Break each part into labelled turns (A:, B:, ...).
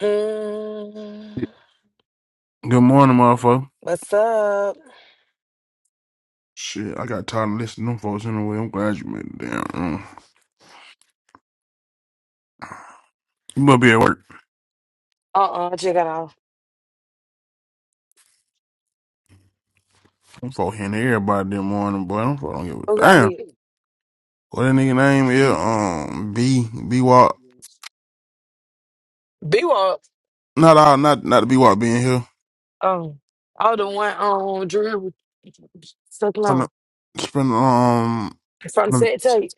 A: Mm,
B: Good morning, motherfucker.
A: what's up?
B: Shit, I got tired of listening to them folks anyway. I'm glad you made it down. Mm. You must be at work.
A: Uh-uh, check it out.
B: Them folks hitting everybody this morning, boy. Them folks don't give
A: Who
B: a
A: got
B: damn.
A: hit?
B: What that nigga name is? Um, B B Walk.
A: B Walk.
B: Not all, not not the B Walk being here.
A: Oh. Oh, the one on Drew stuck
B: From
A: long.
B: the from the, um
A: From
B: from the,
A: set tape.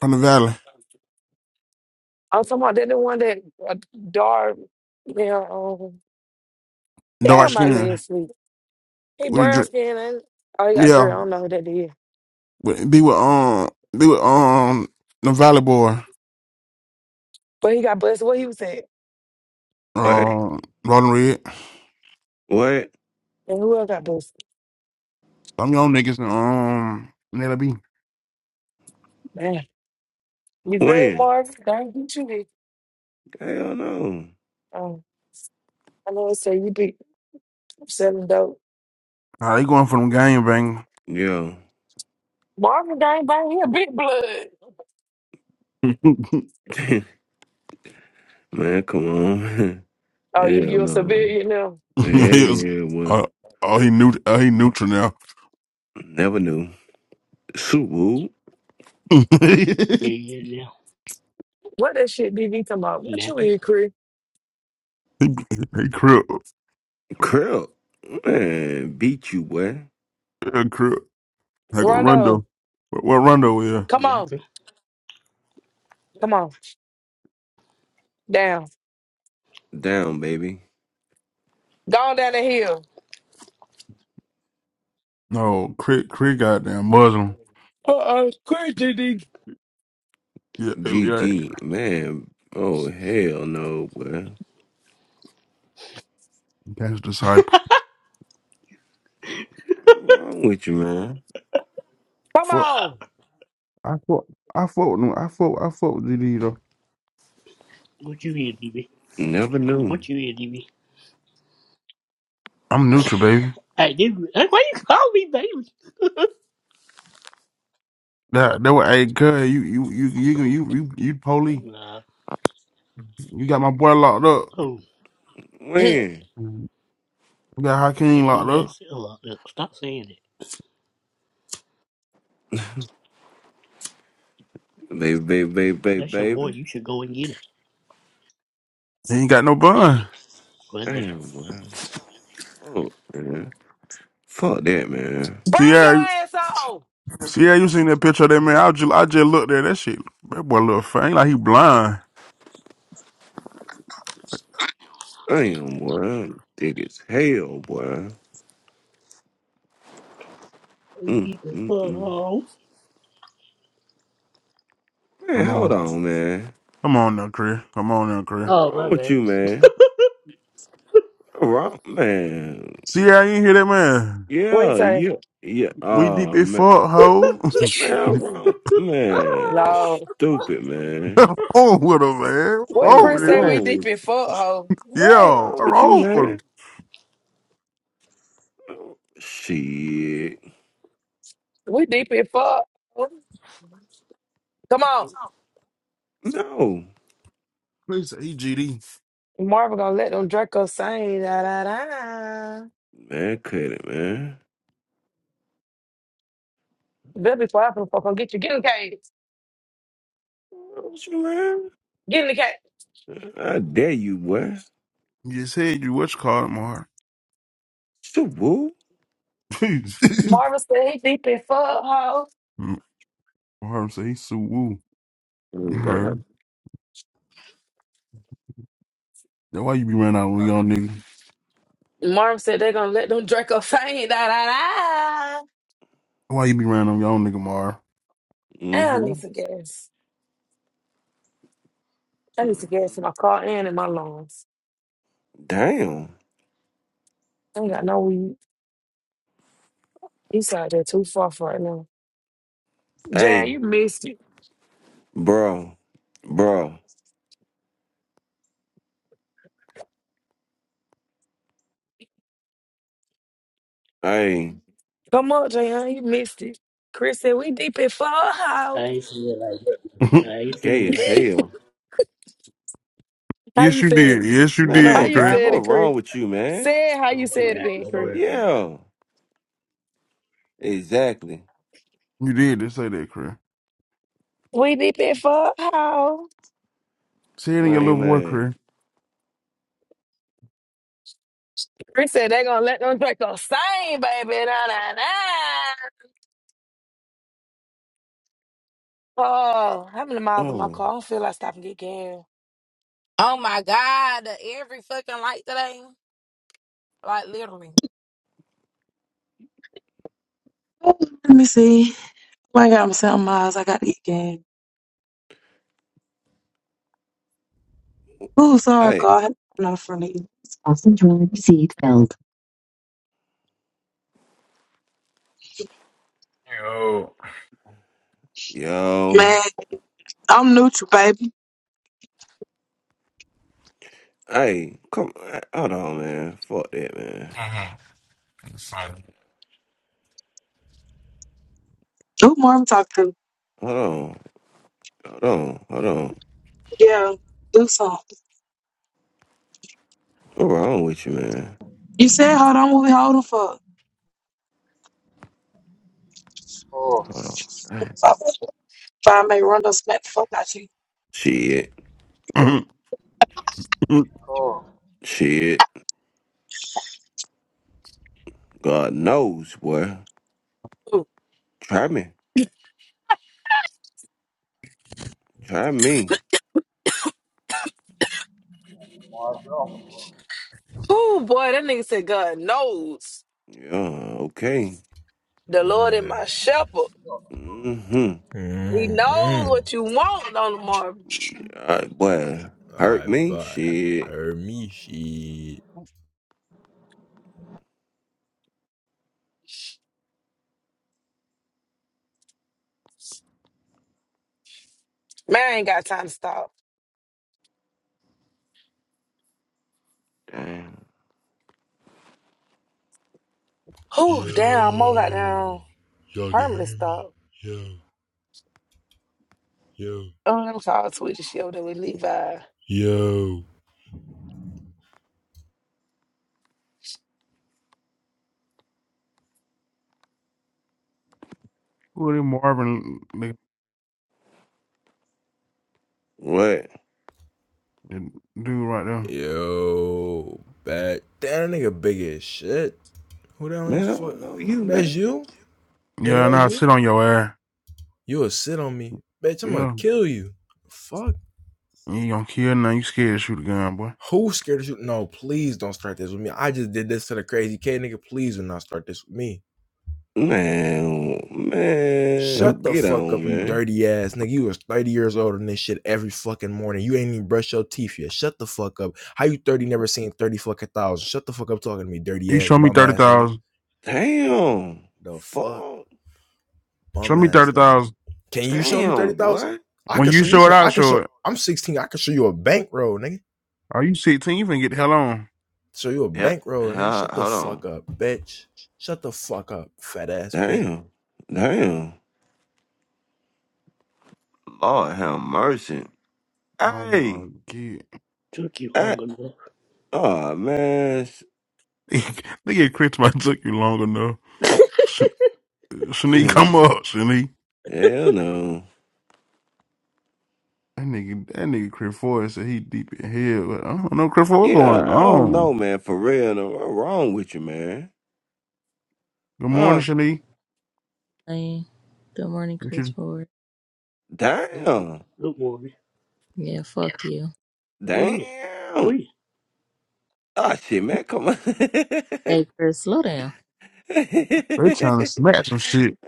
B: from the valley,
A: I was talking about that the one that uh, dark yeah, um
B: dark
A: damn my leg
B: skin
A: sleep. He
B: with a
A: brown
B: drip.
A: skin and oh he got Drew. I
B: Yeah,
A: don't know who that is.
B: with, be with um be with um the valley boy.
A: But he got busted. What he was saying?
C: What?
B: Um, Rolling Red.
C: What?
A: And who else got busted?
B: Some young niggas and um Nella B.
A: Man. You good,
C: When?
A: Marvin? Thank you.
C: Hell no.
A: Oh, I know it say you be selling dope.
B: Nah, they going for them game bang.
C: Yo.
A: Marvin gang bang, he a big blood.
C: man, come on.
A: Oh, you,
C: Hell
A: you a
C: no.
A: civilian now.
C: Yeah,
B: he was,
C: yeah, well,
B: uh, oh, he new. Oh, he neutral now.
C: never knew. Subu,
D: Hey, Yeah, yeah,
A: What that shit BB come up? What you
D: nothing,
A: in, Cree?
B: He crip.
C: Krill, man, beat you, boy.
B: Yeah, crip. Like a
A: Rondo,
B: Rondo. What, what Rondo is?
A: come on.
D: nothing.
A: Come on. Down.
C: Down, baby.
A: Go on down the hill.
B: No, Crit. Crit. Goddamn Muslim.
A: Uh-uh, Cree DD.
B: Yeah, yeah.
C: GG, man. Oh, hell no, boy.
B: That's disciple.
C: What's wrong with you, man?
A: Come
B: Fuck,
A: on.
B: I fuck, I fuck with him. I fuck, I fuck with GD though.
D: What you here, DB?
C: Never knew.
D: What you here, DB?
B: I'm neutral, baby.
D: Hey, DB, hey, why you call me, baby?
B: That that was hey, cuz you you you you you you you you police.
D: Nah,
B: You got my boy locked up.
D: oh,
A: Bring
C: When?
B: You got
D: I
B: Hakeem locked
D: think I
B: up.
D: said a lot. Look, stop saying it.
C: Baby, baby, baby, baby,
D: That's your boy.
C: baby.
D: You should go and get him.
B: He ain't got no
D: Dang,
B: bun.
D: well, damn.
C: Damn, boy. Fuck, man. Fuck that, man.
B: See,
A: your
B: yeah,
A: ass on.
B: See, yeah, you seen that picture of that man? I just, I just looked at that shit. That boy look faint, like he blind.
C: Damn, boy. I'm Thick as hell, boy.
D: You
C: Mm,
D: Get the
C: mm,
D: fuck
C: mm.
D: off.
C: Man,
B: Come
C: hold
B: on,
C: on, man.
B: come on now, Chris. Come on now, Chris.
C: What's
D: Oh,
C: wrong
D: my
C: with
D: bad.
C: you, man? What's wrong, man?
B: See, yeah, you ain't hear that man.
A: What he
C: Yeah,
A: say?
C: yeah, yeah.
B: We deep
C: Oh,
B: as
C: man.
B: fuck, hoe.
C: Man, what's wrong, man.
A: Lord.
C: Stupid, man.
B: wrong with him, man.
A: What
C: What's
B: Wrong with
A: Chris say
B: this nigga.
A: we
C: wrong?
A: deep in fuck, ho?
C: What's
A: What?
B: Yo,
C: wrong with you,
B: wrong with him.
C: man? Shit.
A: We deep in fuck. ho? Come on.
C: No.
B: Chris, say, he GD.
A: Marvin gonna let them Draco sing. Da, da, da.
C: Man, cut it, man.
A: Better be quiet for the fuck. Gonna get you. Get in the cage.
C: What's wrong with you, man?
A: Get in the cage.
C: I dare you, boy.
B: He just said you what you call him, Mark.
C: Stupid.
A: Marvin said he deep in fuck ho.
B: Mark say he so woo.
C: Oh,
B: You
C: God.
B: heard? That's why you be running out on y'all nigga.
A: Marvin said they're gonna let them Draco sing. Da, da, da.
B: That's Why you be running on y'all nigga, Mar?
A: And I
C: Mm-hmm.
A: need some gas. I need some
C: mm-hmm.
A: gas in my car and in my lungs.
C: Damn.
A: I ain't got no weed. He's out there too far for right now. Jan,
C: Hey,
A: you missed it.
C: bro, bro. Hey,
A: Come on, Jan, you missed it. Chris said we deep in fuck
D: I
A: ho.
D: ain't saying it like that. man. I ain't saying
C: gay
D: it
C: as
D: like that. man.
C: hell.
A: How
B: yes,
A: you
B: you
A: said
B: did.
A: it?
B: Yes, you
C: Man,
A: How
C: oh
B: did,
A: you
B: Chris.
C: God,
A: said
C: what's
A: it, Chris?
C: wrong with you, man?
A: Say it how
D: I
A: you
D: don't
A: said it
D: forget.
A: then,
D: Don't
A: Chris.
D: worry about it.
C: Yeah, exactly.
B: You did just say that, Chris.
A: We deep in fuck how.
B: Say it in your
C: Lame
B: little boy,
C: man.
B: Chris.
A: Chris said they gonna let them drink the same, baby. Nah, nah, nah. Oh, how many miles on my
C: Oh,
A: car? I don't feel like stopping to get gas.
E: Oh my God, every fucking light today. Like literally.
A: Ooh, Let me see. Well, I got myself miles. I got to eat game. Ooh, sorry,
C: hey,
A: God. I'm not friendly. Fasten your seat belt.
F: Yo.
C: yo,
A: Man, I'm neutral, baby.
C: hey, come, hold on, man. Fuck that, man.
F: Son.
A: Who Marvin talking. to?
C: Hold on, hold on, hold on.
A: Yeah, do something.
C: What's wrong with you, man?
A: You said, hold on, what we holding for?
C: Hold on. Hey.
A: So I think if I may run those smack the fuck out you.
C: Shit,
B: Who
C: shit. God knows, boy. Try me, try me.
A: Oh boy, that nigga said God knows
C: Yeah, okay.
A: the Lord is my shepherd.
C: hmm
A: He knows
G: Mm-mm.
A: what you want on the morning.
C: Uh, boy, hurt
G: I
C: me?
G: buy
C: Shit.
G: her me shit.
A: Man, I ain't got time to stop.
C: Damn.
A: Oh damn, I almost got
G: Yo,
A: down
G: y'all can
A: permanently
G: hear me?
A: stop.
G: Yo, yo,
A: Oh, I'm called Swedish show that with Levi.
G: yo.
B: that Marvin nigga-
C: What?
B: that dude right there?
G: Yo, back. Damn, that nigga big as shit. Who that
C: Man,
G: is
C: I
G: for?
C: don't know you,
G: That's
C: man.
G: you? Nigga,
B: Yeah,
G: that's
B: now
G: you?
B: sit on your ass.
G: You'll sit on me. Bitch, I'm gonna
B: Yeah.
G: kill you. Fuck.
B: You ain't gonna kill nothing. You scared to shoot a gun, boy.
G: Who scared of you? No, please don't start this with me. I just did this to the crazy K nigga. Please do not start this with me.
C: Man,
B: That-
G: Shut
C: man,
G: the
C: get
G: fuck up,
C: on,
G: you
C: man.
G: dirty ass nigga. You was 30 years older than this shit every fucking morning. You ain't even brush your teeth yet. Shut the fuck up. How you 30 never seen 30 fucking thousand? Shut the fuck up talking to me, dirty
B: You
G: ass,
B: show me
G: bum ass nigga.
B: 30,000.
C: Damn.
G: The fuck,
C: Fuck.
B: Show
G: bum
B: me
G: ass nigga.
B: 30,000.
G: Can you show me
C: Damn,
G: 30,000?
C: boy.
G: I
B: When
G: can
B: you
G: show you
B: show it,
G: some.
B: I'll
G: I can
B: show
G: show.
B: it.
G: I'm 16. I can show you a bankroll, nigga.
B: Are you 16? You finna get the hell on.
G: Show you a
C: Yeah,
G: bankroll, nigga.
C: ho-
G: Shut the
C: hold
G: fuck
C: on.
G: up, bitch. Shut the fuck up, fat ass bitch.
C: Damn. Damn. Lord have mercy.
B: I don't
C: Hey,
B: know, kid.
D: Took you
C: I,
D: long enough.
C: oh, man. sh-
B: Nigga, Chris might took you long enough. Sh- Shanique, come up, Shanique.
C: Hell no.
B: That nigga, that nigga Chris Ford said he deep in hell, but I don't know Chris Ford
C: Yeah,
B: going
C: I don't
B: on.
C: know, man. For real, no. What's wrong with you, man?
B: Good morning,
C: Huh?
B: Shani.
H: Hey, Good morning,
B: What
H: Chris
B: you-
H: Ford.
D: Look, look,
C: Damn.
D: look, Morgan.
H: Yeah, fuck you.
D: Where?
C: Damn.
D: Where?
C: Oh shit, man, come on. oh
H: Hey, Chris, slow down.
B: They trying to smash some shit.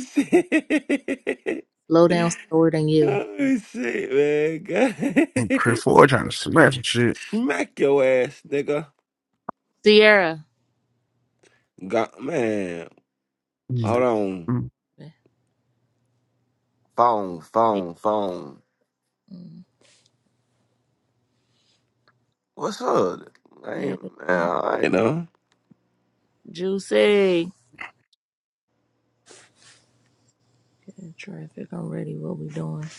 C: shit.
H: Slow down slower than you.
C: Oh shit, man. God.
B: And Chris Ford trying to smash some shit.
C: Smack your ass, nigga.
H: Sierra.
C: God, man.
H: Shut
C: Hold
B: Mm.
H: up.
C: on.
B: Mm.
H: man.
C: Phone, phone, phone.
H: Mm.
C: What's up? Man,
H: Hey,
C: man,
H: Lisa.
C: I ain't know.
H: Juicy. Getting traffic. I'm ready. What we doing?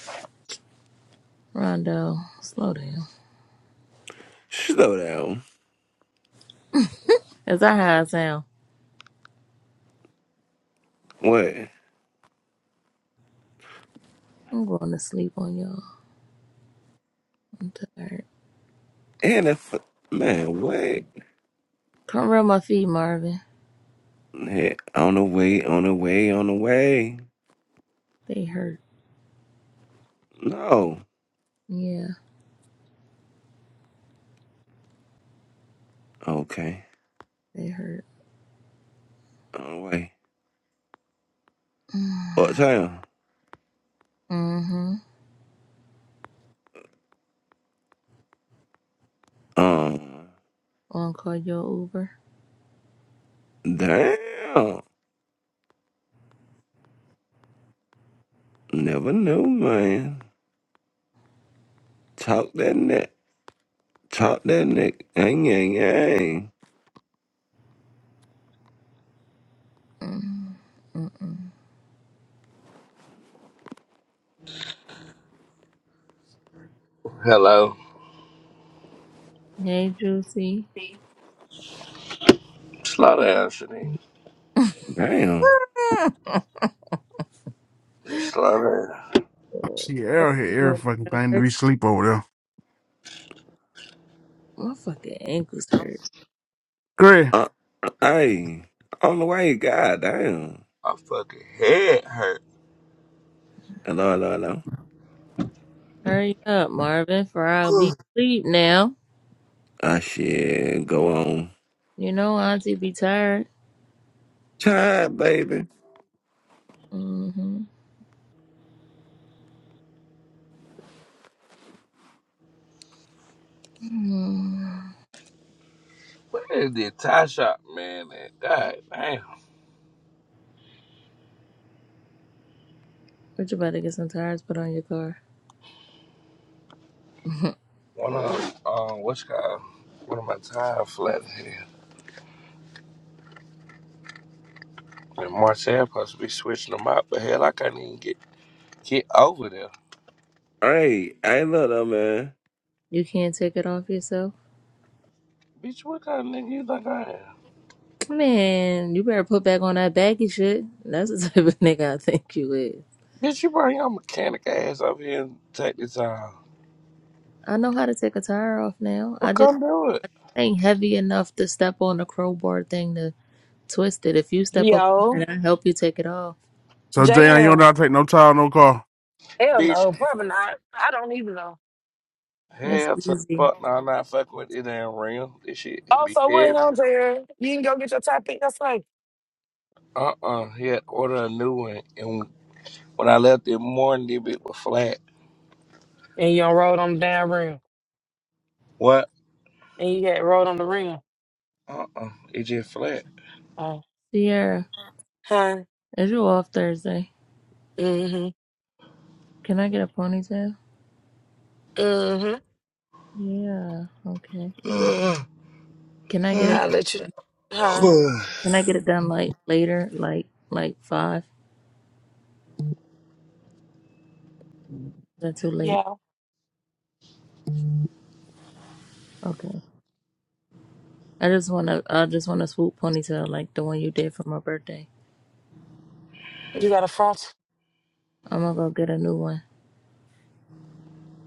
H: Rondo, slow down.
C: Slow down.
H: Is that how I sound?
C: What?
H: I'm going to sleep on y'all. I'm tired.
C: And if man, what?
H: Come rub my feet, Marvin.
C: Hey, on the way, on the way, on the way.
H: They hurt.
C: No.
H: Yeah,
C: Okay.
H: they hurt.
C: Oh wait. What time?
H: Mm-hmm.
C: Um.
H: Wanna call your Uber?
C: Damn. Never knew, man. Talk that neck. Talk that neck. Yang yang yang.
H: Mm. Mm-mm.
I: Hello.
H: Hey, Juicy.
I: Slow down, Shanice.
C: Damn.
I: Just slow down.
B: See
H: What
B: Arrow
H: you
B: here, every
H: want?
B: fucking
H: You at
B: thing to
H: work?
B: be sleep over there.
H: My fucking ankles hurt.
B: Great.
C: Uh. Hey. On the way. God damn.
I: My fucking head hurt.
C: Hello. Hello. Hello.
H: Hurry up, Marvin, for I'll
I: Ugh.
H: be asleep now.
C: Ah shit. Go on.
H: You know, Auntie be tired.
C: Child, baby.
H: Mm-hmm. Mm.
I: Where is the tie shop, man? At? God damn.
H: But you better get some tires put on your car.
I: One of um, what's it called? One of my tires flat here. And Marcel supposed to be switching them out, but hell, I can't even get get over there.
C: Hey. Hey. Look, though, man.
H: you can't take it off yourself?
I: Bitch, what kind of nigga you think I am?
H: Man, you better put back on that baggy shit. That's the type of nigga I think you is.
I: Bitch, you bring your mechanic ass over here and take the time.
H: I know how to take a tire off now.
I: Well,
H: I just
I: come do it,
H: ain't heavy enough to step on the crowbar thing to twist it. If you step up on
A: Yo,
H: it, I help you take it off.
B: So, Jayon, you don't know
A: JM.
B: how to take no time, no call.
A: Hell
I: bitch.
A: no, probably not. I don't even know.
H: It's
I: Hell to the
H: easy.
I: fuck, no, I'm not fucking with it. Damn real. This shit be
A: Also, what
I: heavy.
A: on there? You can go get your top pick. That's like,
I: Uh uh He had to order a new one, and when I left it morning, the bit was flat.
A: and you don't roll on the damn rim,
I: What?
A: and you got rolled on the rim.
I: Uh uh It just flat.
A: Oh,
H: Sierra,
A: huh?
H: is you off Thursday?
A: Mm-hmm.
H: Can I get a ponytail?
A: Mm-hmm.
H: Yeah, okay.
I: my
H: Can I get it
A: I'll let you. Huh?
H: can I get it done like later, like like five? Is that too late?
A: Yeah.
H: Okay. I just wanna I just wanna swoop ponytail like the one you did for my birthday.
A: You got a frost?
H: I'm gonna go get a new one.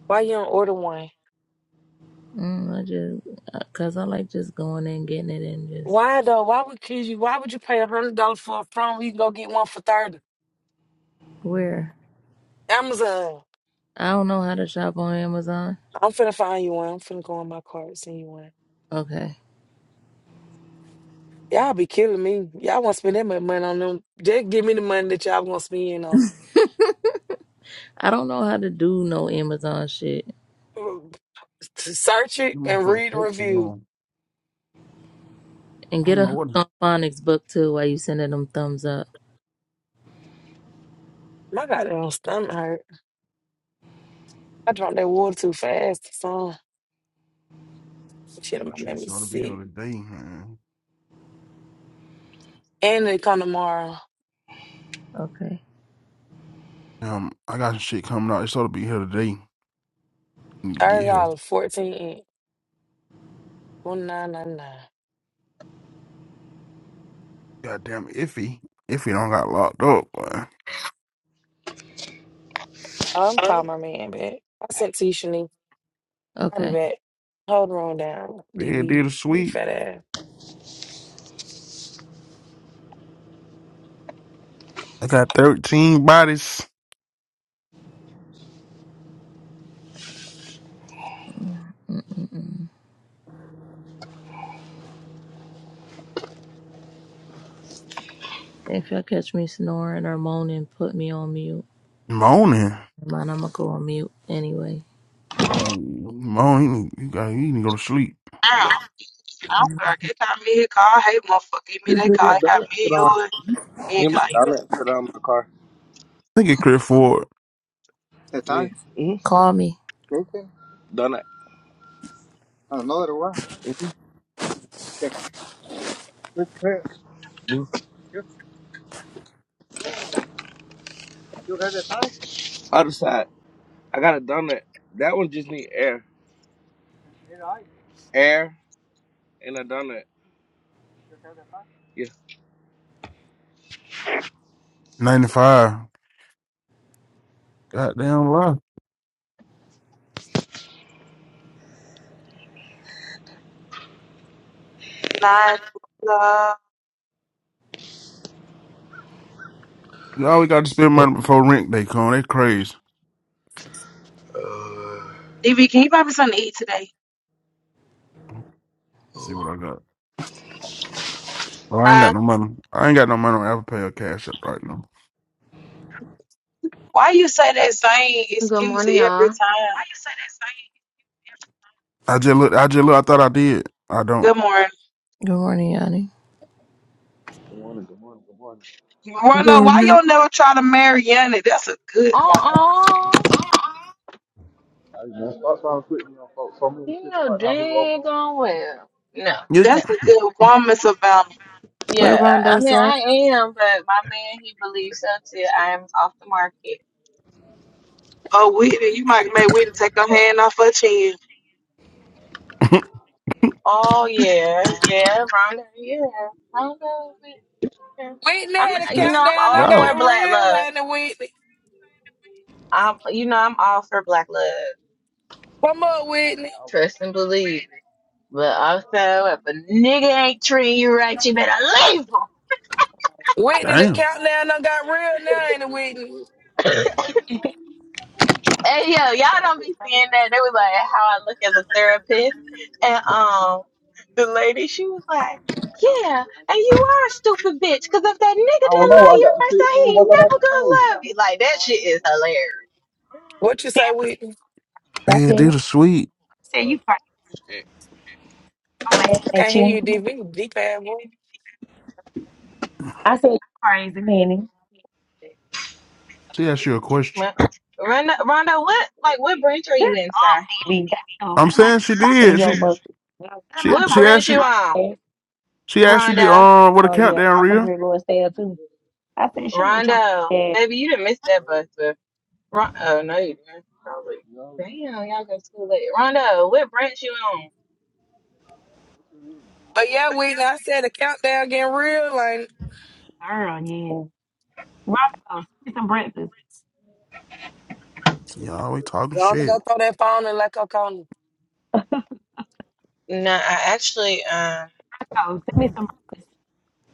A: Why you don't order one?
H: Mm, I just uh, cause I like just going in, getting it and just
A: Why though? Why would kids you? Why would you pay a hundred dollars for a phone? when You can go get one for thirty.
H: where?
A: Amazon.
H: I don't know how to shop on Amazon.
A: I'm finna find you one. I'm finna go in my card and send you one.
H: Okay.
A: Y'all be killing me. Y'all want to spend that much money on them? Just give me the money that y'all gonna spend on.
H: I don't know how to do no Amazon shit.
A: To search
B: You
A: it and
B: motherfucker
A: read the
B: take too
A: review.
B: long.
H: And
B: I
H: get
B: don't
H: a
B: know what.
H: hooked on phonics book too while you sending them thumbs up.
A: My goddamn stomach hurt. I drank that water too fast. So shit,
B: I
A: it
B: should
A: made me
B: sort of be here
A: sick.
B: today, man.
A: And they come tomorrow.
H: Okay.
B: Um, I got some shit coming out. It's sort of be here today. Need to get
A: Thirty
B: here.
A: dollars, fourteen inch, one nine nine nine.
B: Goddamn iffy. Iffy don't got locked up, boy.
A: I'm calling my man back. I sent to you, Shanique. I'll be
H: Okay.
A: back. Hold the room down,
B: Yeah,
A: DV.
B: did a
A: Big
B: sweet.
A: fat ass.
B: I got 13 bodies
H: Mm-mm-mm. If y'all catch me snoring or moaning, put me on mute.
B: moaning.
H: Mine, I'm gonna go on mute anyway.
B: Yeah, Mo, you need, you got, you need to go to sleep.
A: Now, I'm
H: Mm.
A: sorry. They got me a call. Hey, motherfucker, give me that call.
I: Hey,
A: They got
I: Donut put
A: me
I: on.
A: yours. They
I: Leave my
A: got you in
I: donut put it on my car.
B: I think it clear for
I: Hey, Yeah. Mm. hmm
H: Call me.
I: Jason, Donut. I don't know that it was. Yeah, quick, quick. Mm. You, you got that Tiny? Other side. I got a donut. That one just need air, You know, I- air, and a donut. you got that Tiny? Yeah.
B: 95. Goddamn lie.
A: line, love.
B: You always got to spend money before rent day come. They crazy.
A: DV. can you buy me something to eat today?
B: Let's see what I got. Oh, I ain't got
A: Huh?
B: no money. I ain't got no money on Apple Pay or Cash App right now.
A: Why you say that same
J: Good
A: excuse
J: morning,
A: every
J: y'all.
A: time?
B: I just look. I just look. I thought I did. I don't.
A: Good morning.
H: Good morning, Yanni.
B: I
A: Rondo,
B: thought
A: why
B: I
A: you never try to marry Yanni? That's a good woman.
J: Uh-uh. You know daggone well. No,
B: did.
J: no.
A: That's a good woman, Savannah.
J: Yeah,
H: What
J: I, I
H: Rondo
J: mean,
H: say?
J: I am, but my man, he believes so too. I am off the market.
A: Oh, Whitney, you might make Whitney take her hand off her chin.
B: Yeah.
J: Oh, yeah, yeah, Rhonda, yeah. Rhonda, yeah.
A: Whitney
J: I'm,
A: had a
B: yeah.
J: you know, I'm
A: countdown
J: all
A: and
B: Y'all,
A: got
J: for black
A: real
J: love.
A: ain't it, Whitney.
J: I'm, you know, I'm all for black love.
A: Come up, Whitney.
J: Trust and believe it. But also, if a nigga ain't treating you right, you
K: I said,
J: better leave
A: Whitney, the
B: damn.
A: countdown done got real now, ain't it, Whitney?
J: him. And yeah, y'all don't be seeing that. They was like how I look as a therapist. And um the lady, she was like, Yeah, and you are a stupid bitch, because if that nigga didn't love you the first time, he ain't never gonna love you. Like that shit is hilarious.
A: What you say, Whitney?
B: Yeah, did
K: what?
B: a sweet.
K: I said,
I: Ugh,
K: you crazy.
I: shit.
K: I'm laughing
A: I can't
K: at
A: hear you,
K: you.
A: DV. Deep ass boy.
K: I said, you crazy, man. Shut
B: She asked you a question.
J: Rhonda, Rhonda, what
K: up,
J: like what branch are you in, sir?
K: DB. Goddamn.
B: I'm
K: I'm not
B: saying she
K: talking to
B: did.
K: your
B: She
K: book. I'm
B: she
K: not
J: What
B: she
K: talking to your
J: branch
B: asked
J: you
B: you.
J: on?
K: book.
B: She asked you the
J: Rhonda.
B: um what a
K: Oh, yeah.
B: countdown
K: I'm finna
B: real.
K: be going stale, too. I said, shut up, with
J: Rhonda.
K: your ass.
J: Baby, you didn't miss that bus. But Ron- oh no you didn't. Probably. Damn, y'all go to school late. Rhonda, what branch you on?
A: But yeah, Whitney, I said the countdown getting real ain't it?
K: Girl, yeah. Rocco, send me some breakfast.
B: Y'all always talking
A: Gonna go
B: shit.
A: throw that phone in like a corner.
J: No, I actually, um,
K: Rocco, send me some breakfast.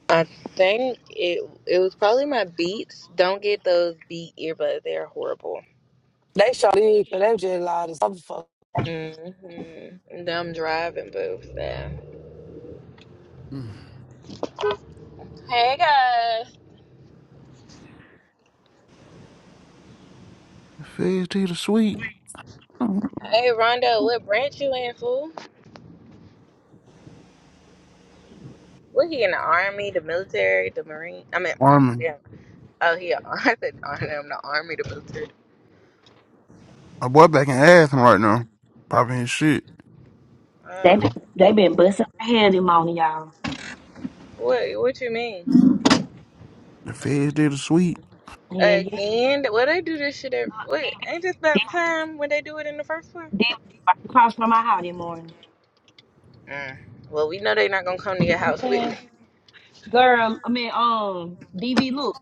J: I think it it was probably my Beats. Don't get those Beat earbuds; they're horrible.
A: They sure did, 'cause they was just loud as motherfucker.
J: Mm-hmm. I'm driving booth there. Hey guys.
B: Feds to the sweet.
J: Hey Rondo, what branch you in, fool? What he in the army, the military, the marine? I mean, mm,
B: Armin.
J: yeah. Oh, he. I said army. I'm the army, the military.
B: My boy back in Athens right now. Popping his shit.
K: They
J: Oh,
K: been,
B: The
K: they been busting their head in the morning, y'all.
J: what? What you mean?
B: feds did the sweet.
K: Yeah, yeah.
J: Again? What they do this shit? At,
K: Look,
J: what?
K: DV,
J: Ain't this
K: DV,
J: about the time when they do it in the first place?
K: right across from my house this morning.
J: Mm. Well, we know they're not gonna come to your house with
K: Man,
J: me.
K: girl, I mean, um, DV, look,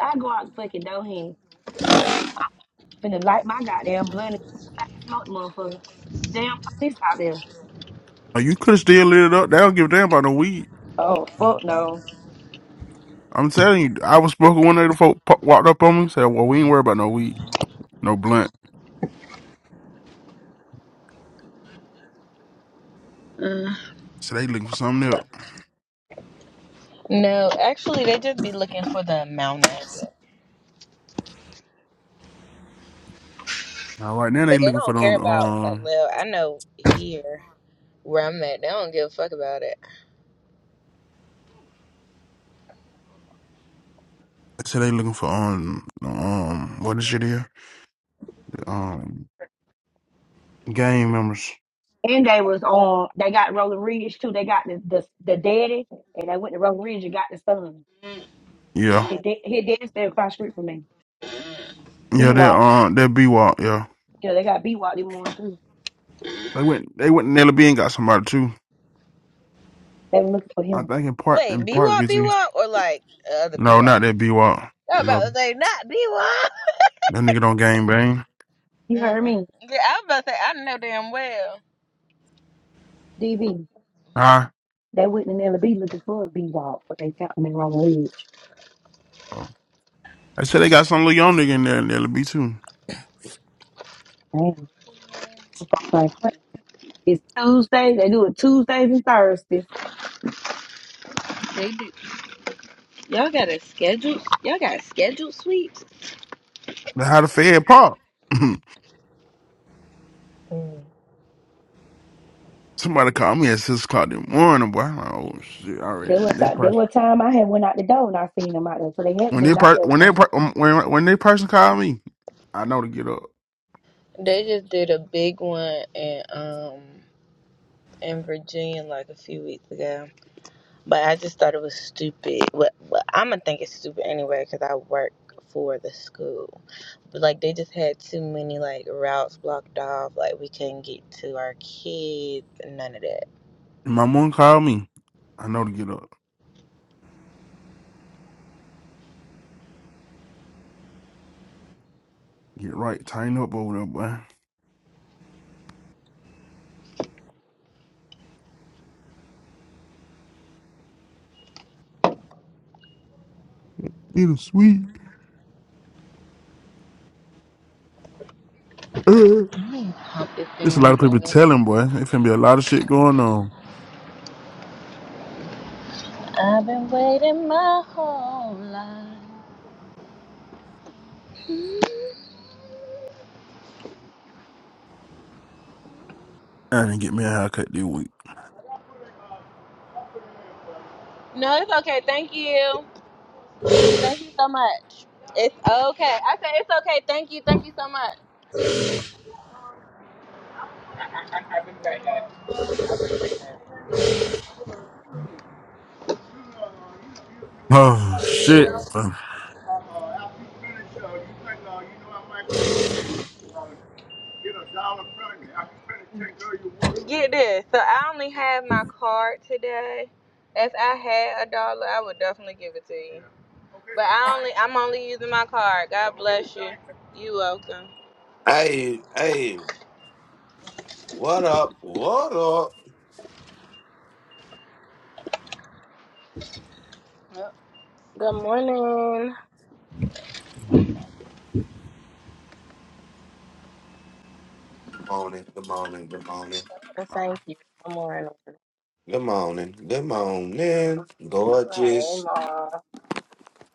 K: I go out the fucking door here, finna light my goddamn blunt and smoke the motherfucker. Damn police out there.
B: Like, you could have still lit it up. They don't give a damn about no weed.
K: Oh fuck no.
B: I'm telling you, I was smoking one day. The folk po- walked up on me and said, "Well, we ain't worried about no weed, no blunt."
J: Mm.
B: So they looking for something else.
J: No, actually, they just be looking for the amount of it,
B: Now right now they
J: but they
B: looking for
J: don't
B: the
J: care about like.
B: um.
J: Well, I know here where I'm at, they don't give a fuck about it.
B: So they looking for um um what is it here? Um, gang members.
K: And they was on. They got Rolling Ridge too. They got the the, the daddy, and they went to Rolling Ridge and got the son.
B: Yeah,
K: His da- his daddy stayed across the street from me. B
B: yeah. That um that B walk. Yeah,
K: Yeah, they got B walk Wally Moon too.
B: they went they went to Nelly B and got somebody too.
K: They were looking for
B: I
K: him.
B: think in part,
J: Wait,
B: in
J: B
B: part,
J: Wop,
B: get
J: B
B: you.
J: Wop, or like the other B
B: No, not
J: Wop?
B: that B Walk.
J: I'm about to
B: No,
J: say not B Wop.
B: that nigga don't gang bang.
K: You
J: Mm
K: heard
J: mm.
K: me,
J: Yeah, I was about to say I know damn well.
K: DB.
B: Huh?
K: They went in LB looking for B Walk, but they found him in Roman Ridge.
B: Oh. I said they got some little young nigga in there in LB too.
K: Damn. Sorry. It's Tuesday. They do it Tuesdays and Thursdays.
J: They do. Y'all got a schedule? Y'all got scheduled sweeps?
B: They how the Fed pop.
J: Mm.
B: Somebody called me at six o'clock in the morning, boy. I'm like, oh shit! I
K: There was
B: ran that
K: time. There
B: person.
K: was time I had went out the door and I seen them out there, so they had
B: When they
K: been out
B: per-
K: there.
B: when they per- um, when when that person called me, I know to get up.
J: They just did a big one in um in Virginia like a few weeks ago, but I just thought it was stupid. But well I'm gonna think it's stupid anyway because I work for the school. But like they just had too many like routes blocked off. Like we couldn't get to our kids. None of that.
B: And my mom called me. I know to get up. Get right, tighten up over there, boy. Need a sweet. There's
J: I ain't pump this
B: a lot
J: damn
B: of people
J: gas.
B: telling, boy. It can be a lot of shit going on.
J: I've been waiting my whole life.
B: I didn't get me a haircut this week.
J: No, it's okay. Thank you. Thank you so much. It's okay. I said it's okay. Thank you. Thank you so much. Get
B: Oh shit!
J: a dollar from you. I can finish taking your You this. So I only have my card today. If I had a dollar, I would definitely give it to you. Yeah. Okay. But I only I'm only using my card. God bless you. You welcome.
C: Hey, hey, what up? What up?
J: Yep.
L: Good morning.
C: Good morning, good morning, good morning.
L: Uh, Thank you. Good morning.
C: Good morning. Good
L: Hey,
C: morning. Gorgeous.
L: Ma.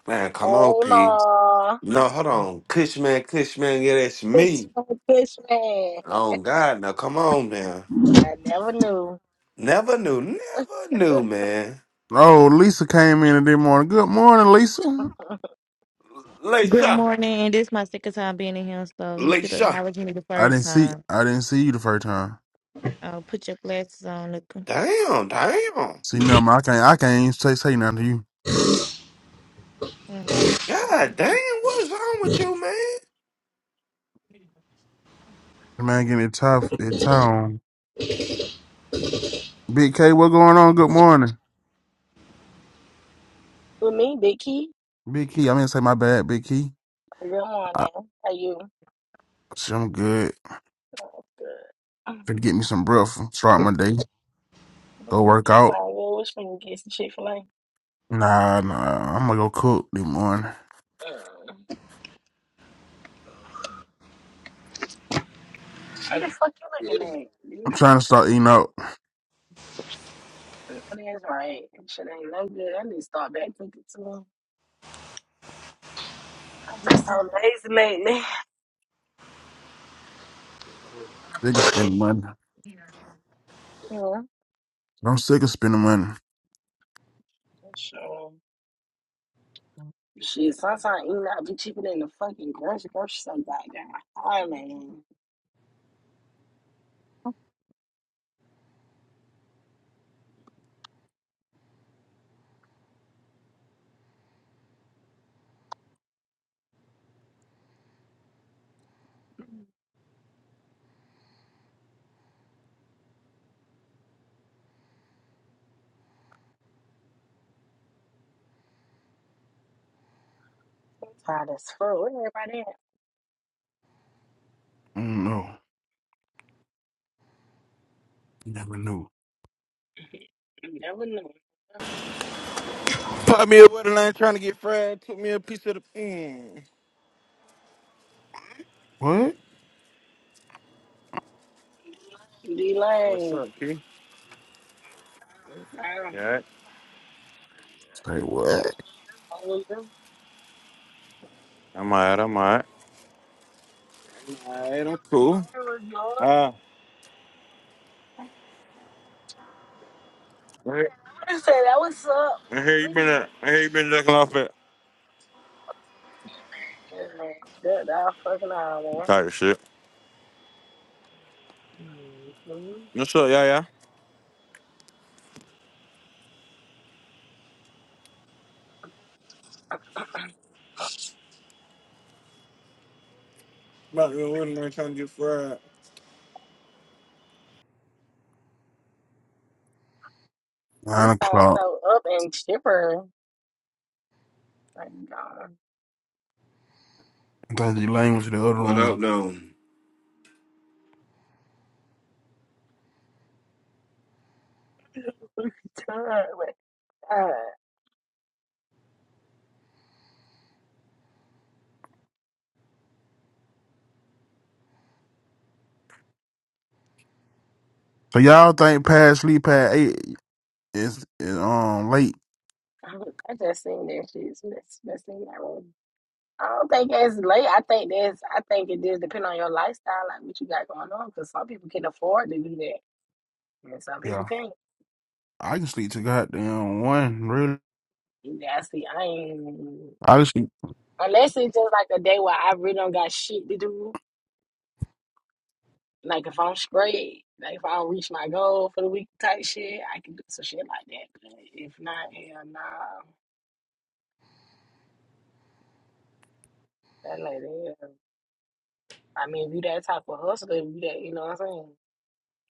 C: Man, come on,
L: Hey,
C: P.
L: Ma.
C: No, hold on. Cushman, Cushman, yeah, that's
L: It's
C: me.
L: my Fishman, man.
C: Oh, God. Now, come on now.
L: I never knew.
C: Never knew. Never knew, man.
B: Oh, Lisa came in this morning. Good morning, Lisa.
M: Good
C: Leisha.
M: morning. This is my second time being in here, so you should
C: Leisha.
M: acknowledge me the
B: I
M: first
B: didn't see.
M: time.
B: I didn't see you the first time.
M: I'll put your glasses on. Look.
C: Damn, damn.
B: See, no, man, I can't. I can't even say say nothing to you.
M: Mm,
C: God
M: Okay.
C: damn, what's wrong with you, man?
B: The Man, getting it tough. It on. Big K, what going on? Good morning,
L: With me, Vicky.
B: Big Key. I mean, to say my bad, Big Key.
L: Good
B: I,
L: morning. How you?
B: shit, I'm good.
L: Oh, good.
B: Gonna get me some breakfast. Start my day. Go
L: Mm,
B: work
L: It's
B: out.
L: all good. Which one you get some Chick-fil-A?
B: Nah, nah. I'm gonna go cook this morning.
L: Mm. What the fuck you
I: Yeah.
L: looking at,
B: I'm
L: bitch?
B: trying to start eating out.
L: That is right. That shit ain't no good. I need to start back cooking too. I'm just so lazy lately.
B: Sick of spending money.
L: Yeah.
B: I'm sick of spending money.
L: For sure. Shit, sometimes eating out be cheaper than the fucking grocery grocery store goddamn. I mean, I'm tired as fuck. Where everybody at?
B: I don't know. You never knew.
L: You never know.
F: Pop me a water line trying to get fried. Took me a piece of the. Mm.
B: What?
L: D
F: What's
L: Lane.
F: up, Key?
L: Damn.
F: Yeah.
B: Say what?
L: Oh, yeah.
F: I'm alright. I'm alright. Alright, I'm cool.
L: There we go.
F: Ah. Right.
L: I said that was up.
F: I hear you been
L: Mm.
F: at. I hear you been ducking off it.
L: Oh, man. That, that fucking hour.
F: Tired of shit.
L: Mm-hmm.
F: What's up, yeah, yeah? Pop me a water line trying to get fried.
L: You
B: Nine
L: sound
B: o'clock.
L: so up and chipper. Thank God.
B: That's the language in the other
C: What up,
B: room.
C: though?
L: God.
B: So y'all think past sleep at eight is, is um late?
L: I just seen that shit. That's, that's in that room. I don't think it's late. I think that's. I think it just depend on your lifestyle, like what you got going on. Because some people can afford to do that, and some
B: Yeah.
L: people can't.
B: I can sleep to goddamn one, really.
L: And I see. I ain't
B: I can sleep.
L: unless it's just like a day where I really don't got shit to do. Like if I'm straight, like if I don't reach my goal for the week type shit, I can do some shit like that. But if not, hell nah. That like that. I mean, if you that type of hustler, if you that, you know what I'm saying.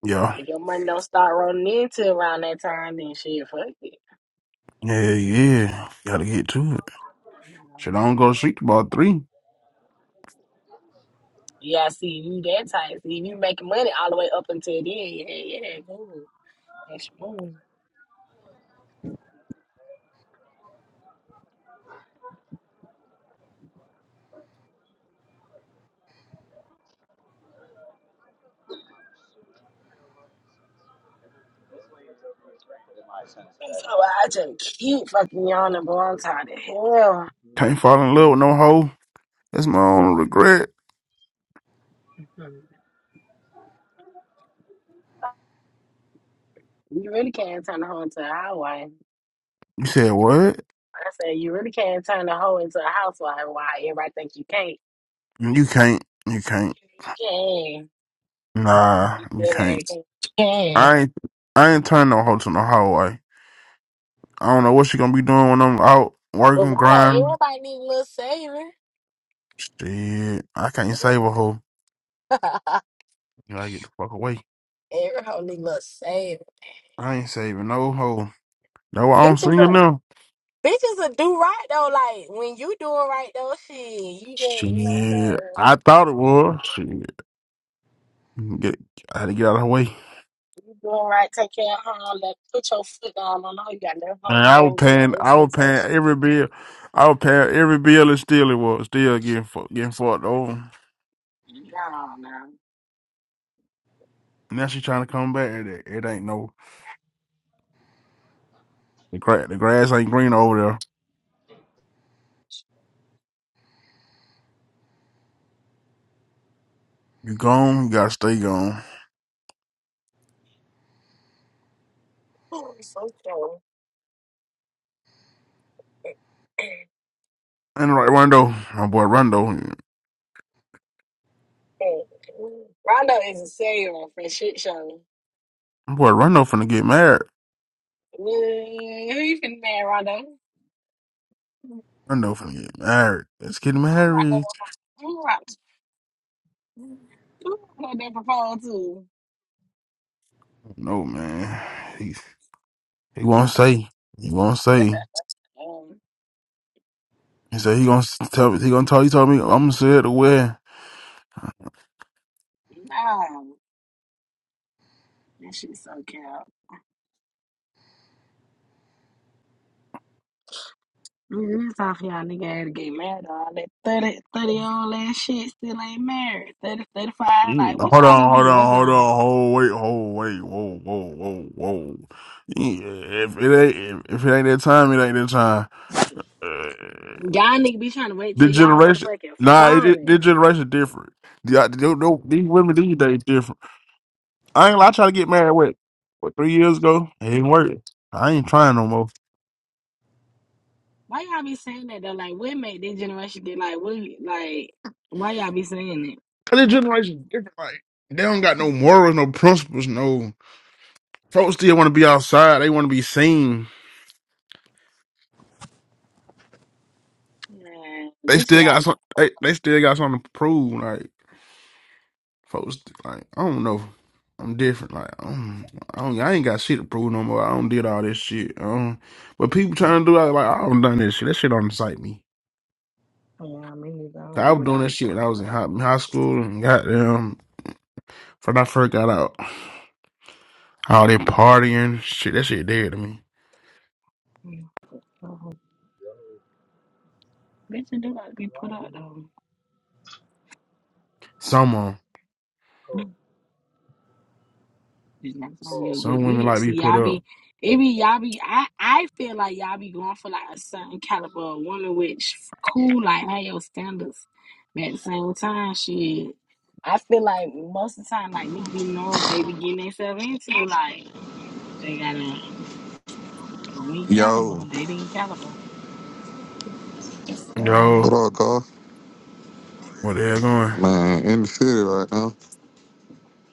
B: Yeah.
L: If your money don't start rolling into around that time, then shit, fuck it.
B: Yeah, yeah. yeah. Gotta get to it.
L: You know?
B: Shit, I don't go to sleep till about three.
L: Yeah, I see you that type. See you making money all the way up until then. Yeah, yeah, move. That's your move. So I just keep fucking yawning, bro. I'm tired of hell.
B: Can't fall in love with no hoe. That's my only regret.
L: You really can't turn the hoe into a housewife.
B: You said what?
L: I said you really can't turn the hoe into a housewife. Why everybody think you can't?
B: You can't. You can't.
L: You can.
B: Nah,
L: You
B: you
L: did
B: can't.
L: it. You can.
B: I ain't I ain't turned no hoe to no hoe. I don't know what she gonna be doing when I'm out
L: But
B: working,
L: why don't
B: grinding.
L: everybody need a little saving?
B: Shit, I can't save a hoe. You gotta get the fuck away.
L: Every hoe need a little saving.
B: I ain't saving no hoe. No, I'm
L: Bitches,
B: single
L: up.
B: now.
L: Bitches will do right though. Like when you doing right though, shit, you just you know what I'm
B: Shit,
L: saying.
B: I thought it was. Shit, get, I had to get out of her way.
L: You doing right, take care of home, let put your foot down on her. You got to let her
B: Man, I was
L: know your
B: paying, I was
L: expectation.
B: paying every bill. I was paying every bill, and still it was still getting fu- getting fucked over.
L: Nah, nah.
B: Now she trying to come back. It, it ain't no the grass. The grass ain't green over there. You gone, you gotta stay gone.
L: Ooh, so cool.
B: And right, Rondo, my boy Rondo.
L: Rondo is a serial for shit show.
B: Boy, Rondo finna get married.
L: Mm, Who you finna marry, Rondo?
B: Rondo finna get married. Let's get
L: Who Rondo?
B: married.
L: gonna- Who Rondo? Who Rondo? They propose to?
B: No man, he he won't say. He won't say.
L: Um,
B: He said he gonna s- tell. me. He gonna tell. He told me I'm gonna say it to where.
L: nah, that shit's so cute. This off y'all nigga had to get married, all that thirty, thirty, 30 old ass shit still ain't married. 30, 35,
B: You
L: like what
B: Hold
L: y'all nigga
B: on,
L: be
B: hold on,
L: waiting
B: hold
L: on?
B: on, hold wait, hold wait, whoa, whoa, whoa, whoa. Yeah, If it ain't, if, if it ain't that time, it ain't that time. Uh,
L: Y'all nigga be trying to wait
B: the
L: till y'all
B: generation,
L: motherfucking
B: nah, it, it,
L: falling.
B: the generation different. The, the, the, no, these women these days different. I ain't gonna lie, I tried to get married what, what three years ago. It didn't work. I ain't trying no more.
L: Why y'all be saying that though? Like what make this generation get like what like why y'all be saying it?
B: Cause this generation is different. Like they don't got no morals, no principles, no. Folks still want to be outside. They want to be seen.
L: Man,
B: They
L: bitch you
B: still
L: like
B: got
L: to.
B: some. They, they still got something to prove. Like folks, like I don't know. I'm different. Like I don't, I don't. I ain't got shit to prove no more. I don't did all this shit. Um, but people trying to do that, like I don't done this shit. That shit don't excite me.
L: Yeah, me nigga, I
B: 'Cause
L: don't
B: I
L: be
B: was doing
L: without
B: that shit when
L: for it.
B: I was in high, high school and goddamn when I first got out. All they partying, shit, that shit dead to me.
L: like mm, so, Bitch you do like to be put up though.
B: Some of 'em.
L: Cause That's gonna be a
B: some
L: good
B: women
L: bid.
B: like be
L: See,
B: put
L: y'all
B: up.
L: be, it be y'all be. I I feel like y'all be going for like a certain caliber of woman, which cool, like have your standards. But at the same time, shit, I feel like most of the time, like niggas be knowing what they be getting themselves into. Like they got a go caliber,
N: Yo,
L: they did caliber. What's up,
N: what
B: Yo,
L: Rondo?
N: up, Carl?
B: where they going?
N: Man, in the city right now.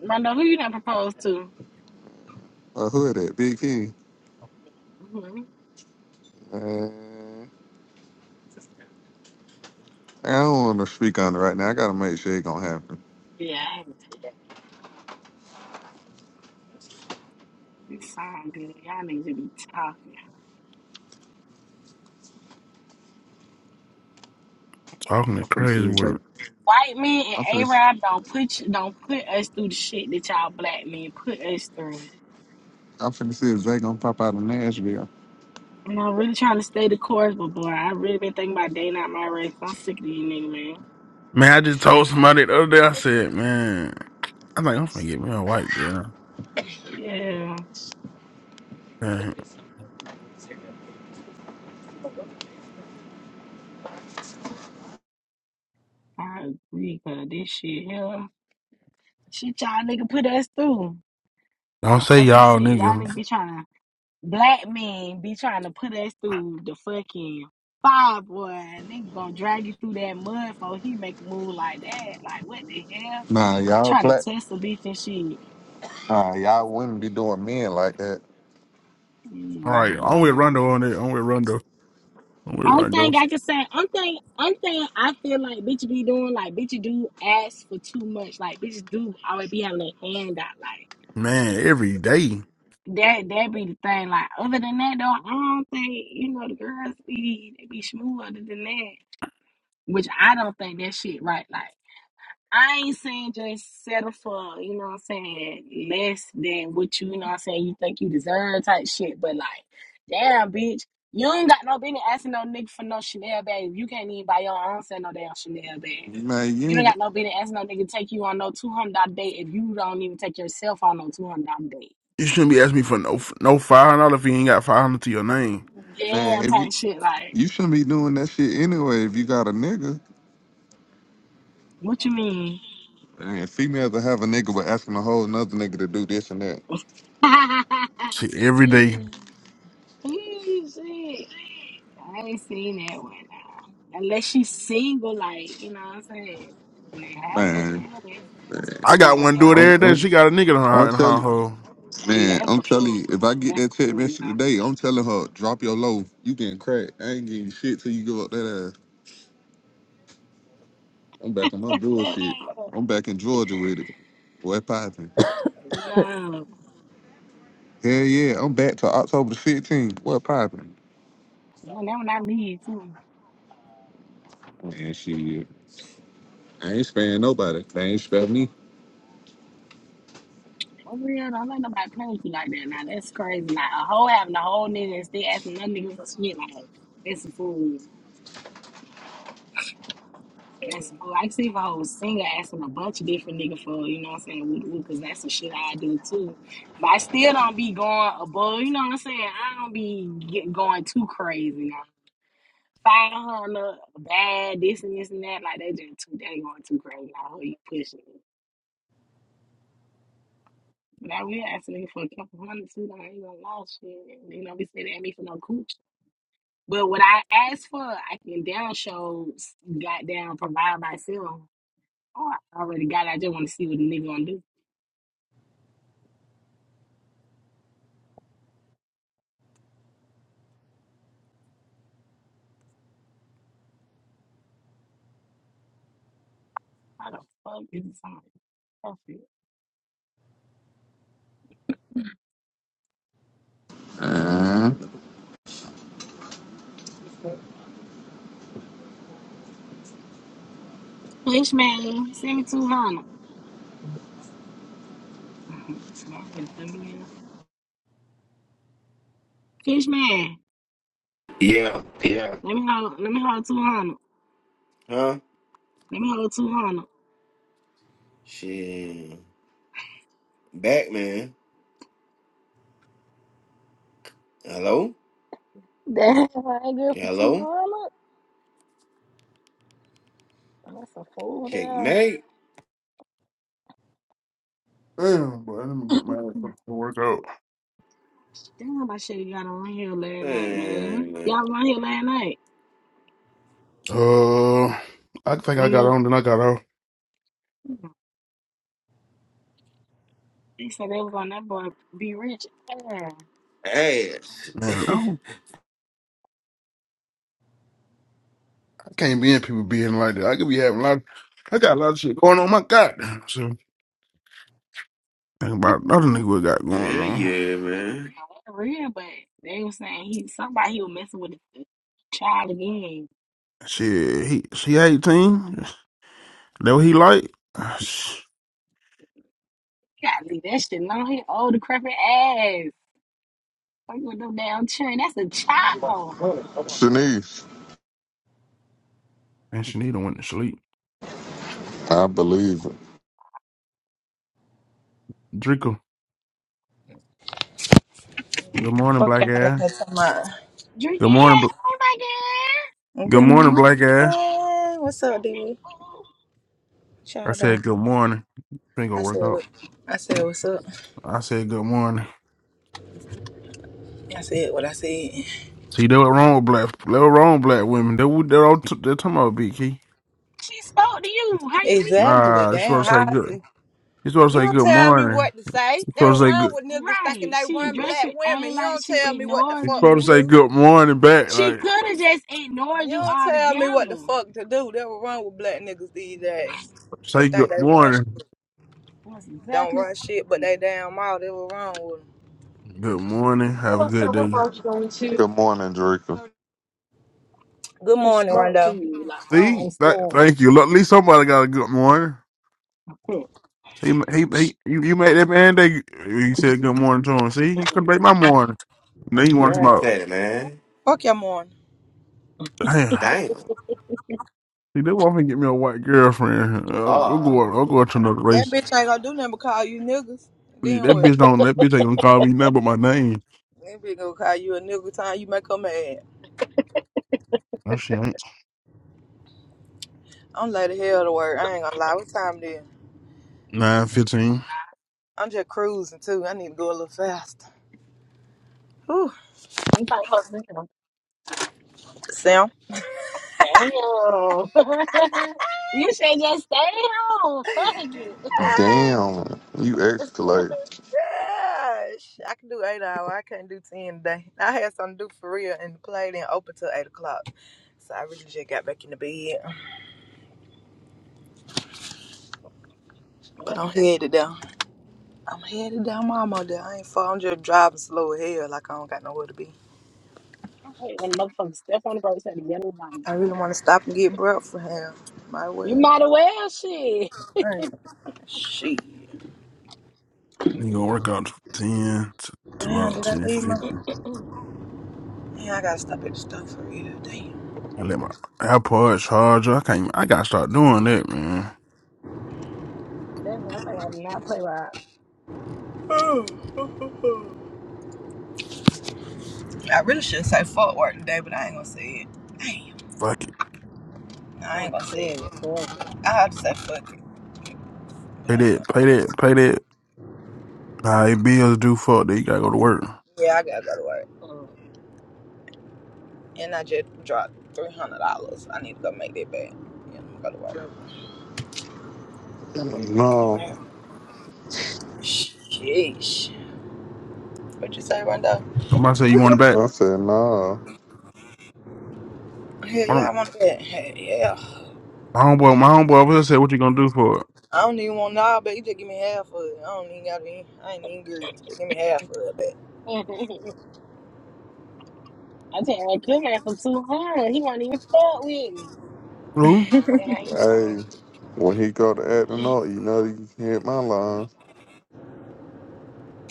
L: Rondo, who you done proposed to?
N: I hood at Big King.
L: hmm
N: Man, I don't want to speak on it right now. I gotta make sure it gonna happen.
L: Yeah, I- it sound good. Y'all niggas should be talking.
B: Talking the
N: I'm finna see
B: crazy
N: if Zay.
B: word.
L: White men
N: I'm
L: and
N: finna.
L: Arab don't put you, don't put us through the shit that y'all black men put us through.
N: I'm finna see if Zay gonna pop out of Nashville.
L: And I'm really trying to stay the course, but boy, I really been thinking about day not my race. I'm sick of these niggas, man.
B: Man, I just told somebody the other day. I said, man, I think I'm finna get me a white girl.
L: Yeah,
B: Man,
L: I agree, cause this shit, yeah, shit y'all nigga put us through.
B: don't say
L: All this
B: y'all
L: shit
B: niggas.
L: y'all
B: All
L: nigga
B: niggas
L: be trying to black men be trying to put us through the fucking fire, boy. Nigga gonna drag you through that mud for he make a move like that. Like what the hell?
N: Nah, y'all
L: Trying to
N: plat.
L: test a bitch and shit.
N: Nah, y'all wouldn't be doing men like that.
B: right?
L: Nah,
B: I'm
L: hell
B: with
L: no.
B: Rondo on it. I'm with Rondo. I'm with
L: Only
B: Rondo.
L: thing I can say, only thing, only thing I feel like bitch be doing, like bitch do ask for too much, like bitches do always be having their hand out, like
B: Man, every day
L: that. That be the thing. Like other than that, though, I don't think you know the girls be they be smoother than that, which I don't think that shit right. like, I ain't saying just settle for, you know what I'm saying, less than what you, you know what I'm saying, you think you deserve type shit. But like, damn, bitch, you ain't got no business asking no nigga for no Chanel bag. You can't even buy your own self no damn Chanel bag.
N: Man, you
L: You don't
N: ain't.
L: got no business asking no nigga to take you on no two hundred dollar date if you don't even take yourself on no two hundred dollar date.
B: you shouldn't be asking me for no no five hundred if you ain't got five hundred to your name.
L: Yeah,
N: Man, if
L: type
N: you
L: shit. Like,
N: you shouldn't be doing that shit anyway. If you got a nigga,
L: what you mean?
N: man, females that have a nigga, but asking a whole another nigga to do this and that.
B: Shit, every day.
L: Mm, shit. I ain't seen that one now. Unless she's single, like, you know what I'm saying? But having a
N: Man,
L: nigga, that's, that's a
B: I
L: fool
B: got
L: one
B: one
N: I
B: do it
L: now.
N: don't,
B: every
N: I
B: day. She
N: don't
B: got a nigga in
N: I
B: her
N: don't
B: in
N: tell
B: her
N: you.
B: hole.
L: Oh, yeah,
N: Man,
L: that's
N: I'm
L: a
N: telling
L: fool.
N: you, if I get
L: That's a
N: that text
L: fool
N: message
L: now.
N: today, I'm telling her, drop your low. You getting cracked. I ain't getting shit till you give up that ass. I'm back on my bullshit. I'm back in Georgia with it. What poppin'?
L: no.
N: Hell yeah, I'm back to October the 15th. What poppin'?
L: No, that one I need too.
N: Man, shit. I ain't sparing nobody. They ain't sparing me.
L: For real, don't let nobody play with you like that. Now that's crazy. Like a hoe having a whole nigga and still asking another nigga shit like that. It's a fool. That's bull. I see if I was single asking a bunch of different niggas for, you know what I'm saying, woo woo, because that's some shit I do too. But I still don't be going above, you know what I'm saying? I don't be get, going too crazy now. 500, bad, this and this and that, like they just too, they going too crazy. I hope you pushing it. But I will ask a nigga for a couple hundred too, though. I ain't gonna lie, shit. You know, be sitting at me for no cooch. But what I ask for, I can down show, goddamn, provide myself. Oh, I already got it. I just want to see what the nigga gonna do. How the fuck is this on? Perfect.
N: Uh,
L: Fish man, send me two hundred. My friend send me out. Fish man,
C: Yeah, yeah.
L: let me hold. Let me hold two hundred.
C: Huh?
L: Let me hold two hundred.
C: Shit. Back, man. Hello?
L: Damn, I ain't good for
C: Hello?
L: 200. That's a fool there.
C: Checkmate.
B: Damn, boy, let me get my ass up to work out.
L: Damn, I should have got on here last night, man.
C: Man.
L: Y'all was on here last
B: Uh, I think I got
L: night.
B: on, then I got off.
L: They said they was on that boy be rich. Yeah.
C: ass.
B: Man, no, I can't be in people being like that. I could be having a lot. I got a lot of shit going on. My God, so think
L: Not
B: about another nigga we got going
C: yeah,
B: on.
C: yeah, man.
L: real, but they was saying he somebody he was messing with the child again.
B: Shit, he she eighteen. That what he like? Ah, sh-
L: Gotta leave that shit alone. He old decrepit ass. Fucking with no damn children. That's a child.
N: Shanice,
B: And she need to went to sleep.
N: I believe it.
B: Draco, good morning,
O: Fuck
B: black
O: y'all
B: ass.
O: in here tomorrow.
B: Good
L: Drinking
B: morning,
L: here.
B: bl-
L: Oh my god.
B: good
O: Good
B: morning, black ass.
O: morning. What's up, dude?
L: Oh,
O: What
B: I
O: y'all doing?
B: said good morning. Ain't gonna
O: I
B: work
O: said
B: out.
O: what I said what's up.
B: I said good morning.
O: I said what I said.
B: See, they were wrong with black. They were wrong with black women. They were- they're all t- they're talking about BK.
L: She spoke to you. How you mean?
O: Exactly.
B: Nah, you
O: Damn
B: supposed to say
O: how I
B: good.
O: see.
B: You supposed to
O: You
B: say
O: don't
B: good
O: tell me
B: morning.
O: what to say.
B: You
L: How
O: That
B: supposed
O: was
B: to say
L: you
O: wrong
B: good.
O: with niggas thinking
L: right.
O: they
L: She
O: run
L: addressed
O: black
L: it.
O: women.
L: Ain't
O: You
L: like
O: don't
L: she
O: tell me what the
B: You
L: ignored
O: fuck to
B: supposed
L: you.
B: to say
O: do.
B: good morning back.
L: She
B: Like
L: could have just ignored
O: You
L: you
O: don't tell me what the
L: altogether.
O: fuck to do. That was wrong with black niggas these days. They
B: say
O: think
B: good
O: they run
B: morning.
O: shit.
L: That's
O: Don't
L: exactly
O: run shit, but they damn all they was wrong with them.
B: Good morning. Have a
N: Hello, sir.
B: good
N: What bar
B: day.
N: are you going to? Good morning, Draco.
O: Good
L: She
O: morning,
L: spoke to
O: Rondo.
L: you. Like, I don't
B: See, Th-
L: understand.
B: thank you. Look, at least somebody got a good morning.
L: Like,
B: He he he. You, you made that man day. He said good morning to him. See, he couldn't
L: hmm,
B: make my morning. And
L: hmm,
B: then he
L: hmm.
B: wanted to talk
C: Not
B: about
C: that, man.
O: Fuck your morning.
B: damn.
C: Damn.
B: See, they want me to get me a white girlfriend. Uh, I'll
C: Ah,
B: go. I'll go to another
O: That
B: race.
O: bitch ain't gonna do nothing but call you niggas.
B: Yeah,
O: Then
B: That
O: what?
B: bitch don't. That bitch ain't gonna call me nothing but my name.
O: That bitch gonna call you a nigga time you make her mad.
B: Oh shit.
O: I'm late the hell to work. I ain't gonna lie. What time it is?
B: Nine fifteen.
O: I'm just cruising too. I need to go a little faster. Whew.
L: you probably supposed to be
O: Sam.
L: like, damn. you should just stay home. Fuck it.
O: Ah,
N: Damn, you escalate.
O: Gosh, I can do eight hour. I can't do ten today. I had something to do for real and the play then open till eight o'clock. So I really just got back in the bed. But I'm headed down. I'm headed down. I'm almost there. I ain't far. I'm just driving slow as hell like I don't got nowhere to be.
L: I hate when motherfuckers step on the brakes at the yellow light.
O: I really want to stop and get breath for him. My
L: You
O: well.
L: might as well shit.
O: All right. Shit.
B: You gonna work out ten to, to
O: Damn,
B: about
O: did I
B: ten
O: leave my.
B: fifty.
O: Yeah, I gotta stop at the store for real. Damn.
B: I let my AirPod charger. I can't. Even, I gotta start doing that, man.
L: That's one thing I did not play with.
O: Oh, oh, oh, oh. I really should say fuck work today, but I ain't gonna say it. Damn.
B: Fuck.
O: No,
L: I
O: I ain't
L: would
O: gonna
L: say
O: say it.
L: it. fuck it.
O: I have to say fuck it, but
B: Pay
O: I ain't gonna.
B: that, pay that, pay that. All right, bills due. Fuck that. You gotta go to work.
O: Yeah, I gotta go to work. And I just dropped $300. I need to go make that back. Yeah, I'm gonna go to work. Go to
N: No,
O: work. Sheesh. What you say, Rondo?
B: Somebody say you want it back.
N: I said no.
O: Hell
B: I
O: yeah,
B: don't-
O: I want that. Hell yeah.
B: My homeboy, my homeboy over there said, "What you gonna do for it?"
O: I don't even want all back. You just give me half of it. I don't even gotta be. I ain't even greedy. Just give me half of it back.
L: Mm. I tell you, good man for 200. He won't even fuck with me.
B: Lou.
L: There
N: Hey, when he go to acting
L: he gone.
N: up, you know you can hit my line.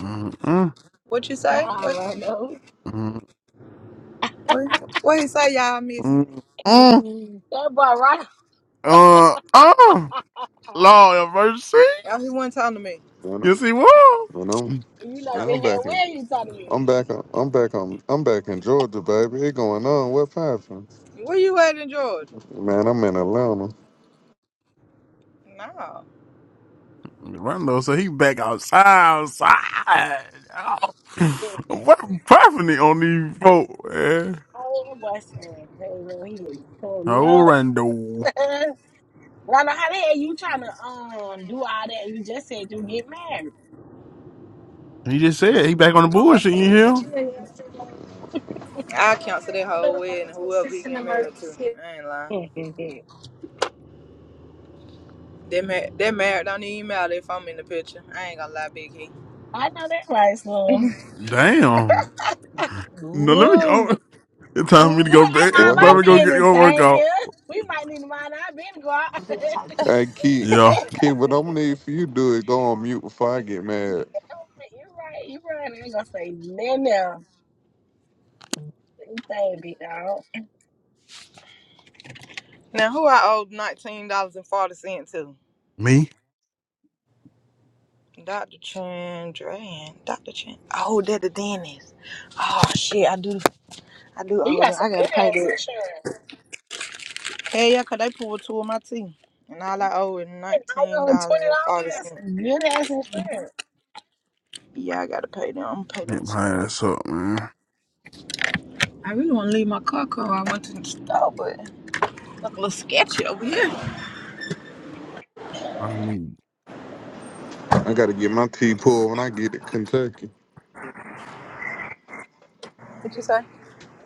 B: Mm-mm,
O: What you say?
L: Nah,
O: What?
L: bro.
B: mm-mm,
O: What, what he say? Y'all I missed it.
B: mm.
L: Mhm. That boy right.
B: Uh, uh, Lord have mercy.
O: Y'all he wasn't talking to me.
N: When, I-
B: Yes, he was.
N: when I'm
L: You know
O: Uh,
N: when I'm
L: good
N: back
L: hell
N: in
L: where you talking
N: I'm back on I'm back on I'm back in Georgia, baby. It going on. What happened?
O: Where you at in Georgia?
N: Man, I'm in Atlanta.
O: No.
B: Rondo, so he back outside, outside. Oh.
L: to me.
B: What a profiting on these folk, man?
L: Oh, that boy said, hey, man, he didn't pull me
B: Oh,
L: up.
B: Rondo.
L: Rhonda, how the hell you trying to um do all that? You just said you get married.
B: He just said he back on the bullshit. You hear?
O: I cancel that whole wedding. Whoever he get married to, I ain't lying. That mar- that marriage don't even matter if I'm in the picture. I ain't gonna lie, Big He.
L: I know that right, so.
B: Damn. No, let
L: Ooh,
B: me. It's time for me
L: ooh,
B: to
L: boy,
B: go back. It's
L: that mind
N: What
L: my
B: time to go
N: happened?
B: get
L: business,
B: your
L: thank
B: workout.
L: you. We might need to mind our business, go out.
N: Hey Keith,
B: Yeah.
N: Keith, what I'm gonna need for you to do is go on mute before I get mad.
L: you right, you right. I ain't gonna say nothing else. You think, big dog.
O: Now who I owe nineteen dollars and forty cent to?
B: Me?
O: Dr. Chandran. Dr. Chan. Oh, that the dentist. Oh shit, I do. I do
L: You
O: owe
L: got
O: them.
L: some
O: I
L: good
O: gotta pay
L: ass
O: that.
L: insurance.
O: Hey, yeah, 'cause they pulled two of my teeth. And all I owe is
L: I know twenty dollars. That's
O: $19.40.
L: some good ass insurance.
O: Yeah, I gotta pay them. I'm gonna pay
B: Get
O: them too.
B: my ass up, man.
O: I really wanna leave my car car. I went to the store, but look a little sketchy over here.
B: I need.
N: I gotta get my tea pulled when I get to Kentucky.
O: What you say?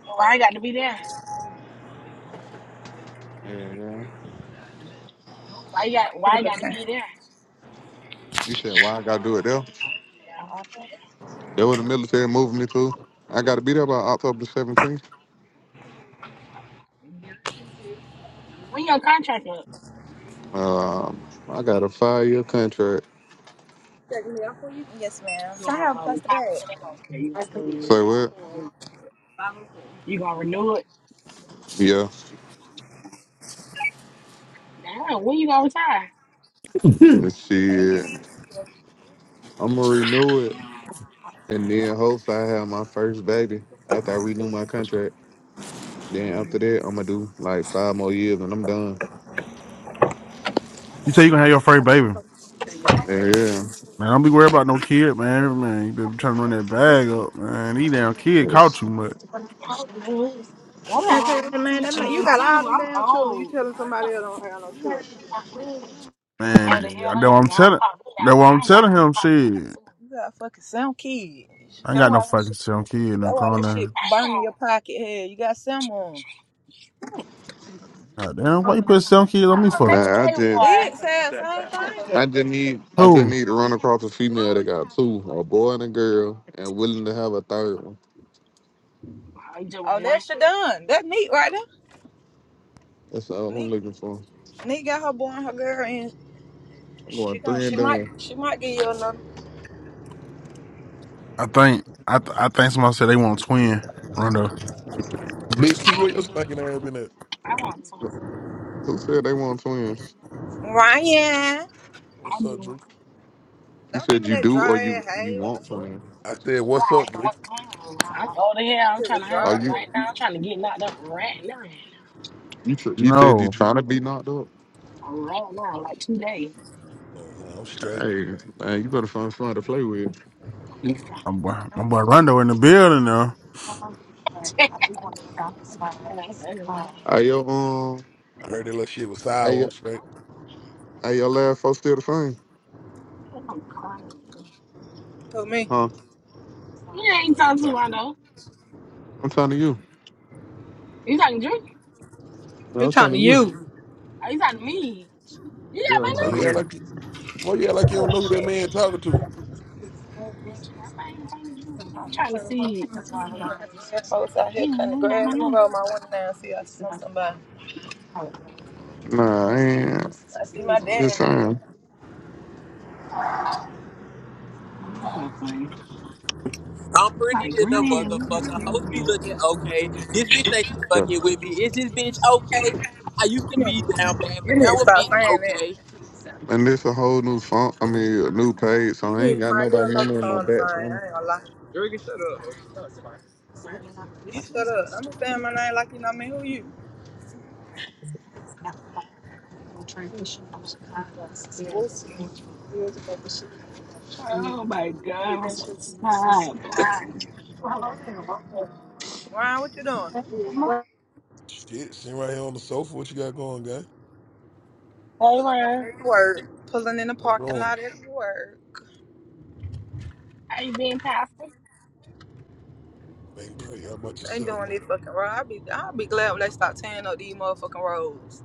L: Why I got to be there?
N: Yeah, yeah.
L: Why you got? Why I
O: It's
L: got to
O: okay.
L: be there?
N: You said why I gotta do it there?
L: Yeah.
N: That what the military moving me to. I gotta be there by October the 17th.
L: Uh, When your contract up,
N: Um, I got a five year contract.
O: Checking me out for you? Yes, ma'am.
L: you
O: Can I have
L: gonna
O: a
L: uh,
O: plastic
L: retire?
O: bag? Thank,
L: They gonna say You gonna stay?
N: Say what?
L: You gonna, you gonna renew it?
N: Yeah.
L: Damn, when you gonna retire?
B: That's-
O: Thank you.
N: Shit.
O: you.
N: I'm gonna renew it, and then hopefully I have my first baby after I renew my contract. Then after
L: Mm.
N: that, I'm gonna do like five more years, and I'm done.
B: you say you gonna have your first baby.
N: Yeah, yeah.
B: Man, don't be worried about no kid, man. Man, you better be trying to run that bag up, man. He damn kid caught
N: Yes.
B: you, but
L: I'm not
O: Can't
L: on
O: tell you, man,
L: YouTube
O: that man, you
L: channel
O: got all
L: too.
O: them
L: I'm
O: damn children. You
L: old.
O: telling somebody else don't have no children.
L: I'm
B: man,
L: old the
B: dude,
L: hell.
B: I
L: I
B: know what
L: gotta
B: I'm
L: go and
B: telling.
L: pop me out.
B: That's
L: my.
B: what I'm
L: I gotta
B: telling
L: go
B: him.
L: pop me out
B: Shit,
L: soon.
O: You got fucking some kids.
B: I ain't
O: That's
B: got no
O: why that
B: fucking
O: shit,
B: seven kid in the
O: that why that
B: corner.
O: shit burn in
L: Damn.
O: your pocket. Hell, you got some on.
L: Shit. Why
B: God damn, why you put seven kids
L: am
B: on me
L: I doing
B: for?
L: make a
N: Nah, I
L: day,
N: just,
O: Big
L: boy?
O: said same thing.
N: I just need, I just
B: Who?
N: need to run across a female that got two, a boy and a girl, and willing to have a third one.
L: I just
O: Oh,
L: want
O: that's your done. That's neat right there.
N: That's all I'm
O: Neat,
N: looking for.
O: neat got her boy and her girl, and
N: I'm
O: she
N: going
O: gonna,
N: three
O: she
N: and
O: might,
N: done.
O: she might give you another.
B: I think I th- I think somebody said they want a twin. Rondo.
P: Big Key, where
L: one.
P: your stinking ass been at?
L: I want to.
N: Who said they want twins?
O: Ryan,
L: I
P: What's up,
L: do.
P: Drew?
N: You
O: don't give
N: said
O: me
N: you
O: that
N: do, or
O: dry
N: you
O: ass.
N: you
O: Hey, what the
N: want
O: fuck?
N: twins?
P: I said,
L: If
P: what's up,
L: I
P: Drew?
L: want twins. I'm older here.
O: This
L: I'm
O: shit
L: trying
O: was
L: to
N: Are
L: hurry
O: dry.
L: up
N: you?
L: right now. I'm trying to get knocked up right now.
N: You, tr- you said you
B: No,
N: trying to be knocked up.
L: Right now, like today.
P: Oh, no, I'm straight.
N: Hey, man, you better find somebody to play with.
B: my boy, my boy Rondo in the building now.
N: Hey, yo, um,
P: I heard that little shit was
N: hey,
P: sour.
N: yo,
P: I'm straight.
N: hey, your last folks still the same,
L: I'm crying.
O: Who me?
N: huh?
L: You ain't
P: Nah, he
L: talking to
P: talking.
L: my though.
N: I'm talking to you.
L: You talking to Drew?
N: No,
O: He
N: I'm talking
O: talking
N: to
O: to
N: you.
O: you?
L: Are you talking to me? You got
N: Yeah,
B: I'm
L: my
N: I'm
P: Why
B: about
N: talking
B: to-
N: to
P: you
B: have
P: act
L: number?
B: to-
N: you.
P: like why you act like you
O: Oh
P: don't know who that
O: shit.
P: man talking to?
L: Shit, I ain't talking to you. I'm trying to see.
O: Yeah, Folks out
L: You
O: here
L: ain't
O: cutting the
L: know you got
O: grass.
L: my
O: Let me
L: number.
O: roll my window down. and See, if I know somebody.
N: Nah, I ain't.
O: I see my
N: I'm just
O: dad. Out
N: saying.
L: This so funny.
Q: I'm pretty
L: like
Q: than the
L: grinning. We just
Q: motherfucker.
L: sitting
Q: Hoes be
L: here.
Q: looking okay. This bitch think she
N: Yeah.
Q: fucking with me. Is this bitch okay? I used
O: there.
Q: to
O: You
Q: be
O: need,
Q: down bad,
O: you
Q: but
O: need
Q: now
O: to
Q: a
O: stop
Q: bitch
O: saying
Q: okay.
O: that.
N: And this a whole new phone. I mean, a new page. So I
O: You need
N: ain't
O: to
N: got
O: find you
N: nobody know me
O: another
N: in my
O: song to sing.
N: back channel.
O: I ain't gonna lie.
Q: Jerry, shut up.
O: You shut up. I'm just saying my name like you know me. Who you?
L: Oh my god, I'm so tired, boy.
O: Ryan, what you doing?
P: Shit, sitting right here on the sofa. What you got going, guy?
L: Hey,
O: Pulling up
L: Ryan.
O: at work. Pulling in the
P: What's
O: parking
P: going?
O: lot at work.
L: How you been, Pastor?
P: I'm ain't great. How about
O: They
P: yourself,
O: doing
P: man?
O: their fucking road. I'll be, I'll be glad when they stop tearing up these motherfucking roads.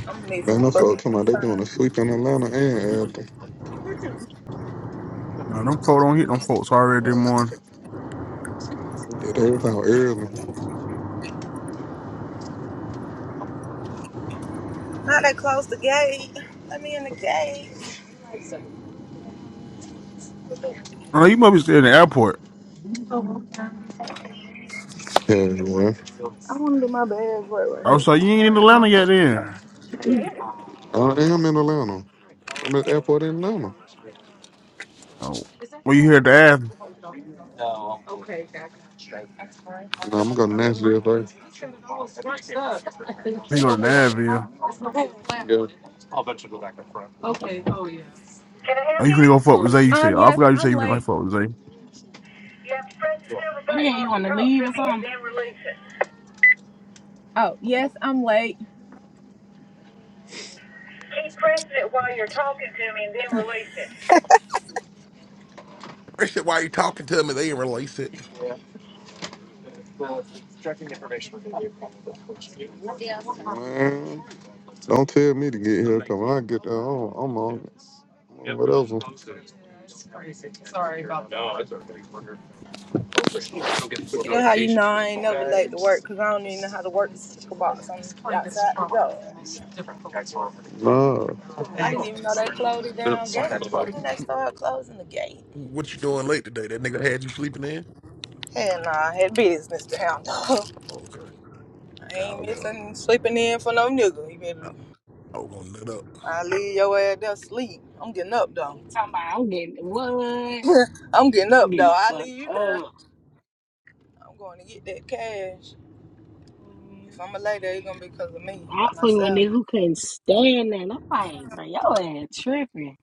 O: I'm gonna need
N: Then I
O: some
N: folk
O: fucking
N: talking about they doing a
O: time.
N: sweep in Atlanta and after.
B: Nah, them cold don't hit them folks already this morning.
N: Yeah, they was out early.
O: Now they close the gate. Let me in the gate.
B: Oh, you must be still in the airport.
N: Yeah, well,
O: I wanna do my bad work right
B: I
O: here.
B: was like, you ain't in Atlanta yet then.
N: I am in Atlanta. I'm at the airport in Atlanta.
B: Oh. Well, you here at the Av. You
N: No, I'm gonna go to Nashville
B: go to Nashville.
N: Yeah.
B: Oh, you finna go fuck with Zay, you say.
O: Um,
B: I
O: yes,
B: forgot you said
O: I'm
B: you finna go
O: late.
B: fuck with Zay.
L: What the hell, you want to leave or something?
O: Oh, yes, I'm late. Keep pressing it while you're talking to me and then release it.
P: That shit, why you talking to me? They ain't release it.
N: Man, don't tell me to get here, cause when I get there, I'm, I'm on it. What else?
O: See, that's how you know I ain't never late to work because I don't even know how to work the speaker box. I'm outside the job.
N: Nah.
O: I didn't even know they closed the damn gate. When they started closing the gate.
P: What you doing late today? That nigga had you sleeping in?
O: Hell nah, I had business to handle.
P: Oh, okay.
O: I
P: God,
O: ain't
P: Lord.
O: missing sleeping in for no nigga. You
P: I,
O: better,
P: I was gonna
O: I leave your ass there sleep. I'm getting up
L: What
O: though.
L: You talking about I'm getting what?
O: I'm getting
L: I'm
O: up
L: getting
O: though.
L: the
O: I
L: fuck
O: leave you there.
L: up.
O: I'm going to get that cash.
L: man.
O: If I'm a lady, it's gonna be because of me
L: I
O: by
L: was fucking with a
O: myself.
L: nigga who couldn't stand that. And I'm like, bro, your ass tripping.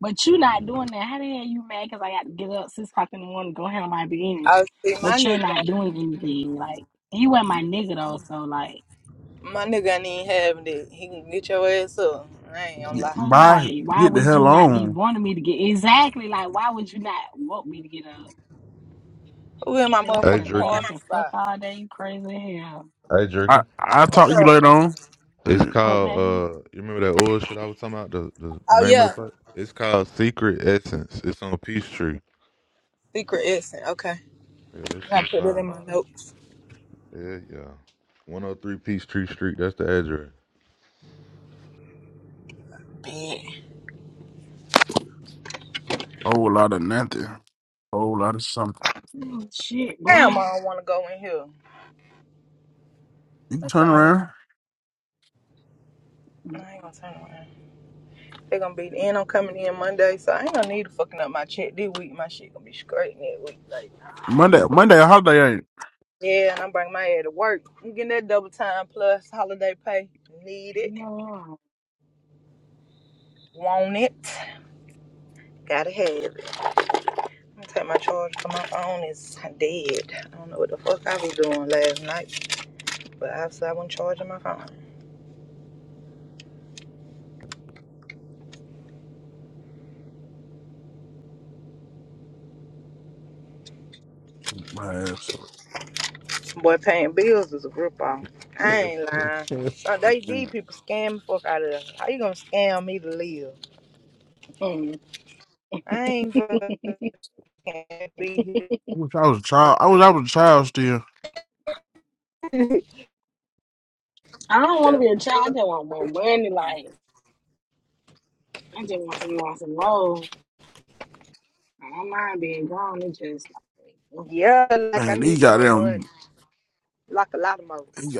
L: But you not doing that. How the hell you mad? Because I got to get up 6 o'clock in the morning to go handle my business.
O: I see my
L: But you're
O: nigga.
L: not
O: not-
L: doing anything. Like, he wasn't my nigga, though. So, like,
O: My nigga ain't even having that. He can get your ass up. I ain't gonna
B: Yeah,
O: lie.
L: okay,
B: bye.
L: like, why
B: Get the
L: would
B: hell
L: you not be
B: on.
L: wanting me to get exactly? Like, why would you not want me to get up?
O: Who in my
L: Think I'm
R: Hey
L: finna
O: motherfucking
L: lay
R: Jerker.
L: up
O: parking
L: and fuck
O: spot?
L: all day? You crazy as hell.
R: Hey
B: I,
R: Jerker.
B: I'll
O: What's
B: talk to you
O: up?
B: later on.
R: It's
B: Mm,
R: called
L: Okay.
R: uh you remember that oil shit I was talking about? The the
O: Oh
R: name of the
O: yeah,
R: place? It's called Secret Essence. It's on Peachtree.
O: secret essence. Okay.
R: Yeah, that
O: I
R: shit
O: put it
R: fire.
O: in my notes.
R: Yeah, yeah. One oh three Peachtree Street, that's the address.
O: Bad.
B: whole lot of nothing. Whole lot of something.
L: Oh shit,
B: You
L: boy.
O: Damn, I don't want to go in here.
B: can
O: What
B: turn
O: time?
B: around.
L: Mm.
O: I ain't gonna turn around. They're gonna be the end. I'm coming in Monday, so I ain't gonna need to fucking up my check this week. My shit gonna be straight next week. Like,
B: Monday, Monday, a holiday ain't.
O: yeah, and I'm bringing my head to work. I'm getting that double time plus holiday pay. Need it. Want it. Gotta have it. I'm gonna take my charger 'cause my phone is dead. I don't know what the fuck I was doing last night, but obviously I wasn't charging my phone.
B: My ass.
O: Boy, paying bills is a grip off. I
P: nut
O: ain't lying.
P: up.
O: So they
B: Man,
O: these people scam the fuck out of us. How you gonna scam me to live? I ain't fucking be here.
B: I wish I was a child. I wish I was a child still.
L: I don't want to
O: The
L: be a child. I just
O: fuck?
L: want more money. Like I just want some more, some more. I don't mind being grown. It's just like, oof,
O: Yeah, like I
B: Man, these
O: need some more money.
B: goddamn,
O: Like a lot of more.
B: them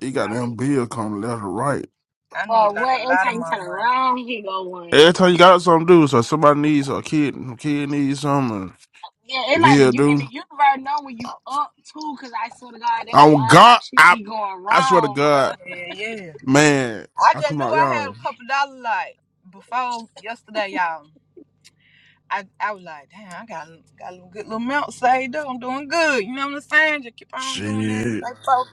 B: He got them
L: like,
B: bill coming left and right.
O: I
L: well,
O: need like
L: what?
O: a
L: Every
O: lot of
L: time you
O: more
L: turn
O: money.
L: around, he go
B: Every
L: one.
B: time you got something to do, so somebody needs a kid, a kid needs something,
L: Yeah, it
B: and
L: like the
B: bill
L: you in the
B: do.
L: universe know when you up too, cause I swear to God, there were
B: On
L: all type
B: God,
L: of shit
B: I,
L: be going
B: I swear to
L: wrong, bro.
B: God,
O: Yeah, yeah.
B: man,
O: I
B: I
O: just
B: come
O: knew
B: out,
O: I had a
B: y'all.
O: couple dollars like before yesterday, y'all. I, I was like, damn, I got a- got a little good little amount saved up. I'm doing good. You know what I'm saying? Just keep on doing that.
B: Shit.
O: Stay focused.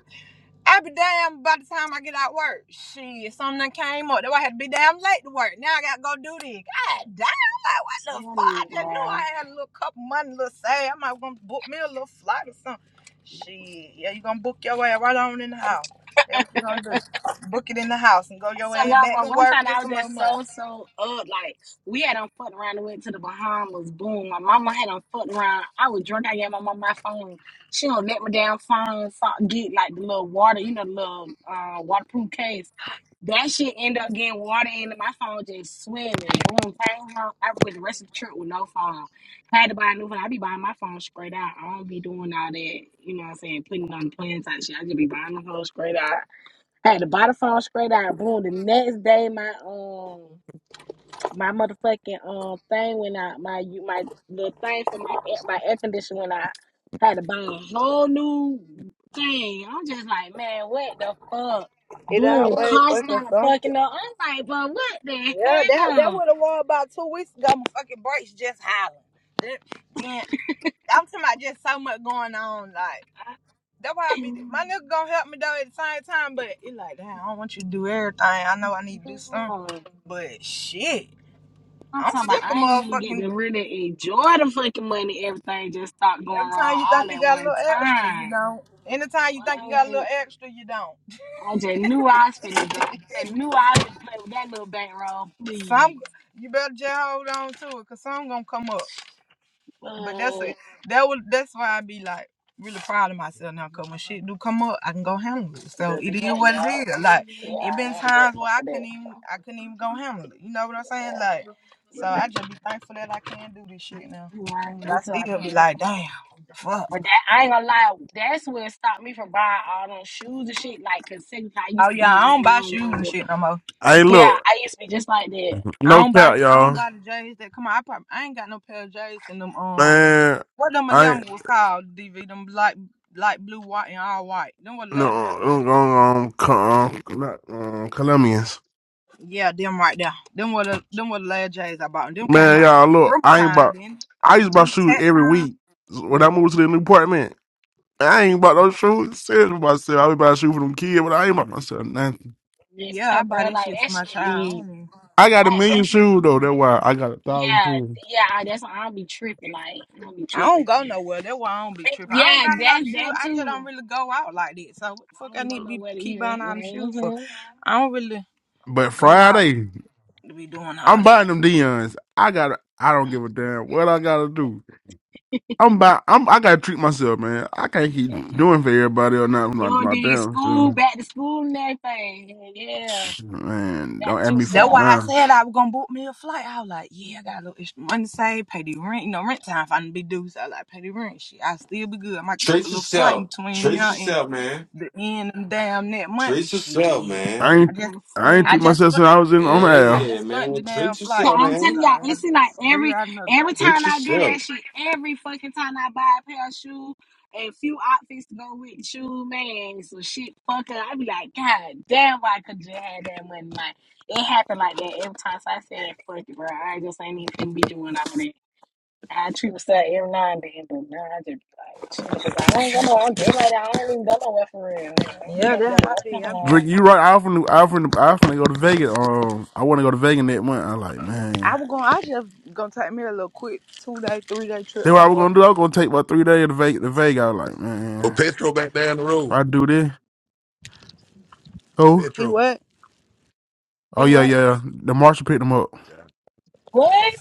O: I be damn by the time I get out work. Shit, something done came up. That's why I had to be damn late to work. Now I gotta go do this. God damn, like what the
L: Tell
O: fuck?
L: me,
O: I just knew
L: boy.
O: I had a little couple money, a little say. I might want to book me a little flight or something. Shit, yeah, you gonna book your ass right on in the house. That's what you gonna do. Book it in the house and go your
L: So
O: ass
L: y'all,
O: back
L: but
O: to
L: one
O: work,
L: time I
O: get
L: was
O: some more
L: just
O: money.
L: so so up, like we had on fucked around and went to the Bahamas. Boom, my mama had on fucked around. I was drunk. I gave my mama my phone. She don't let me down phone. So I get like the little water, you know, the little uh, waterproof case. That shit end up getting water into my phone, just swimming. Boom, came home. I went the rest of the trip with no phone. Had to buy a new phone. I be buying my phone straight out. I don't be doing all that, you know what I'm saying, putting it on the plan type shit. I just be buying the phone straight out. Had to buy the phone straight out. Boom. The next day, my um my motherfucking um thing went out. My you my the thing for my air- my air conditioner went out. Had to buy a whole new thing. I'm just like, man, what the fuck?
O: It
L: Boom.
O: always
L: Car
O: fucking
L: started
O: something.
L: fucking up. I'm like, but what the
O: Yeah, that that
L: hell?
O: would have was about two weeks ago. My fucking brakes just hollering. Then, then I'm talking about just so much going on. Like. That's why I be my nigga gonna help me though at the same time, but it like damn, I don't want you to do everything. I know I need to do something,
L: Yeah.
O: but shit,
L: I'm
O: I'm
L: talking about
O: sick of
L: I ain't even get to
O: motherfucking.
L: really enjoy the fucking money. Everything just stopped going
O: Every time
L: wrong
O: you think
L: all
O: you
L: at
O: got a
L: one
O: little extra, you
L: time.
O: don't. Anytime you think you got a little
L: What?
O: extra, you don't.
L: I just knew I was finna go. I just knew I was finna play with that little bankroll, please.
O: Some you better just hold on to it, cause some gonna come up. But that's
L: But
O: a, that would that's why I be like really proud of myself now. Cause when shit do come up, I can go handle it. So
L: just
O: it
L: be
O: is
L: happy,
O: what
L: y'all.
O: it is. Like it
L: Yeah,
O: been
L: I am
O: times
L: grateful
O: where I
L: for
O: couldn't
L: that.
O: even I couldn't even go handle it. You know what I'm saying? Like so I
L: Mm,
O: just be thankful that I can do this shit now.
L: Yeah,
O: But
L: we
O: I still
L: talking.
O: be
L: That's-
O: like, damn, fuck.
L: But that I ain't gonna lie, that's what stopped me from buying all them shoes and shit. Like, cause technically I used
O: Oh
L: to be
O: yeah, I don't
L: one
O: buy
L: no
O: shoes
L: one,
O: and
L: but
O: shit no more.
B: Hey,
L: yeah,
B: look,
L: I used to be just like that.
O: I
B: no
O: don't buy
B: cap,
O: I don't
B: y'all.
O: buy the J's that come on. I probably I ain't got no pair of J's in them um
B: Man,
O: what them
B: I
O: eleven
B: ain't,
O: was called DV them light light blue white and all white. Them was the
B: no,
O: last pair. of J's.
B: um, um, um, um, not, um, Colombians.
O: Yeah, them right there. Them were the them were the last J's I bought. Them came
B: Man,
O: out around
B: y'all, look,
O: Christmas
B: I ain't
O: time
B: about,
O: then, or
B: I
O: the
B: used to buy
O: beginning
B: shoes
O: tax
B: every
O: time.
B: week when I
L: Yeah,
B: moved to the new apartment. I ain't bought no shoes. Serious with myself. I was about to shoe for them kids, but I ain't bought myself nothing.
O: Yeah, I
L: yeah,
O: buy
L: bro.
O: that
L: Like
O: shit for
L: that
O: my
L: shit
O: child. I don't,
L: be
O: even,
B: I got a
L: like,
O: I
B: million
O: don't
B: shoes though. That's why I got a thousand
L: yeah,
B: shoes.
L: yeah. That's why I do be tripping. Like I do be
O: I don't
L: tripping.
O: go nowhere. That's why I don't be tripping. I don't
L: Yeah,
O: got a lot
L: that's
O: of shoes.
L: that
O: I just
L: too.
O: don't really go out like that. So what the fuck
L: I
O: I
L: ain't go
O: need to be
L: nowhere to
O: keep
L: even.
O: buying all the shoes for?
L: Mm-hmm.
O: I don't really
B: But
O: go out
B: Friday,
O: to be doing all
B: I'm
O: that.
B: buying them Dion's. I got. I don't give a damn what I gotta do. I'm buy. I'm. I gotta treat myself, man. I can't keep
L: Yeah.
B: doing for everybody or not my
L: You done
B: my
L: did
B: damn
L: school,
B: self.
L: back to school and everything. Yeah,
B: Man, don't
L: back
B: ask
L: to
B: me for
O: That's
L: yourself.
O: why I
B: now.
O: said I was gonna book me a flight. I was like, yeah, I got a little extra money saved, pay the rent, you know, rent time if be due. So I like pay the rent shit. I still be good. I might book a
C: treat
O: little flight in
C: yourself.
O: between
C: Treat
O: now
C: yourself, man.
O: the end of the damn net month, but
C: Treat yourself,
O: shit,
C: man.
B: I
O: I
B: ain't.
L: I
O: just,
B: I ain't
L: swear.
O: I
B: treat
O: just,
B: myself
O: spun-
B: since I was in on the
C: Yeah,
O: I
B: air.
C: yeah,
O: just spent
C: man.
O: the damn
C: Treat
L: So
O: flight
C: yourself,
L: I'm
O: money, so
C: man.
L: telling y'all,
O: I
L: it
O: gotta
L: seems like
O: figure
L: every
O: out another way.
L: every
C: Treat
L: time I do
C: yourself.
L: that shit, every fucking time I buy a pair of shoes, and a few outfits to go with the shoe, man, so shit fuck up. I be like, God damn, why I could you have that money? Like, it happened like that every time. So I said, fuck it, bro. I just ain't even finna be doing all that. I treat myself every now and then, but now I just be like, shit, because I don't go no, I'm just like that. I don't even go nowhere for real. I don't do
O: Yeah,
L: nothing but go
O: that's
L: to
O: how I
L: work at
O: be. I be
L: home.
B: Drink,
O: like, I,
B: you right? I often, I often, I often go to Vegas. Um, I want to go to Vegas that month. I'm like, man.
O: I was gonna, I just gonna take me a little quick two day, three day trip
B: Then what I was
O: somewhere.
B: gonna do, I was gonna take my three day to Vegas. To Vegas. I was like,
P: well,
B: man,
P: Petro back down the
B: if
P: road.
B: I do this, oh,
O: He
P: Petro.
O: what?
B: oh
O: He
B: yeah,
O: what?
B: yeah. The marshal picked him up.
P: God damn.
L: What?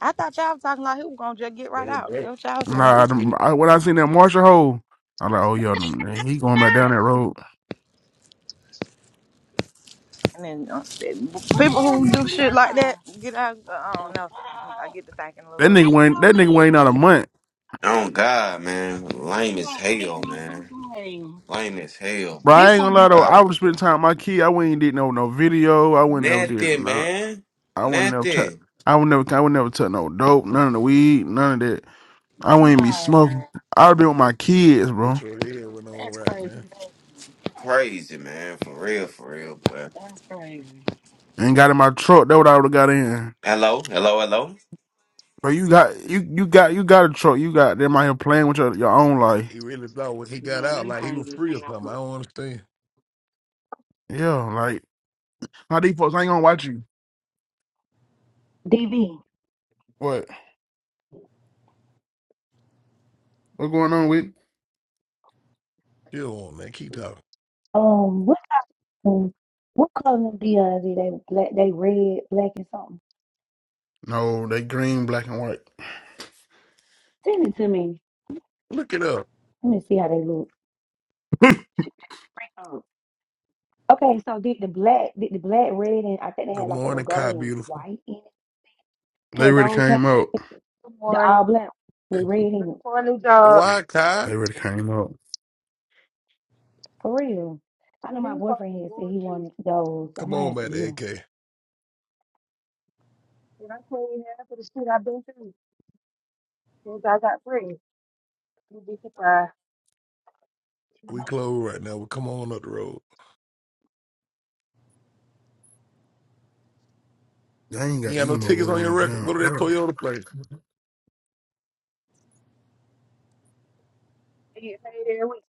O: I thought y'all was talking like he was gonna just get
P: They
O: right
P: were
O: out.
P: dead.
O: That's what y'all was saying.
B: Nah,
P: This year,
B: the, I, when I seen that marshal hole, I was like, oh yeah, them- he going back
L: Nah.
B: down that road.
O: And then uh,
L: What the
O: people
L: hell is
O: who
L: up
O: do
L: in
O: shit like
L: now?
O: that get out. uh,
L: What
O: I
L: the
O: don't know. I
L: fuck?
O: get to thinking a
B: That
O: little.
B: nigga
L: Ain't
B: went. That nigga
L: nobody
B: went
L: in
B: out a
L: me.
B: month.
C: Oh God, man. Lame as
L: Boy, ain't
C: hell,
L: no
C: man.
L: fucking way.
C: Lame as hell,
B: Bro,
C: boy.
B: I
L: This
C: Oh,
B: ain't gonna lie
L: one,
B: though. I
C: God.
B: was spending time with my kid. I wouldn't did no no video. I wouldn't never did.
C: Nothing,
B: No,
C: man.
B: I wouldn't never touch.
C: Nothing.
B: I would never. I would never touch no dope. None of the weed. None of that. I wouldn't be
L: nah, nah.
B: smoking. I'd be with my kids,
P: this
B: bro.
P: year, it went on
L: That's
P: right,
L: crazy.
P: man.
L: as hell.
C: Crazy, man. For real, for real, boy.
L: That's crazy.
B: And got in my truck. That what I would have got in.
C: Hello, hello, hello.
B: But you got you you got you got a truck. You got them out here playing with your, your own life.
P: He really thought when he got
L: Yeah,
P: out,
L: that's
P: like he was
L: crazy. as
P: free or
L: hell for
P: something. I
L: real.
P: don't understand.
B: Yeah, like how these folks ain't gonna watch you.
K: DB.
B: What? What going on with?
P: Chill on, man. Keep talking.
K: Um, what um, what color of DeAndre? They black. They red, black, and something.
B: No, they green, black, and white.
K: Send it to me.
P: Look it up.
K: Let me see how they look. Okay, so did the black, did the black, red, and I think they had
P: Good
K: like a little
P: morning, Kai.
K: gold and
P: Beautiful.
K: white in it.
B: They
K: Had
B: really
K: those came,
B: came out.
K: the all
S: Morning.
K: black with red in
S: Looking
K: it.
S: for a new job.
P: Why, Kai?
B: They really
S: So
B: came out.
K: For real. I know my
S: these
K: boyfriend
S: fucking
K: here said he
S: warranties.
K: wanted those. I
P: Come
K: might
P: on,
K: have to
P: man,
K: get them.
P: AK.
S: And I clean half of the shit I've been through since I got pregnant. You'd be surprised.
P: We close right now. We come on up the road.
B: They ain't
P: You
B: got
P: got no
S: They
P: tickets
B: emos
P: on your
B: on
P: record.
B: down.
P: Go to that
B: Hell,
P: Toyota place.
S: get paid every week.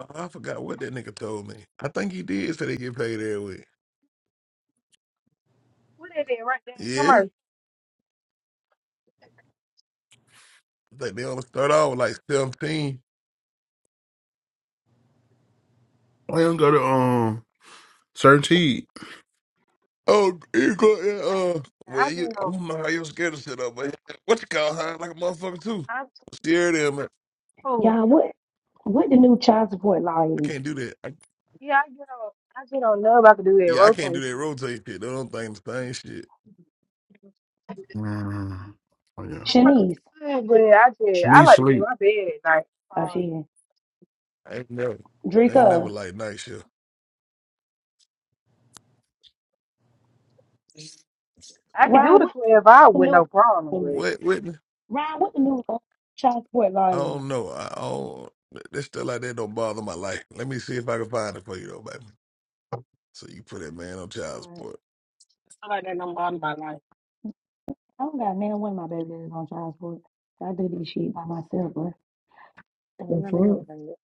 P: Oh, I forgot what that nigga told me. I think he did say they get paid every week.
S: What they did right there in
P: Yeah.
S: commerce.
P: I think they only start off with like 17.
B: I don't go to um certainty.
P: Oh, you go, yeah, uh,
S: I
P: well,
S: just
P: you, I
S: don't.
P: don't know how you're scared of shit up, but what you call high like a motherfucker too.
S: I'm too
P: Scared of man.
S: cool.
K: Y'all, what, what the new child support law
P: I
K: is?
P: can't do that. I,
S: Yeah, I get on. I just don't know if I could do that
P: yeah, I can't do
S: rotating
P: that
S: shit.
P: rotate shit. That don't think the same shit.
B: Mm. Oh yeah,
S: I probably
K: Shanice,
S: could, but I just I
B: Shanice
S: like to be in
B: sleep.
S: my bed at night.
K: oh,
S: Uh,
K: she,
P: I ain't never, I ain't never
K: Drika,
P: like night shift.
S: I can do
K: Ryan,
S: the
K: what
S: twelve hour
K: the
S: with
K: new,
S: no problem, but
K: um,
P: What, Whitney?
K: Ryan, what the new uh, child support law
P: I
K: is?
P: don't know. I, I don't. That stuff like that don't bother my life. Let me see if I can find it for you though, baby. So you put that man on
K: All
P: child
K: right.
P: support.
L: It's not like that no more in my life.
K: I don't got none of one of my babies on child support. I do this shit by myself, bro. The
L: Yeah,
K: fuck?
L: that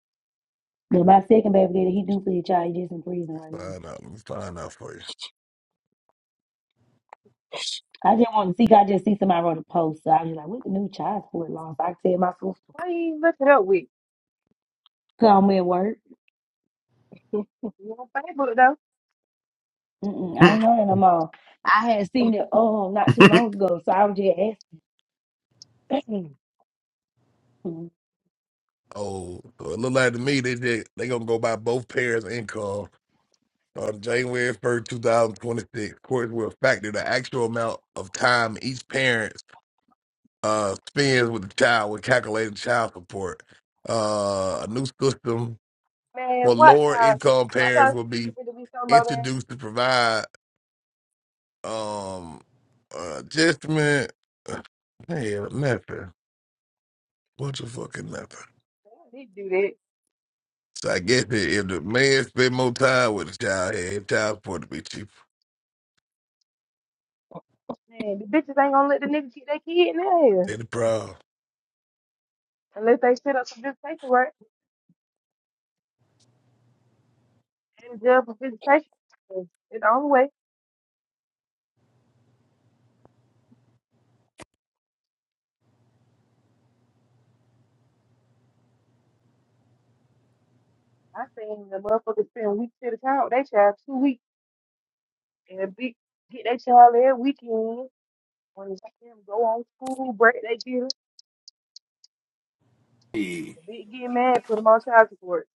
K: But my second baby daddy, he do for your child. He just in prison
P: Let
K: right
P: me
K: now.
P: find out. Let me find out for you.
K: I just want to see. I just see somebody wrote a post. So I was like, what the new child support law? So I tell my sister,
S: why you even look it up with?
K: call me at work.
S: Your Facebook though,
K: Mm-mm, I ain't
B: I
K: know that no more. I had seen it oh not too long ago. So I was just asking.
P: Oh, so it look like to me they just, they gonna go by both parents' income On January 1st, 2026, courts will factor the actual amount of time each parent uh, spends with the child when calculating child support. Uh, a new system for
S: man. Watch
P: lower
S: how,
P: income
S: watch
P: parents
S: how
P: will be
S: niggas be so low down.
P: introduced to provide um, uh, adjustment. Man, nothing. What the fucking nothing.
S: They need to do that.
P: So I guess that if the man spend more time with the child, hey, child support to be cheaper.
S: Man, the bitches ain't gonna let the niggas keep their kid in their
P: They the problem.
S: unless they set up some visitation work and jail for visitation. It's the only way. I seen the motherfuckers spend weeks at a time with their child, two weeks, and be get their child every weekend when they let them go on school break. They get them,
C: Hey.
S: the bitch get mad, put them on child support.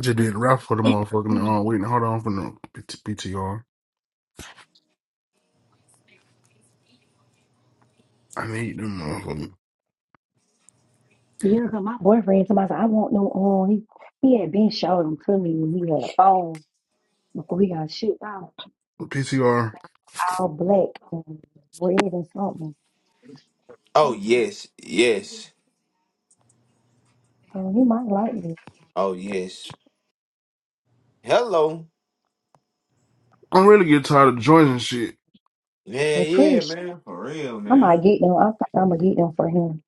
B: just
L: was
B: did rap for the motherfucking
L: like
B: um. Wait, hold on for the P T R. I need them motherfucking
K: yeah, 'cause my boyfriend told me, I said, I want no on. He, he had been showing them to me when he had a phone before he got shipped out,
B: P T
K: all black and red and something.
S: I
C: Oh yes, yes.
K: So he might like me.
C: Oh yes. Hello.
B: am really getting tired of joints and shit.
C: Yeah,
K: But pretty
C: yeah,
K: sure
C: man. For real,
K: I might
C: man.
K: get them. I think I'm going to get them for him.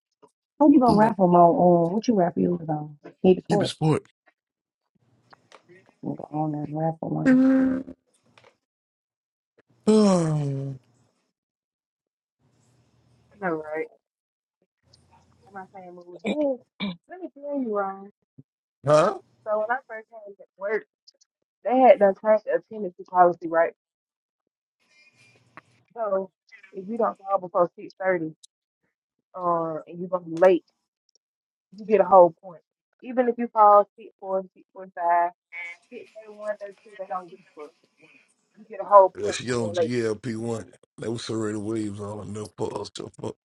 K: What you gonna
B: I'm not
K: raffle them on? Uh, what you raffle yours on? Need for
B: keeping
K: it.
B: sport.
K: I'm gonna go on that raffle one.
S: know, right? Am I saying, well,
L: it.
S: yeah, let me tell you, Ryan.
P: huh?
S: So when I first came to work, they had done changed the attendance policy, right? So if you don't call before six thirty, uh, and you're gonna be late, you get a whole point. Even if you call six four, six forty five, six thirty one, thirty two, they don't get you. You get a whole
P: Yeah,
S: point
P: she
S: for
P: on
S: being late.
P: GLP one. That was Serena Williams on enough for us to fuck.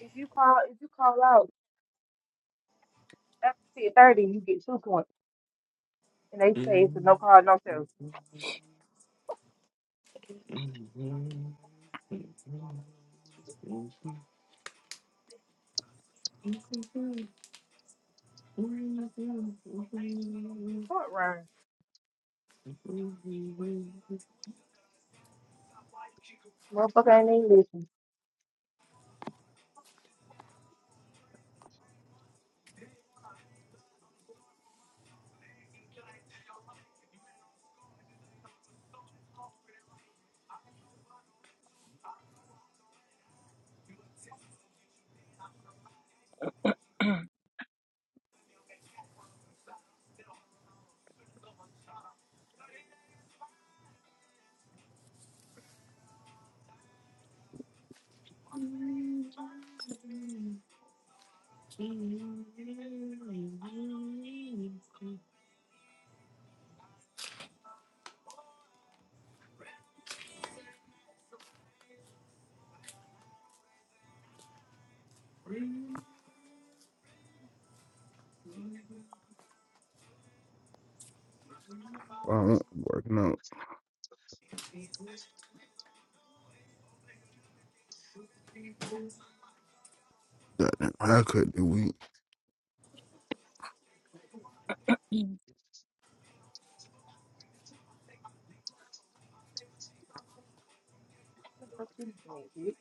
S: If you call, if you call out after six thirty, you get two points, and they say it's a no call, no show. Fuck Ryan, motherfucker ain't even listen.
B: I don't working out. Goddamn haircut this week.
S: What the fuck you doing, bitch?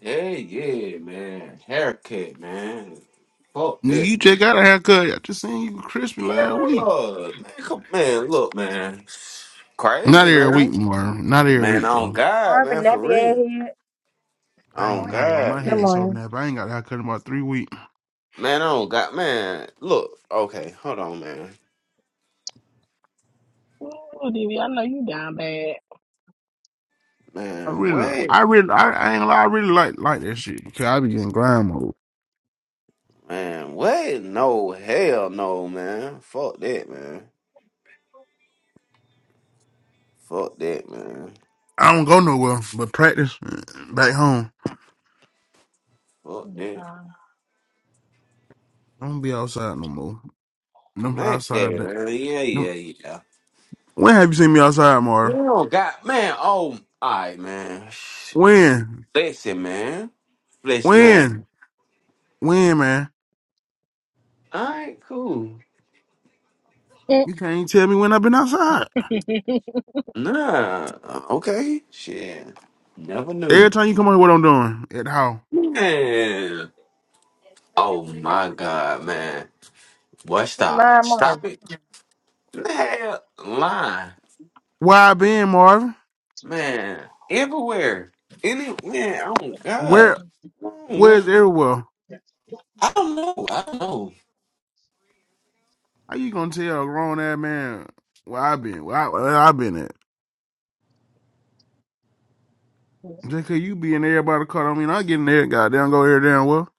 C: Hey, yeah, man. Haircut, man. Fuck
B: Nigga,
C: this,
B: you just
C: man.
B: got a haircut. I just seen you crispy
C: Yeah,
B: last week.
C: look, man. Come, man, look, man.
B: Not
C: Crazy,
B: every week,
C: man.
B: more. Not every
C: Man,
B: week,
C: on
B: bro.
C: God,
S: Marvin
C: man. For
S: nappy ass
C: real.
S: head,
B: I ain't
C: On
B: gonna
K: Morning.
B: lie, bro. My
C: God,
K: Good
B: head
C: man.
B: so
K: morning.
B: nappy. I ain't got a haircut in about three weeks.
C: Man, On God, man. Look, okay, hold on, man.
L: Ooh, DV, I know you down bad.
B: I
C: Man,
B: really,
C: wait,
B: I really, I, I ain't gonna lie. I really like like that shit. Cause I be getting grind mode.
C: man, wait, no, hell no, man. Fuck that, man. Fuck that, man.
B: I don't go nowhere but practice mm, back home.
C: Fuck
L: Mm,
C: that.
B: I don't be outside no more. Them
C: Man,
B: outside.
C: Kevin,
B: That,
C: man, yeah,
B: them-
C: yeah, yeah.
B: when have you seen me outside,
C: Man,
B: more?
C: oh, God, man, oh, alright, man. Shh.
B: When?
C: Listen, man. Listen, man.
B: When? When, man?
C: Alright, cool.
B: You can't even tell me when I've been outside.
C: Nah, okay, shit. Never
B: Every
C: knew.
B: time you come on here, what I'm doing at how?
C: Man, oh my God, man. What,
S: he
C: stop?
S: lying
C: Stop
S: Marvin.
C: it. Man, lie.
B: Where I been, Marvin?
C: Man, everywhere. Any man, oh
L: uh,
C: God.
B: Where
C: No,
B: where's
C: man.
B: everywhere?
C: I don't know. I don't know.
B: How you gonna tell a grown ass man where I been? Where I, where I been at? Just cause you be in everybody's car, I mean I get in there, goddamn go here damn well.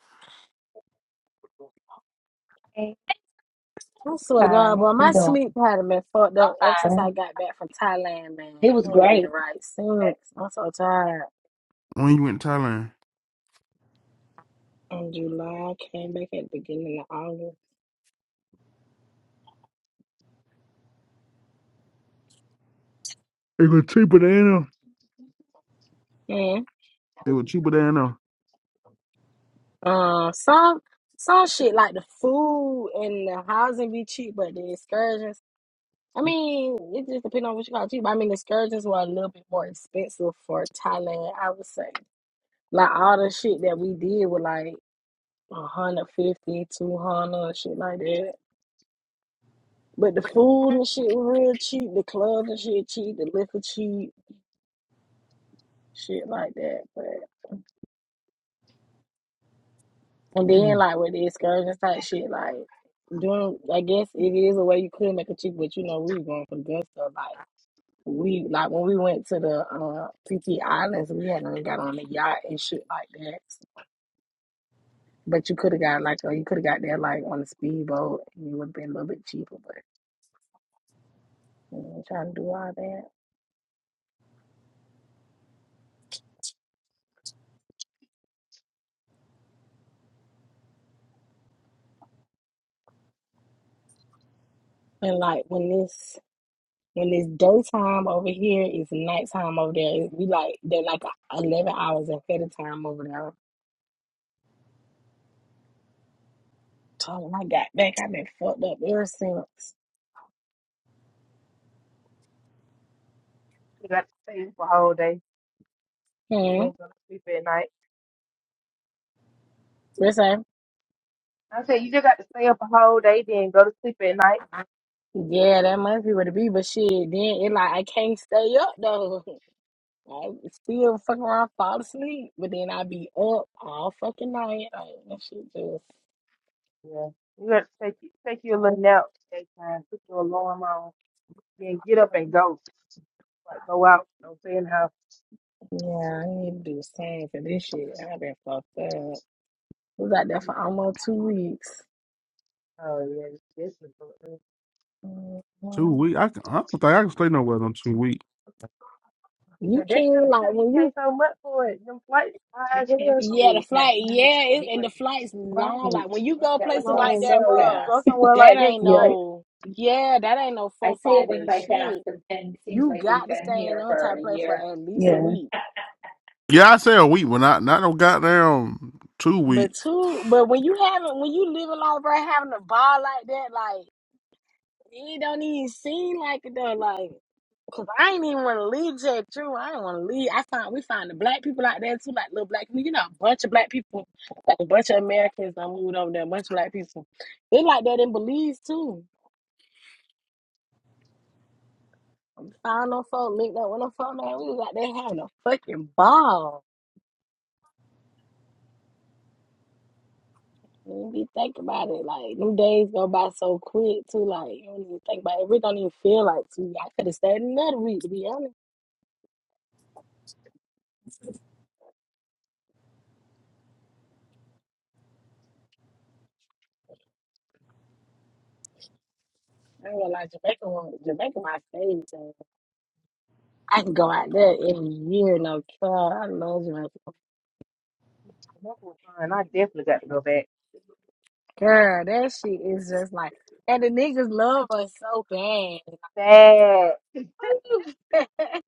K: Hey.
L: I swear to
K: Hi.
L: God,
K: How
L: boy, my
K: you doing?
L: sleep pattern been fucked up ever
K: Hi.
L: since I got back from Thailand, man.
K: It was
L: I ain't been
K: great.
L: right since.
K: That's
L: I'm so tired.
K: like
B: When you went to Thailand.
L: In July, came back at the beginning of August.
B: It was cheaper than them.
L: Man,
B: It was cheaper than them.
L: uh, some some shit like the food and the housing be cheap, but the excursions. I mean, it just depends on what you call cheap. I mean, the excursions were a little bit more expensive for Thailand, I would say. Like all the shit that we did was like 150, 200, shit like that. But the food and shit was real cheap. The clubs and shit cheap. The liquor cheap, shit like that. But and then
B: Mhm.
L: like with the excursions type shit, like doing, I guess it is a way you could make it cheap. But you know, we were going for the good stuff, like. we like when we went to the uh PP Islands, we hadn't got on the yacht and shit like that. But you could have got like uh, you could have got there like on a speedboat and it would have been a little bit cheaper, but you know, trying to do all that. And like when this when it's daytime over here, it's nighttime over there. We like they're like eleven hours ahead of time over there. So when I got back, I've been fucked up ever since.
S: He got to stay for a whole day. You
L: Hmm.
S: didn't go to sleep at night.
L: Listen,
S: I said you just got to stay up a whole day, then go to sleep at night.
L: yeah, that must be what it be. But shit, then it like I can't stay up though. I still fuck around, fall asleep, but then I be up all fucking night. Like that shit just
S: Yeah. You got to take you, take you a little nap daytime, put your alarm on, then get up and go. Like go out, don't stay in the house.
L: yeah, I need to do the same for this shit. I've been fucked up. We got there for almost two weeks.
S: Oh yeah, this is good.
B: Two
L: Mhm.
B: weeks. I, can, I don't think I can stay nowhere than two weeks.
S: So
L: You
S: that kind
L: can
S: of trip,
L: like
S: you
L: when
S: pay
L: you
S: so much for it. Them flights high as
K: I can't
S: hell
L: yeah the
S: shit.
K: believe that's
L: flight
K: really
L: yeah it, and the
K: really-
L: flight's long.
K: Right.
L: Like when you
S: And
L: go
S: it
K: That
S: ain't
L: places
K: went by
L: like
S: long.
L: that,
K: so
S: So when you
L: bro,
S: go
K: fast.
S: somewhere
L: that
S: like that,
L: ain't
S: you might
K: Yeah.
L: no yeah that ain't no
K: I
L: four
K: say it
L: five
K: went
L: day
K: by fast,
L: shit.
K: but then it seems
L: You
K: like we've
L: got to
K: been
L: stay in
K: here
L: on
K: for
L: type
K: a
L: place for
K: year.
L: at least a
K: Yeah.
L: week.
B: Yeah, I say a week, but not not no goddamn two
L: But
B: weeks.
L: two, but when you having when you living life right, having a ball like that, like it don't even seem like it though. Like, cause I ain't even want to leave Jet True. I didn't want to leave. I found we found the black people out there too, like little black people. You know, a bunch of black people, like a bunch of Americans that moved over there. A bunch of black people. They like that in Belize too. Found no folk, linked up with no folk, man. We was out there having a fucking ball. You be think about it. Like them days go by so quick too. Like you don't even think about it. It really don't even feel like two. I could have stayed another week to be honest. I ain't gonna lie, Jamaica one Jamaica my favorite thing. I can go out there every year, no care. I love Jamaica.
S: come up with fun. I definitely got to go back.
L: Girl, that shit is just like and the niggas love us so bad.
S: Sad.
L: Ooh.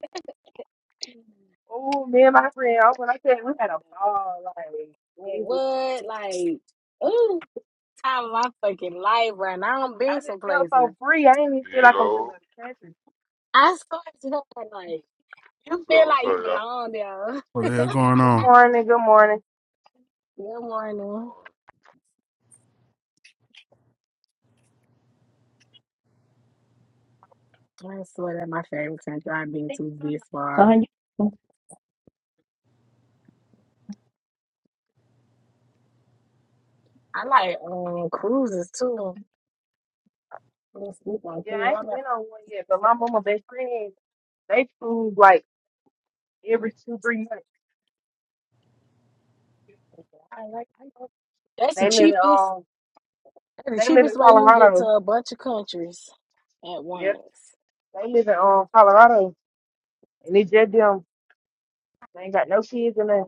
L: And
S: Oh, me and my friend, I- when I said we
L: I
S: had a ball,
L: thought,
S: like
L: what? Like, ooh, time of my fucking life right now. I don't
S: I
L: been
S: just
L: some
S: felt
L: places.
S: so free. I didn't even feel like I was in
T: Yo,
S: another country.
L: I started to like
T: what's
L: You
T: up?
L: feel
T: What's
L: like
T: up,
L: you
T: y'all?
L: belong there.
B: What the hell
L: Good
B: going
S: Good
B: on?
S: morning, good morning.
L: morning.
T: Uh,
L: I swear that my favorite country I've been to this
K: So
L: far.
K: how you?
L: I like um cruises too. I don't sleep on
S: Yeah,
L: cruise.
S: I
L: I
S: ain't been
L: like,
S: on one yet, but my mom, my best friend, they move like every two, three months.
L: I like I like- That's the
S: They live in
L: cheapest.
S: um,
L: That's the
S: they live
L: cheapest
S: in
L: way you can get to
S: Colorado.
L: a bunch of countries at
S: Yep,
L: once.
S: they live in um Colorado, and it's just them. They ain't got no kids in there.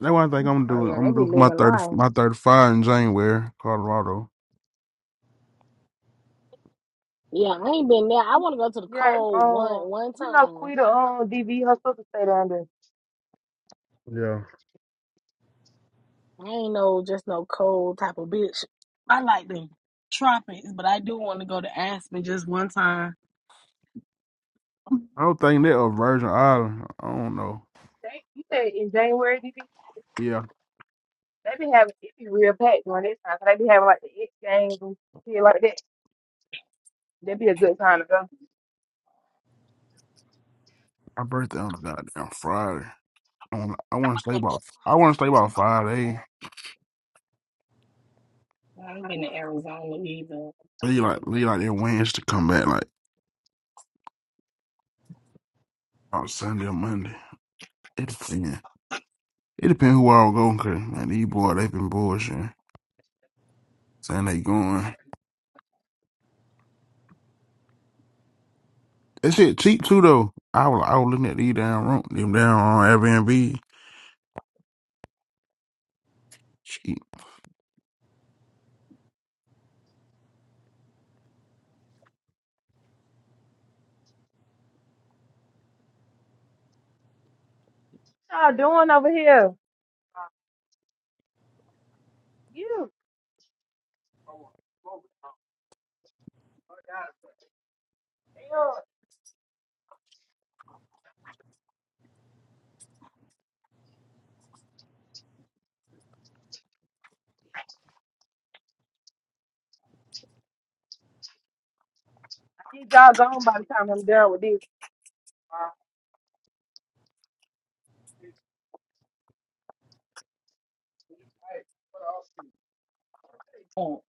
B: That one thing I'm gonna
L: Oh
B: do.
L: yeah, they
B: I'm
L: be
B: gonna do for my
L: living
B: thirty,
L: life.
B: my thirty-five in January, Colorado.
L: Yeah, I ain't been there. I want to go to the
S: Yeah,
L: cold
S: um,
L: one one
S: you know,
L: time.
S: Quita um DV, her sister stay down there.
B: Yeah.
L: I ain't no just no cold type of bitch. I like the tropics, but I do want to go to Aspen just one time.
B: I don't think that a Virgin Island. I don't know.
S: They, you said in January, DV,
B: Yeah,
S: they be having it be real packed during this time, so they be having like the X games and shit like that. That'd be a good time to go.
B: my birthday on a goddamn Friday. I want, I want to stay about. I want to stay about five days.
L: I haven't been to Arizona either. I
B: Leave
L: really
B: like
L: want to.
B: leave like that Wednesday. Come back like on Sunday or Monday. It depends. It depends who I go. Cause man, these boys they been bullshitting, saying they going. That shit cheap too though. I was I was looking at these down room, them down on Airbnb. Cheap.
S: What y'all doing over here? You. Ew. I need y'all gone by the time I'm done with this.
L: Oh,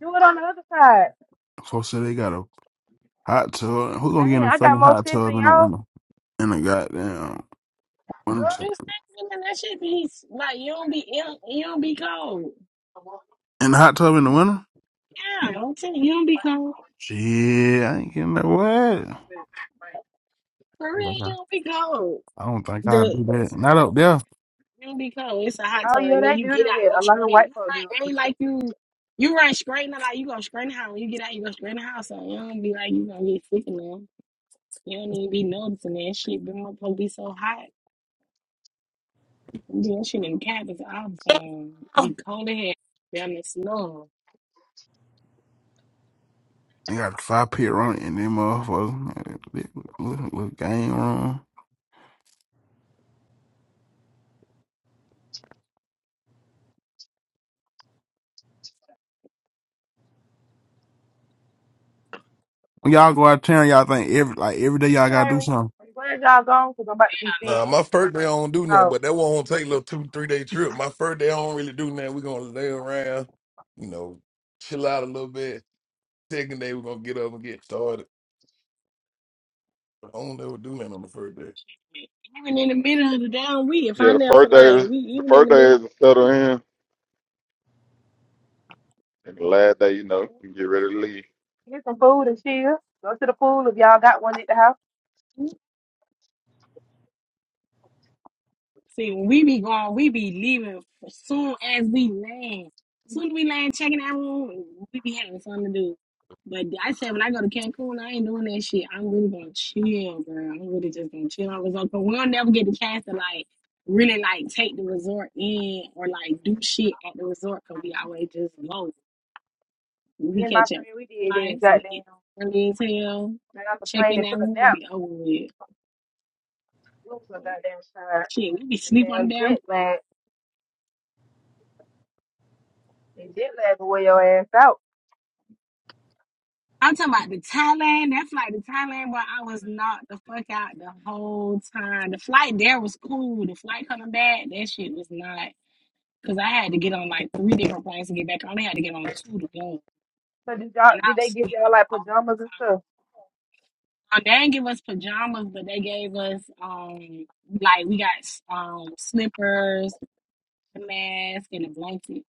S: Do it on the other side.
B: So say they got a Hot tub. Who gonna get in
S: Dang,
B: a
S: I got
B: fucking
S: more
B: hot
S: sense
B: tub
S: than
B: in the
S: y'all.
B: winter? In the goddamn winter.
L: you stay in that shit be like you don't be you don't, you don't be cold.
B: In the hot tub in the winter?
L: Yeah, I'm telling you, you don't be cold.
B: Shit, I ain't getting that wet.
L: For real,
B: Like,
L: you
B: I
L: don't be cold.
B: I don't think I'll
L: The
B: do that. Not up there.
L: you don't be cold. It's a hot
S: Oh,
L: tub,
S: yeah,
L: and then
S: they
L: you
S: do
L: get
S: do
L: out and
S: that.
L: go
S: A lot of
L: straight.
S: white
L: You
S: folk do it.
L: right, ain't like you. You run straight, not like you go straight in the house. When you get out, you go straight in the house. So you don't be like you gonna get sick now. You don't even be noticing that shit. Them motherfuckers be so hot. I'm doing shit in cabins all the time. Be cold ahead down in the snow.
B: They got a five pit run in them motherfuckers. Little, little game room. When y'all go out there, y'all think every like every day y'all
S: You
B: gotta do
S: hear me?
B: something.
S: I'm glad y'all gone because I'm about to be finished.
P: Nah, my first day I don't do nothing,
S: So,
P: but that won't take a little two, three day trip. My first day I don't really do nothing. We're gonna lay around, you know, chill out a little bit. Second day we're gonna get up and get started. I don't ever do nothing on the first day.
L: Like, Even in the middle of the damn week, if
T: yeah,
L: I'm
T: the
L: there
T: first
L: for
T: day
L: like,
T: is
L: we
T: the
L: even in
T: first
L: the
T: day
L: middle of
T: is to
L: the
T: settle
L: week.
T: in, and the last day, you know, you get ready to leave.
S: get some food and chill. Go to the pool if y'all got one at the house.
L: See, when we be gone, we be leaving as soon as we land. soon as we land, checking out room, we be having something to do. But I said when I go to Cancun, I ain't doing that shit. I'm really gonna chill, girl. I'm really just gonna chill on resort. But we'll never get the chance to like really like take the resort in or like do shit at the resort because we always just go.
S: Me
L: We
S: and my
L: catch up
S: friend, we did that.
L: flights, we
S: Goddamn.
L: get early as hell,
S: Man, I'm
L: check
S: complaining
L: in
S: and
L: that
S: took a
L: room, it
S: nap.
L: be over with.
S: We was so goddamn tired.
L: Shit, we be sleep on
S: Damn
L: the damn
S: jet lag. And jet lag will wear your ass out.
L: I'm talking about the Thailand. That flight to Thailand where I was knocked the fuck out the whole time. The flight there was cool. The flight coming back, that shit was not. Because I had to get on like three different planes to get back. I only had to get on two to go.
S: So did y'all
L: And
S: did
L: I was
S: they give
L: asleep
S: y'all like
L: all
S: pajamas and stuff?
L: the time. Um, they didn't give us pajamas, but they gave us, um like, we got um slippers, a mask, and a blanket.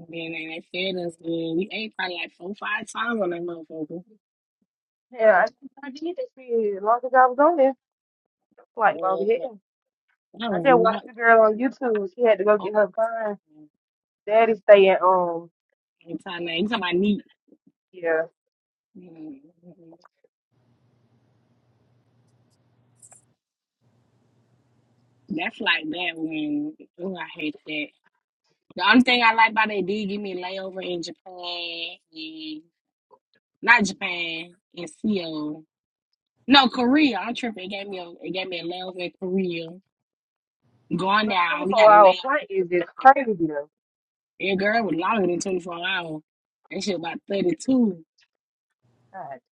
L: And then they they fed us good. We ate probably like four, five times on that motherfucker.
S: Yeah, I think I did that shit. As long as I was on there, like long hair.
L: Uh, I
S: I
L: was
S: just
L: not.
S: watched the girl on YouTube. She had to go
L: All
S: get her gun.
L: the time.
S: Daddy staying um
L: Anytime, I meet,
S: yeah.
L: mm, that's like that when, oh, I hate that. The only thing I like about it, they did give me a layover in Japan, and not Japan, in Seoul. No, Korea. I'm tripping. It gave me a, it gave me a layover in Korea. Going
S: A
L: there, I
S: twenty
L: only
S: four
L: had a
S: hour
L: layover.
S: flight is just crazy though.
L: Your girl was longer than 24 hours. That shit about 32.
S: God damn.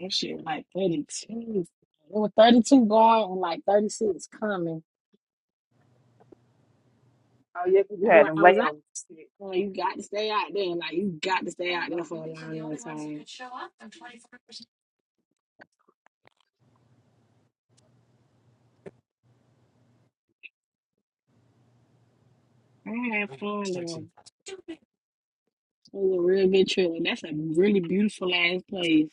L: That shit was like 32. It was 32 going and like 36 coming.
S: Oh yeah, 'cause you
L: That's
S: had
L: why
S: them
L: I was
S: lambs. and shit.
L: Well, you got to stay out there. Like you got to stay out there for a long enough time. I had fun though. It was a real good trip. And That's a really beautiful ass place.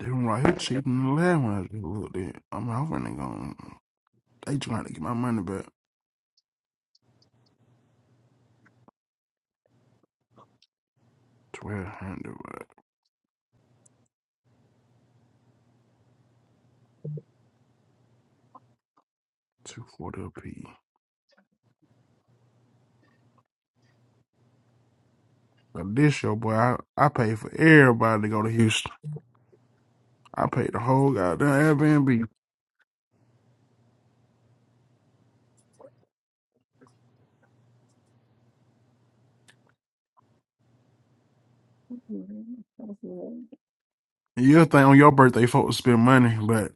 B: They one right here cheaper than the last one. I just looked at. I'm out when they going They trying to get my money back. Twelve hundred, but two forty a p. But this show, boy, I I paid for everybody to go to Houston. I paid the whole goddamn Airbnb.
L: Mhm. That's good.
B: You'll think on your birthday, folks spend money, but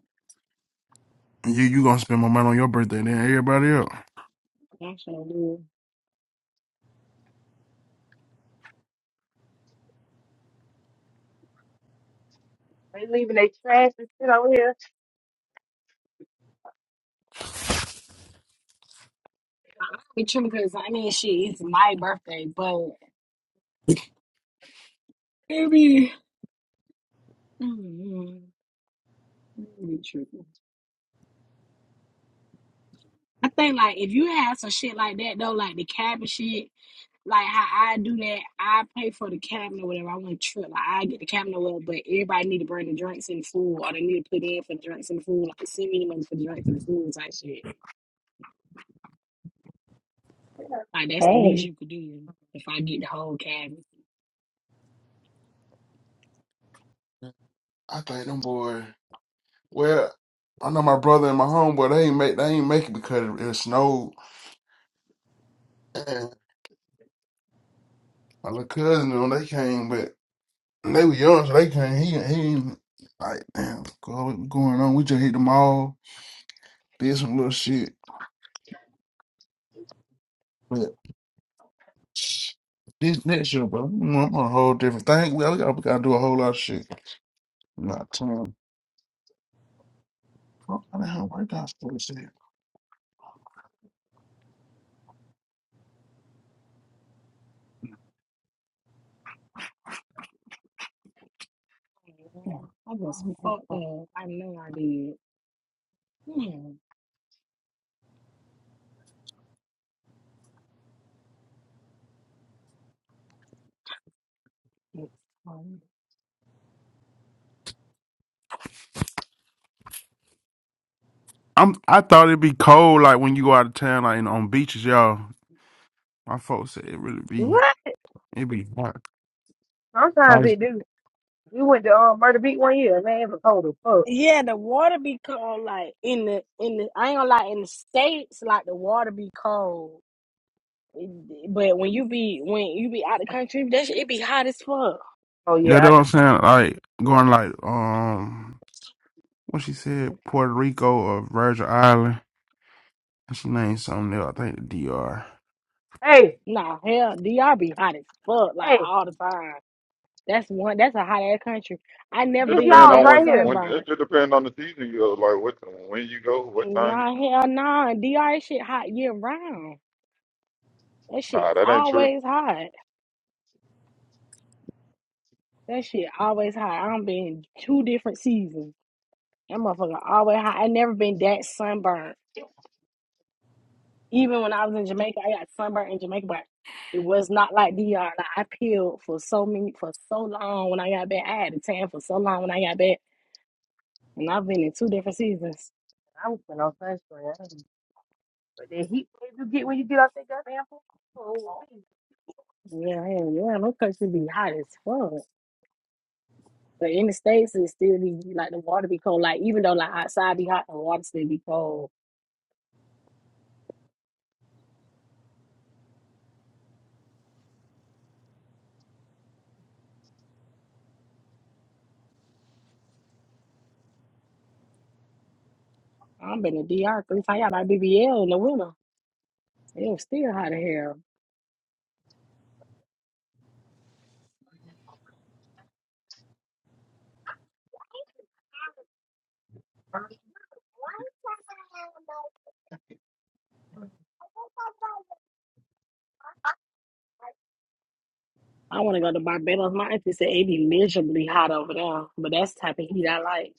B: you you gonna spend more money on your birthday than everybody else.
L: I sure do.
S: They leaving their trash and shit over here.
L: I be tripping because I mean, shit, it's my birthday, but it be, mm, it be tripping. I think like if you had some shit like that though, like the cabin shit. like how I do that, I pay for the cabin or whatever. I want to trip, like I get the cabin or whatever, but everybody need to bring the drinks and the food, or they need to put in for the drinks and the food. Like send me the money for the drinks and the food type shit. Like that's the least
K: Hey.
L: you could do if I get the whole cabin.
B: I think them boy. Well, I know my brother and my homeboy. They ain't make. They ain't make it because it, it snowed. Like, My little cousin, you know, they came, but they were young, so they came. He, he ain't- like, damn, go- what going on? We just hit the mall, did some little shit. But this next year, bro, i I'm on a whole different thing. We, we, gotta, we gotta do a whole lot of shit. I'm not telling. What kind of hell workout for shit?
L: I was
K: Yeah.
L: fucked up. I know I did. Yeah.
B: I'm, I thought it'd be cold, like when you go out of town, like in, on beaches, y'all. My folks said it really be,
L: What?
B: it be hot.
S: Sometimes
B: Like,
S: they do. We went to um Murder Beat one year, man, it was cold as fuck.
L: Yeah, the water be cold. Like in the in the, I ain't gonna lie. In the states, like the water be cold. But when you be when you be out the country, that shit, it be hot as fuck.
S: Oh
B: yeah,
S: yeah,
B: that's what
S: out
B: I'm
S: the
B: saying.
S: country.
B: Like going, like, um. When she said Puerto Rico or Virgin Island, she named something else. I think the DR.
S: Hey,
L: Nah, hell, DR be hot as fuck like
S: hey,
L: all the time. That's one. That's a hot ass country. I never
T: It
S: this
L: been
T: depend
S: y'all
T: on
L: that
S: right
T: when,
S: here.
T: when it
L: sunburned.
T: just depend on the season you go, like what when you go, what time you
L: Nah,
T: go.
L: hell, nah. DR shit hot year round. That shit
T: Nah, that ain't true.
L: always hot. That shit always hot. I'm been two different seasons. That motherfucker always hot. I never been that sunburned. Even when I was in Jamaica, I got sunburned in Jamaica, but it was not like DR. Like I peeled for so many for so long when I got back. I had to tan for so long when I got back, and I've been in two different seasons.
S: I'm putting on sunscreen. But the heat wave you get when you get off that goddamn phone. oh, man.
L: Yeah, man, yeah, my country be hot as fuck. But in the States, it still be like the water be cold. Like even though like outside be hot, the water still be cold. I've been to DR three times. I got my BBL in the winter. It was still hot as hell. I want to go to Barbados. My auntie said it be miserably hot over there, but that's the type of heat I like.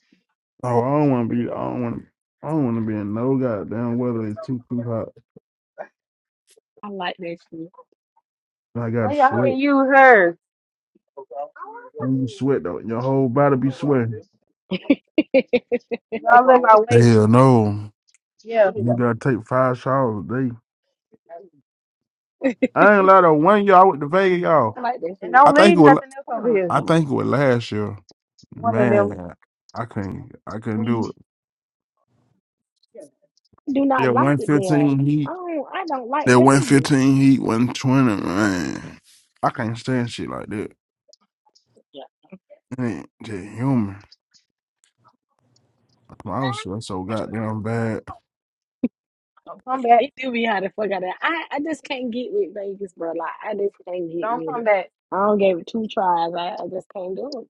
B: Oh, I don't want to be. I don't want to. I don't want to be in no goddamn weather. It's too too hot.
L: I like that shit.
B: I got
S: Why
B: to
S: y'all
B: sweat.
S: can use hers?
B: When you sweat though, your whole body be sweating.
S: Y'all in my way.
B: Hell no.
S: Yeah.
B: You gotta take five showers a day. I ain't lied though. One year I went to Vegas, y'all.
L: I like that
S: And
L: shit.
B: I
S: don't
B: think it
S: leave
B: was.
S: nothing else
L: I
S: over here.
B: I
L: don't actually.
B: think it was last year.
S: One of them
B: Man, I couldn't. I couldn't
S: leave.
B: do it.
L: I do
B: Yeah,
L: not like
B: one
L: it there.
B: fifteen heat.
L: I don't. I don't like
B: That
L: Vegas.
B: 115 heat, 120, man. I can't stand shit like that.
L: Yeah.
B: It ain't just human. I was sweating so goddamn bad.
S: Don't come back.
L: It do be how the fuck out of I, I just can't get with Vegas, bro. Like I just can't get
S: Don't
L: with
S: come
L: it.
S: back.
L: I don't give it two tries. I, I just can't do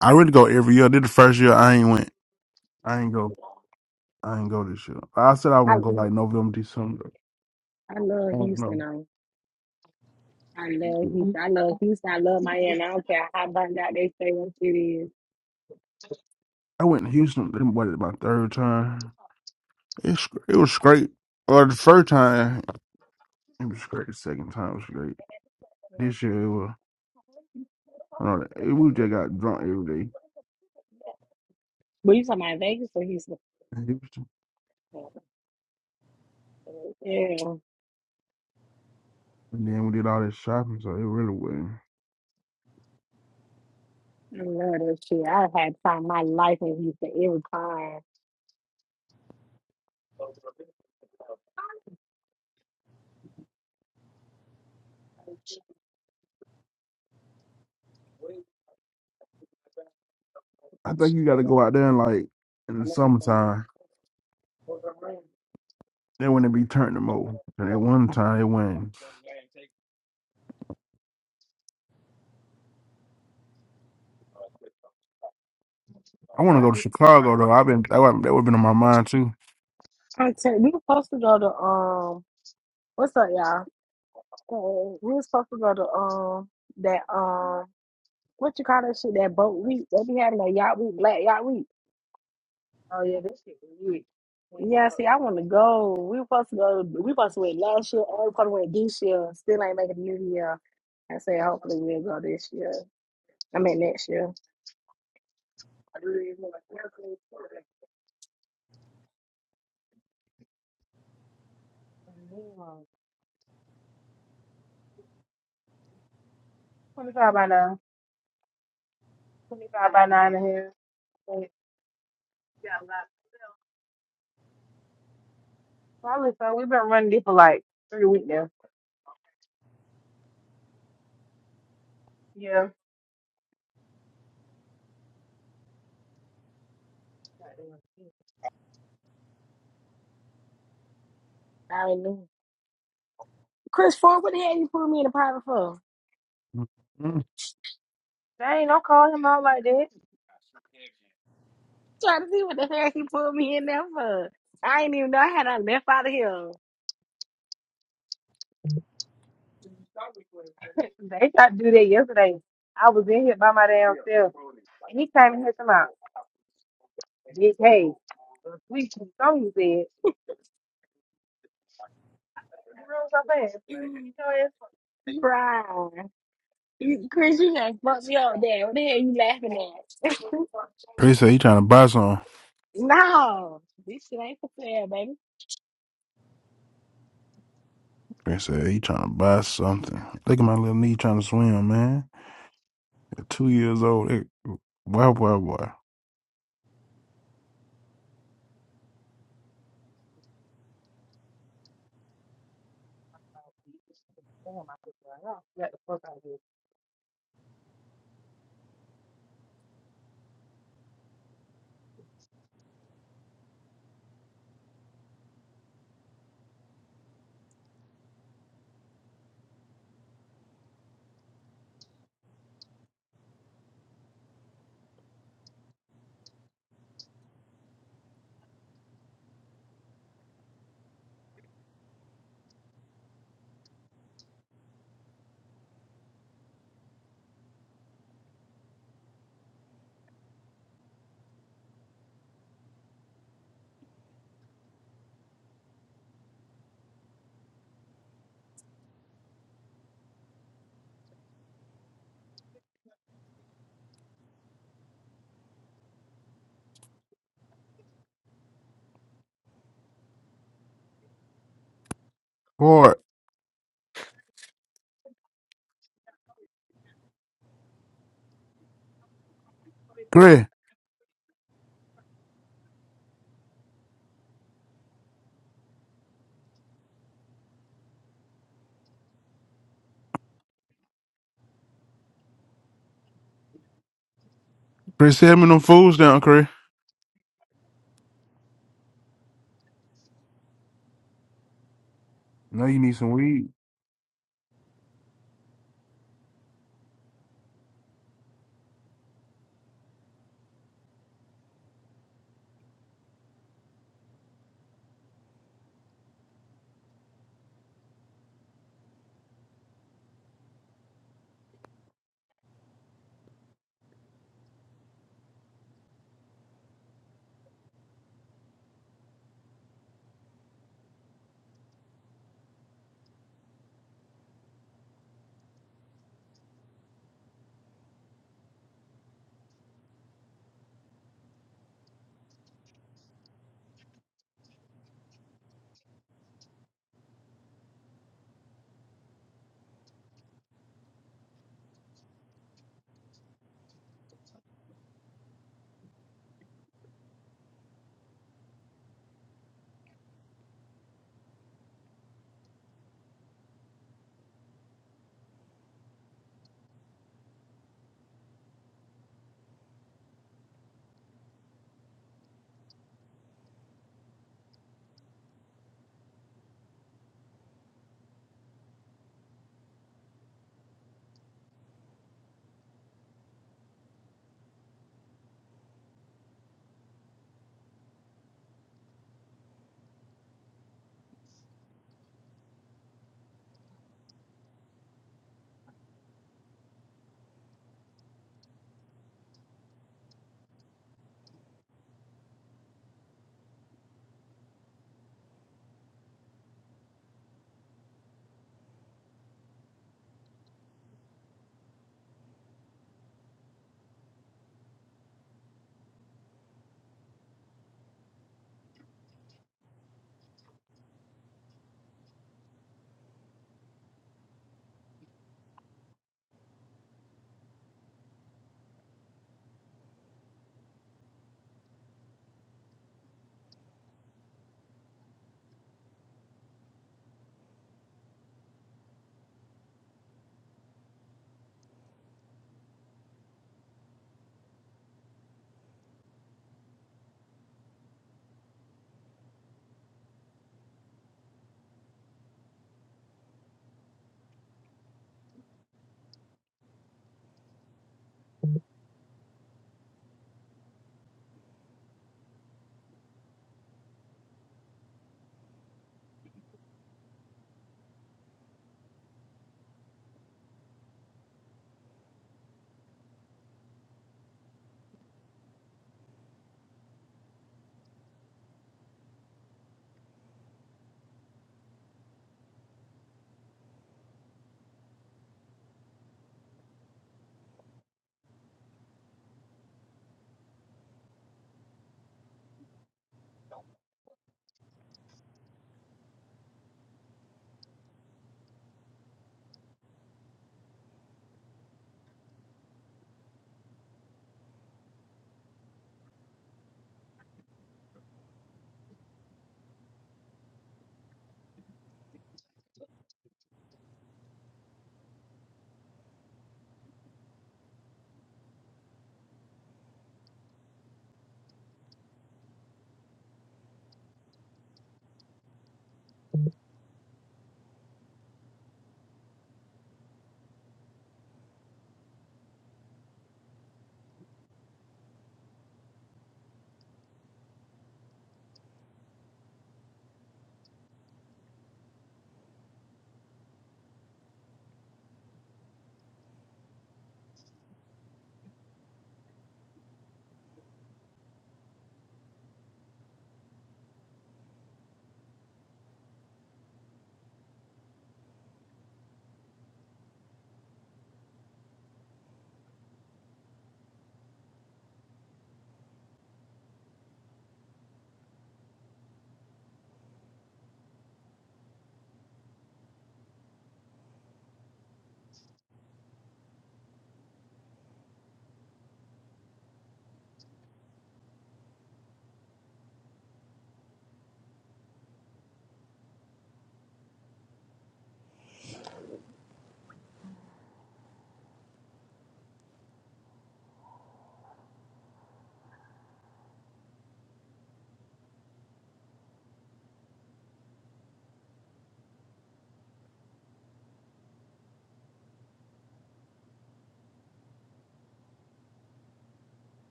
B: I really go every year. This the first year I ain't went. I ain't go.
L: it.
B: I ain't go this year. I said I was
L: I
B: gonna go like November, December.
L: I
B: I
L: love
B: don't
L: Houston
B: know.
L: though. I love Houston. I love Houston. I love Miami. I don't care how burned out they say what shit is.
B: I went to Houston. Then what? My third time. It's it was great. Or the first time it was great. The second time was great. This year it was. I don't know. It, We just got drunk every day
L: We talking about Vegas or Houston?
B: in Houston,
L: Yeah,
B: and then we did all this shopping, so it really wasn't.
L: I love that shit. I had time my life in Houston every time.
B: I think you got to go out there and like in the summertime. They wouldn't be turning them over. And at one time, it went. I want to go
S: I
B: to
S: hate this
B: Chicago
S: rotten
B: though. I've
S: mother.
B: been that would that would been on my mind too.
L: I tell we were supposed to go to um what's up y'all? Uh, we were supposed to go to um that um what you call that shit that boat week they be having that yacht week black yacht week.
S: Oh yeah, this shit is weird.
L: Yeah, see, I want to go. We were supposed to go. We supposed to went last year. Or we supposed to went this year. Still ain't making the new year. I said hopefully we'll go this year. I mean next year. I
S: Mm. Twenty five by nine. Twenty five by nine in here. But- Probably so. We've been running this for like three weeks now. Yeah.
L: already knew. Chris Ford, what the hell you put me in the private for?
B: Mm.
S: Dang, don't call him out like that.
L: Trying to see what the hell he put me in there for. I didn't even know I had a left out of here.
S: They tried to do that yesterday. I was in here by my damn self, and he came in here talking about, "Big hey, we something you said." The room so fast. Where did you know that from?
L: Right. You- Chris, you just fucked me up there. What the hell you laughing at?
B: Chris said he trying to buy something.
L: no. This shit ain't for sale, baby.
B: Chris said he trying to buy something. Look at my little knee trying to swim, man. At two years old. It, boy, boy, boy.
S: Damn, I put that off. Got the fuck out of here.
B: Boy, Chris. Chris, send me them fools down, Chris. Now you need some weed.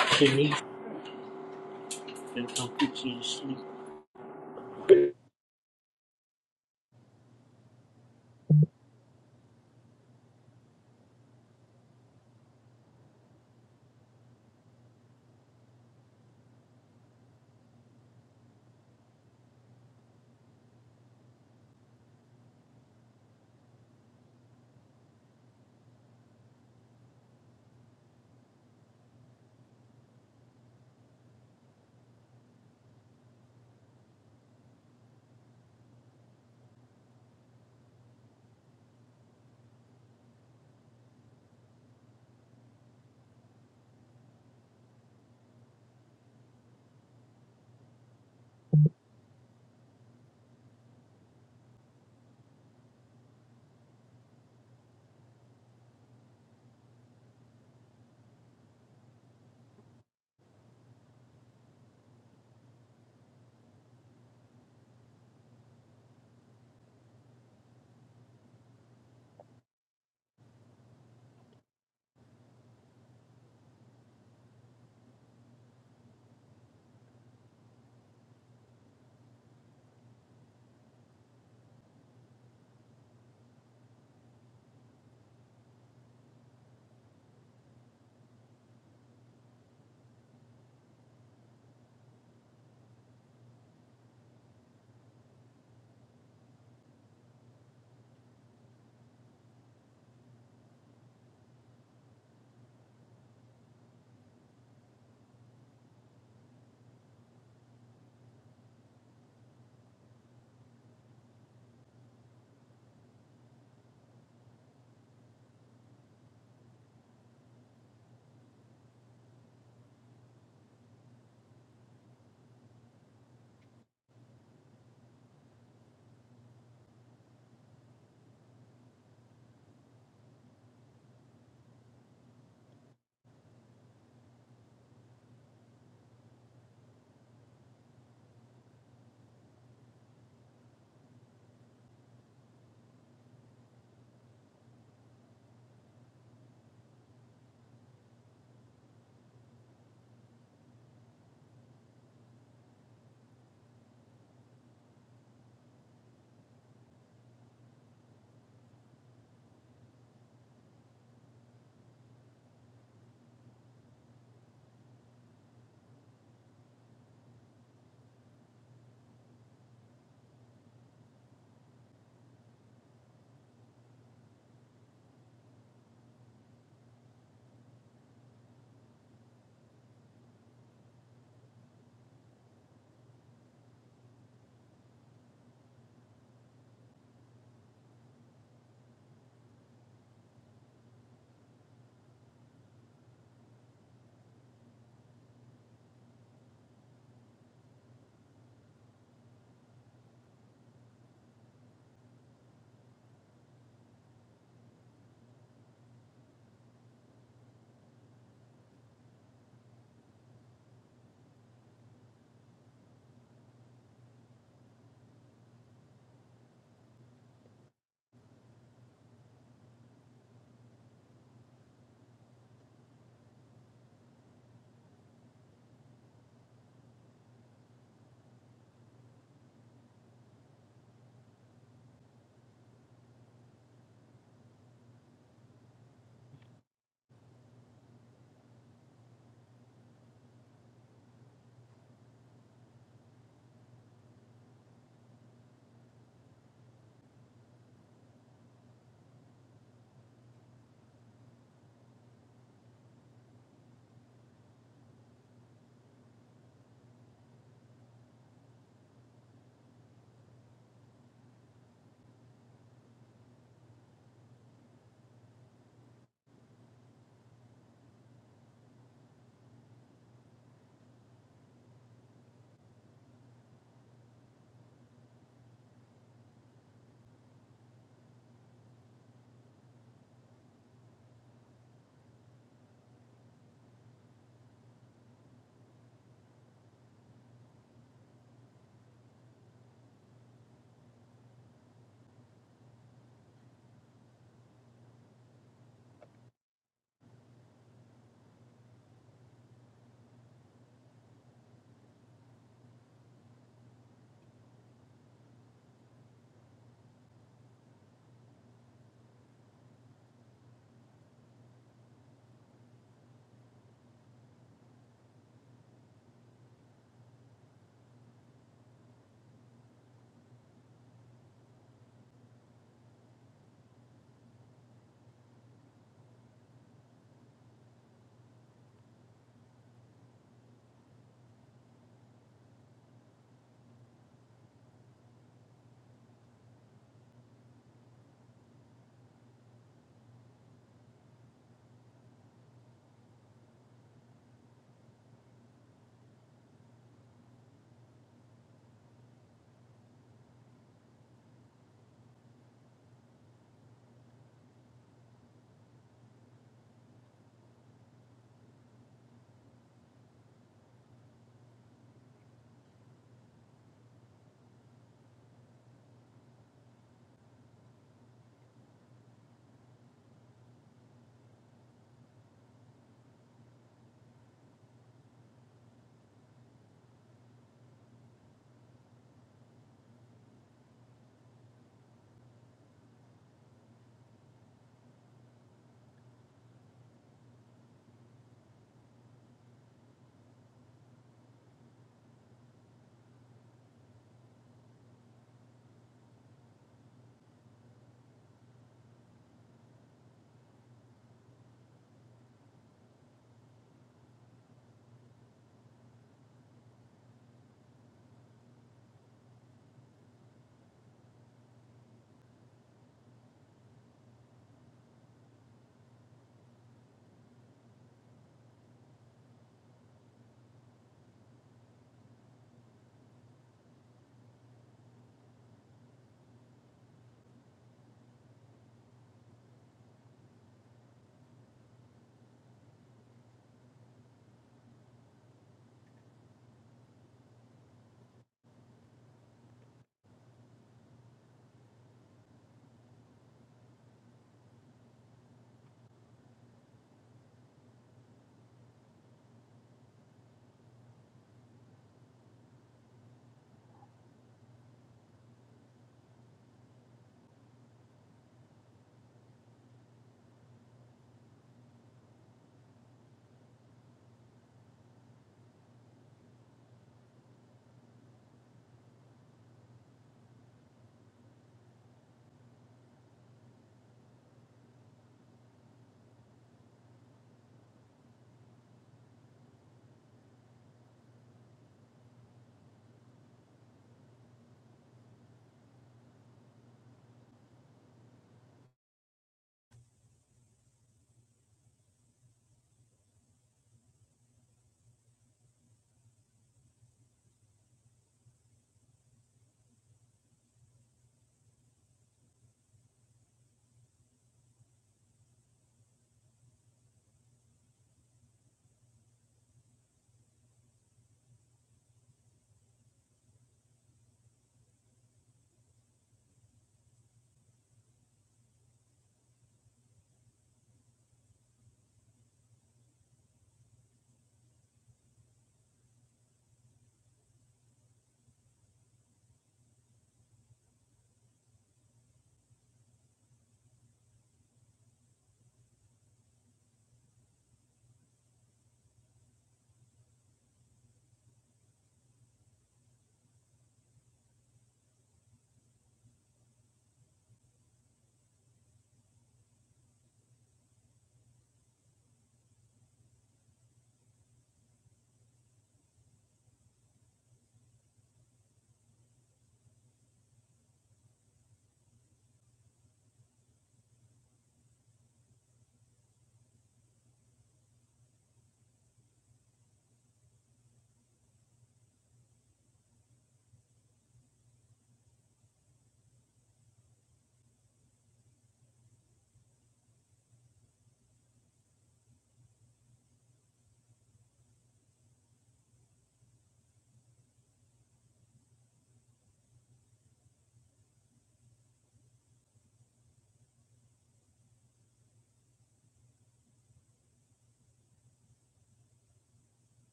D: Shanice. That's gonna put you to sleep.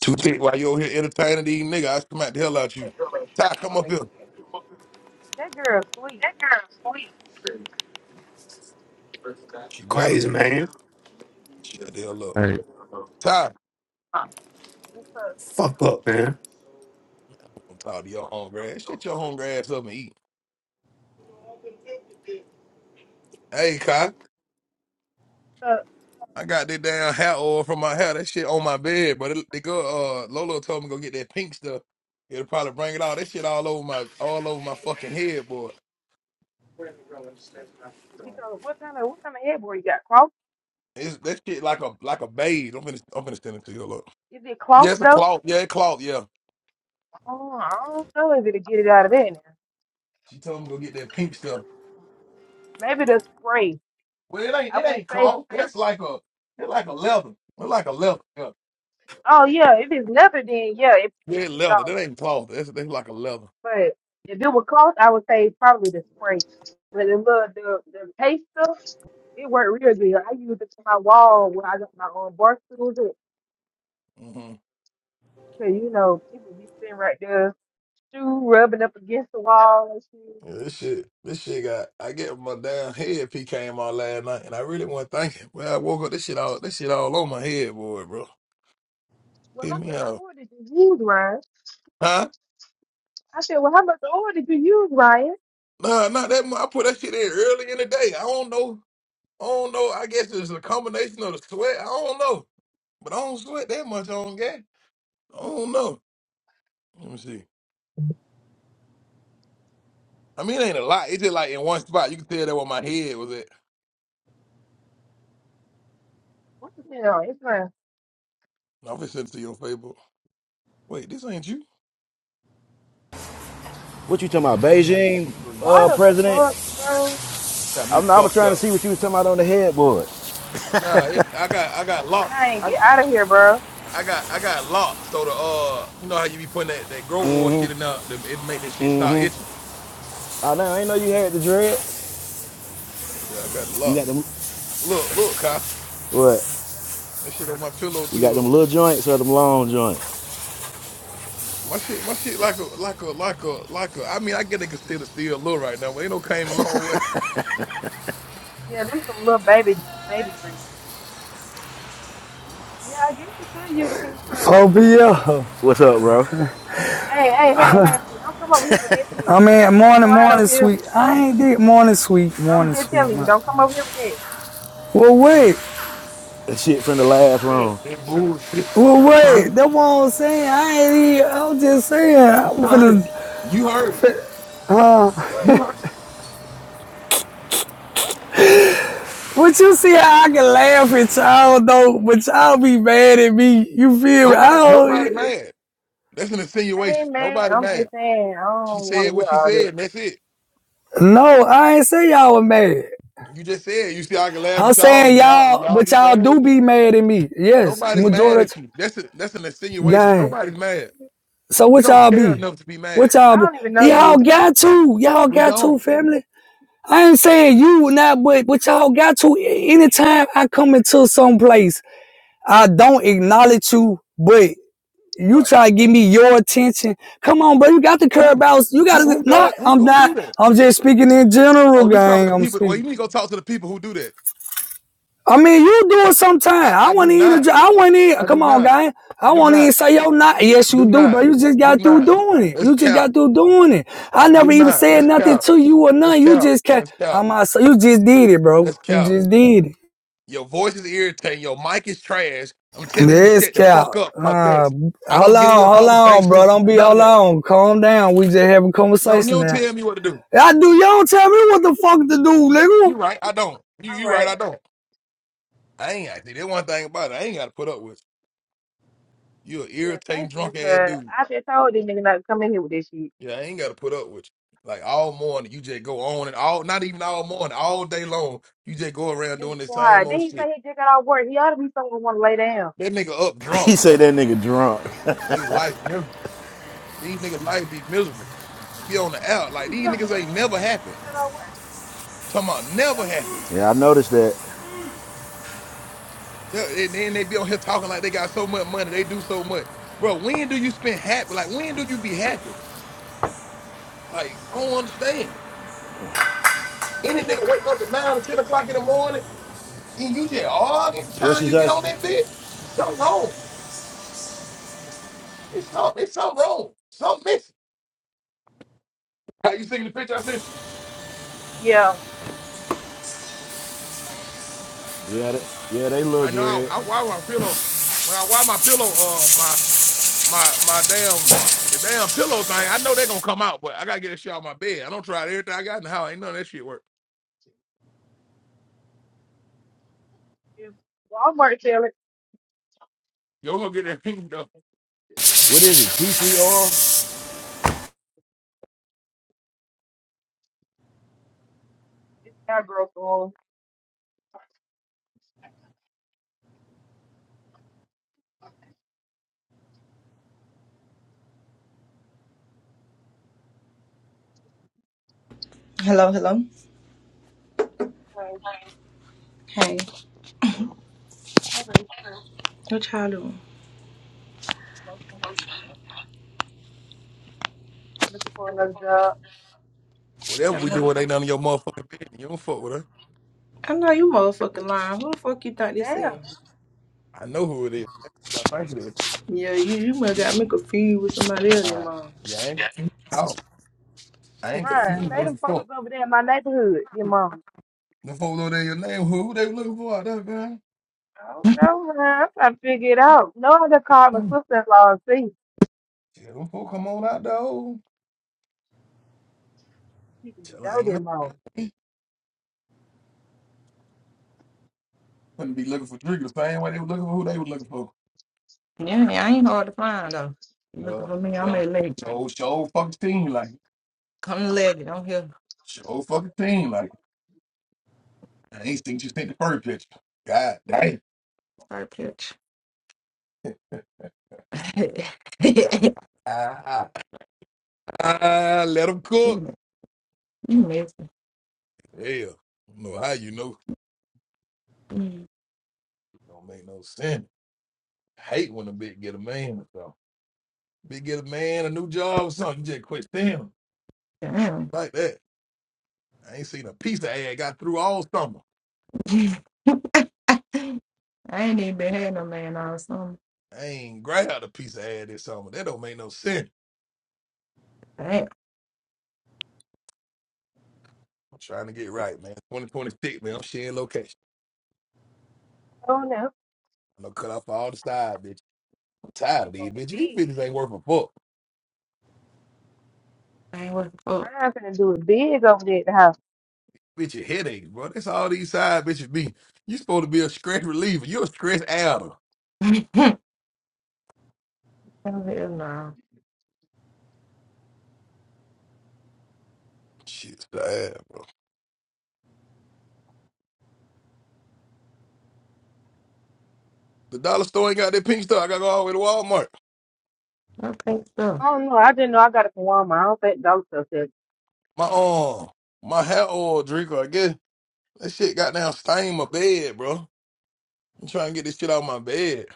P: Too thick while you over here entertaining these niggas, I smack the hell out you. Ty, come up here.
S: That girl sweet.
P: She better
C: Crazy
P: be.
C: man.
P: Shut the hell up.
U: All right.
P: Ty, I'm
S: Just, uh,
C: Fuck up, man.
P: gonna talk to your hungry ass. Shut your hungry ass up and eat. Hey, Kai.
S: uh,
P: I got that damn hair oil from my hair. That shit on my bed, but it, they go. Uh, Lolo told me go get that pink stuff. It'll probably bring it all. That shit all over my all over my fucking head, boy.
S: she told, "What kind of what kind of headboard you got? Cloth?
P: It's that shit like a like a beige. I'm finna I'm finna send it to you. Look,
S: Is it
P: yeah,
S: cloth
P: it's a
S: though?
P: cloth. Yeah, it cloth. Yeah.
S: Oh, I don't know if it'll get it out of there now.
P: She told me go get that pink stuff.
S: Maybe the spray.
P: Well, it ain't
S: I
P: it
S: wouldn't
P: ain't
S: say.
P: cloth. That's like a it's like a leather. It's like a leather. Yeah,
S: Oh yeah, if it's leather, then yeah, it will
P: yeah,
S: get it
P: leather.
S: off.
P: That ain't cloth. That's that's like a leather.
S: But if it was close, I would say probably the spray. But the little the the paste stuff, it worked real good. I used it to my wall when I got my own bar stools. It
P: Mm-hmm.
S: so you know people be sitting right there, shoe rubbing up against the wall and shit.
P: Yeah, This shit, this shit got. I get my damn head P came on last night, and I really wasn't thinking. Well, I woke up, this shit all, this shit all on my head, boy, bro.
S: Well,
P: Get
S: how
P: me
S: much
P: out,
S: oil did you use, Ryan?
P: huh?
S: I said, well, how much oil did you use, Ryan?
P: Nah, not that much. I put that shit in early in the day. I don't know. I don't know. I guess it's a combination of the sweat. I don't know, but I don't sweat that much on gas. I don't know. Let me see. I mean, it ain't a lot. It's just like in one spot. You can tell that where my head was at.
S: What the hell? It's like,
P: I'm gonna send it to your Facebook. Wait, this ain't you.
V: What you talking about, Beijing
S: why
V: uh,
S: the
V: president?
S: fuck, bro?
P: Got me
V: I'm, I was
P: fucked
V: trying to
P: up.
V: see what you was talking about on the headboard.
P: Nah, it, I got I got locks.
S: Man, get out of here, bro.
P: I got I got locked. So the uh, you know how you be putting that, that grow oil shit
V: Mm-hmm,
P: in there, that- it make that shit start
V: mm-hmm.
P: itching.
V: I know, I ain't know you had the dread.
P: Yeah, I got it
V: You got
P: locked.
V: them,
P: Look, look, Kai.
V: what?
P: That shit on my pillow
V: You
P: too.
V: got them
P: Look,
V: little joints or them long joints?
P: my shit, my shit like a like a like a like a. I mean, I get it considered still low right now, but ain't no came a long way.
S: Yeah, them some little baby baby dreams. Yeah, I guess you could use the pink stuff.
W: Popia.
V: What's up, bro?
S: Hey, hey, hey, hey, hey, don't come over here with that shit.
W: I mean,
S: It's
W: morning,
S: quiet
W: morning,
S: over here.
W: sweet. I ain't did morning, sweet,
S: I'm
W: morning,
S: just
W: sweet.
S: telling you,
W: My,
S: don't come over here with that.
W: well, wait.
V: That shit from the last
S: With that.
V: room.
P: That bullshit.
W: Well, wait. That's what I was saying. I ain't even, I was just saying.
P: You
W: I'm
P: heard
W: finna,
P: him. You heard him.
W: fin- uh,
P: You heard.
W: but you see how I can laugh at y'all, though, but y'all be mad at me. You feel me? I
P: Nobody, nobody
W: don't,
P: mad. That's an
S: Hey
P: insinuation.
S: man,
P: Nobody
S: I'm
P: mad.
S: just saying, I
P: She
S: don't wanna
P: said what
S: hear
P: she
S: all
P: said,
S: that.
P: and that's it.
W: no, I ain't say y'all were mad.
P: You just said. You see, I can laugh
W: I'm
P: at y'all.
W: saying
P: and Y'all, and
W: y'all,
P: y'all
W: but
P: be
W: y'all
P: mad
W: do
P: at me.
W: be mad at me. Yes,
P: Nobody's mad
W: majority.
P: at you. That's a, that's an insinuation.
W: Gang.
P: Nobody's mad.
W: So
P: We
W: what
P: don't
W: y'all
P: care
W: be?
P: enough to be mad.
W: What
S: I
W: y'all be?
S: don't even know you.
W: Y'all got to. Y'all
P: We
W: got to,
P: don't.
W: family. I ain't saying you not, but what y'all got to. Anytime I come into some place, I don't acknowledge you, but you
P: What?
W: try to give me your attention. Come on, bro. You got the curb
P: Who?
W: outs. You got
P: Who?
W: to,
P: Who
W: not,
P: does? Who,
W: I'm
P: who do
W: not,
P: that?
W: I'm just speaking in general,
P: Oh, you talking
W: gang.
P: to
W: I'm
P: people? Well, you
W: speaking.
P: need to go talk to the people who do that.
W: I mean, you do it sometime.
P: I,
W: I
P: I do
W: want to eat
P: not.
W: a. I want to.
P: I do
W: Come on,
P: not.
W: guy. I
P: Do
W: want to
P: not.
W: even say yo not. Yes, you
P: Do
W: do,
P: not.
W: bro. You just
P: Do
W: got through
P: not.
W: doing it.
P: Let's
W: You just
P: count.
W: got through doing it. I
P: I do
W: never even
P: not.
W: said
P: Let's
W: nothing
P: count.
W: to you or
P: Let's
W: nothing. You
P: count.
W: just can't.
P: Let's count.
W: I'm outside. You just did it, bro.
P: Let's
W: You
P: count.
W: just did it.
P: Your voice is irritating. Your mic is trash. I'm telling you to
W: This
P: shut the
W: cow.
P: fuck up, cause
W: Uh,
P: that's. I
W: hold
P: don't get in your
W: on, hold on, bro.
P: conversation.
W: Don't be
P: None of
W: hold
P: that.
W: on. Calm down. We just having a
P: No, you
W: conversation
P: don't
W: now.
P: tell me what to do.
W: I do. Y'all tell me what the fuck to do, nigga.
P: You right, I don't. You
S: All
P: you right,
S: right.
P: I don't. I ain't I think that one thing about it, I ain't gotta put up with you. You an
S: Yeah,
P: irritating
S: thank you,
P: drunk ass
S: cause
P: dude.
S: I just told this nigga not to come in here with this shit.
P: Yeah, I ain't gotta put up with you. Like all morning you just go on and all not even all morning, all day long, you just go around
S: It
P: doing
S: was
P: the same
S: quiet. Then
P: old
S: he
P: shit.
S: say he just got out of work. He ought to be someone wanna lay down.
P: That nigga up
V: he
P: drunk,
V: say
P: bro.
V: that nigga drunk.
P: Nigga life miserable. These niggas life be miserable. Be on the out.
S: And
P: Like
S: he's
P: these
S: not, but
P: niggas
S: I'm
P: ain't
S: saying
P: never
S: that he
P: happy.
S: just
P: I'm
S: got out of work.
P: talking about
S: Y'all
P: never
S: don't
P: happy.
S: wanna lay
V: Yeah, I
S: down.
V: noticed that.
P: Yeah, And then they be on here talking like they got so much money, they do so much. Bro, when do you spend happy? Like when do you be happy? Like, I don't understand. Any nigga wake up at nine or ten o'clock in the morning and you just arguing
V: What
P: time
V: she
P: you get
V: say?
P: on that bed. Something wrong. It's something, it's something wrong. Something missing. How you seen the picture I sent you?
S: Yeah.
V: Yeah, they, yeah, they little
P: I know
V: dread.
P: I, I wipe my pillow. When I wipe my pillow, uh my my my damn the damn pillow thing, I know they're gonna come out, but I gotta get that shit out of my bed. I don't try everything I got in the house. Ain't none of that shit work.
S: If Walmart sell it,
P: Yo, gonna get that thing though.
V: What is it? PCR?
S: it's got growth on.
O: Hello, hello.
S: Like,
O: Hey,
S: okay,
O: what y'all doing?
S: okay, looking for another job.
P: Whatever we
O: Hello.
P: do, it ain't none of your motherfucking business. You don't fuck with her.
O: I know you motherfucking lying. Who the fuck you
S: Well,
O: think this
S: damn,
O: is?
P: I know who it is. That's who I think it is.
O: Yeah, you, you must got me confused with somebody else, your
P: Nah.
O: mom.
P: Yeah, I
O: Yeah.
P: ain't. No. I
O: You
P: ain't confused
O: can-
S: Brian, say
P: what the
S: them folks
P: fuck.
S: over there in my neighborhood, your mama.
P: The folk know they your name. Who who they looking for out there, man?
S: I don't know, man. I'm trying to figure it out. No, I just called my
P: Mm.
S: sister-in-law and see.
P: Yeah, them folk come on out though. oh.
S: She can
P: Tell her,
S: go
P: ain't no
S: there, mom.
P: couldn't be looking for Drigger the same way they were looking for who they were looking for.
O: You hard to find though.
P: Yeah, yeah. Show show fucking team like it.
O: Come to legend. I'm here.
P: Show fucking team like it. I ain't think you sent the first picture. God damn.
O: Sorry, pitch. you
P: Ah, ah, let them cook.
O: messed
P: Yeah. don't know how you know. Don't make no sense. hate when a bitch get a man or something. Bitch get a man, a new job or something. You just quit them
O: it down.
P: like that. I ain't seen a piece of ad got through all summer.
O: I ain't even been had no man all summer.
P: I ain't grabbed a piece of ad this summer. That don't make no sense.
O: Damn,
P: I'm trying to get right, man. 2026, man. I'm sharing location.
S: I don't know.
P: I'm gonna cut off all the side bitches. I'm tired
S: We
P: of
S: doing
P: these
S: it
P: bitches. These
S: big.
P: bitches ain't worth a fuck.
O: I ain't working for.
S: I'm finna do it big over there at the house.
P: Bitch, your headaches, bro. That's all these side bitches be. You supposed to be a stress reliever. You're a stress adder.
O: Hell no.
P: Shit's sad, bro. The dollar store ain't got that pink stuff. I gotta go all the way to Walmart.
O: Okay,
S: I don't know. I didn't know I got it from Walmart. I don't think those stuff
P: My um, my hair oil drinker, I guess. That shit got down stain my bed, bro. I'm trying to get this shit out of my bed.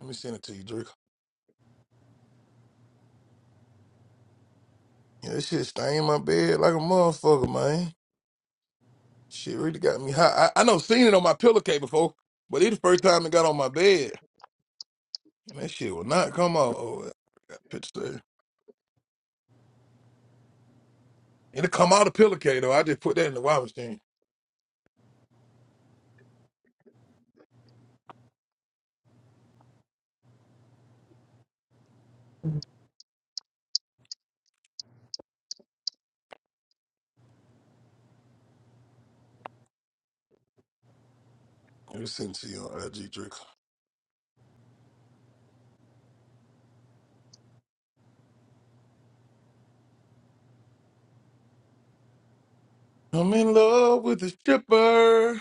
P: Let me send it to you, Drake. Yeah, this shit stain my bed like a motherfucker, man. Shit really got me hot. I, I know seen it on my pillowcase before, but it the first time it got on my bed. And that shit will not come off. Oh, yeah, I got pictures there. It'll come out of pillowcase, though. I just put that in the washing machine. Let me send it to you on IG, Drake. I'm in love with a stripper.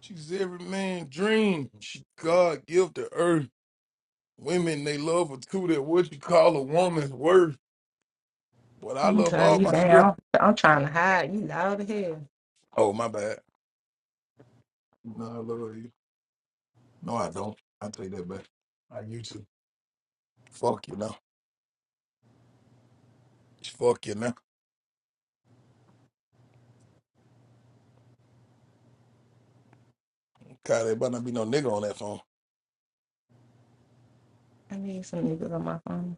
P: She's every man's dream. She God give to earth. Women, they love her too. That what you call a woman's worth. But I
O: Let me
P: love
O: turn
P: all
O: you
P: my strippers.
O: down. I'm trying to hide. You loud as hell.
P: Oh, my bad. No, I love you. No, I don't. I take that back. I used to. Fuck you now. Fuck you now. God, there better not be no nigga on that phone.
O: I need some niggas on my phone.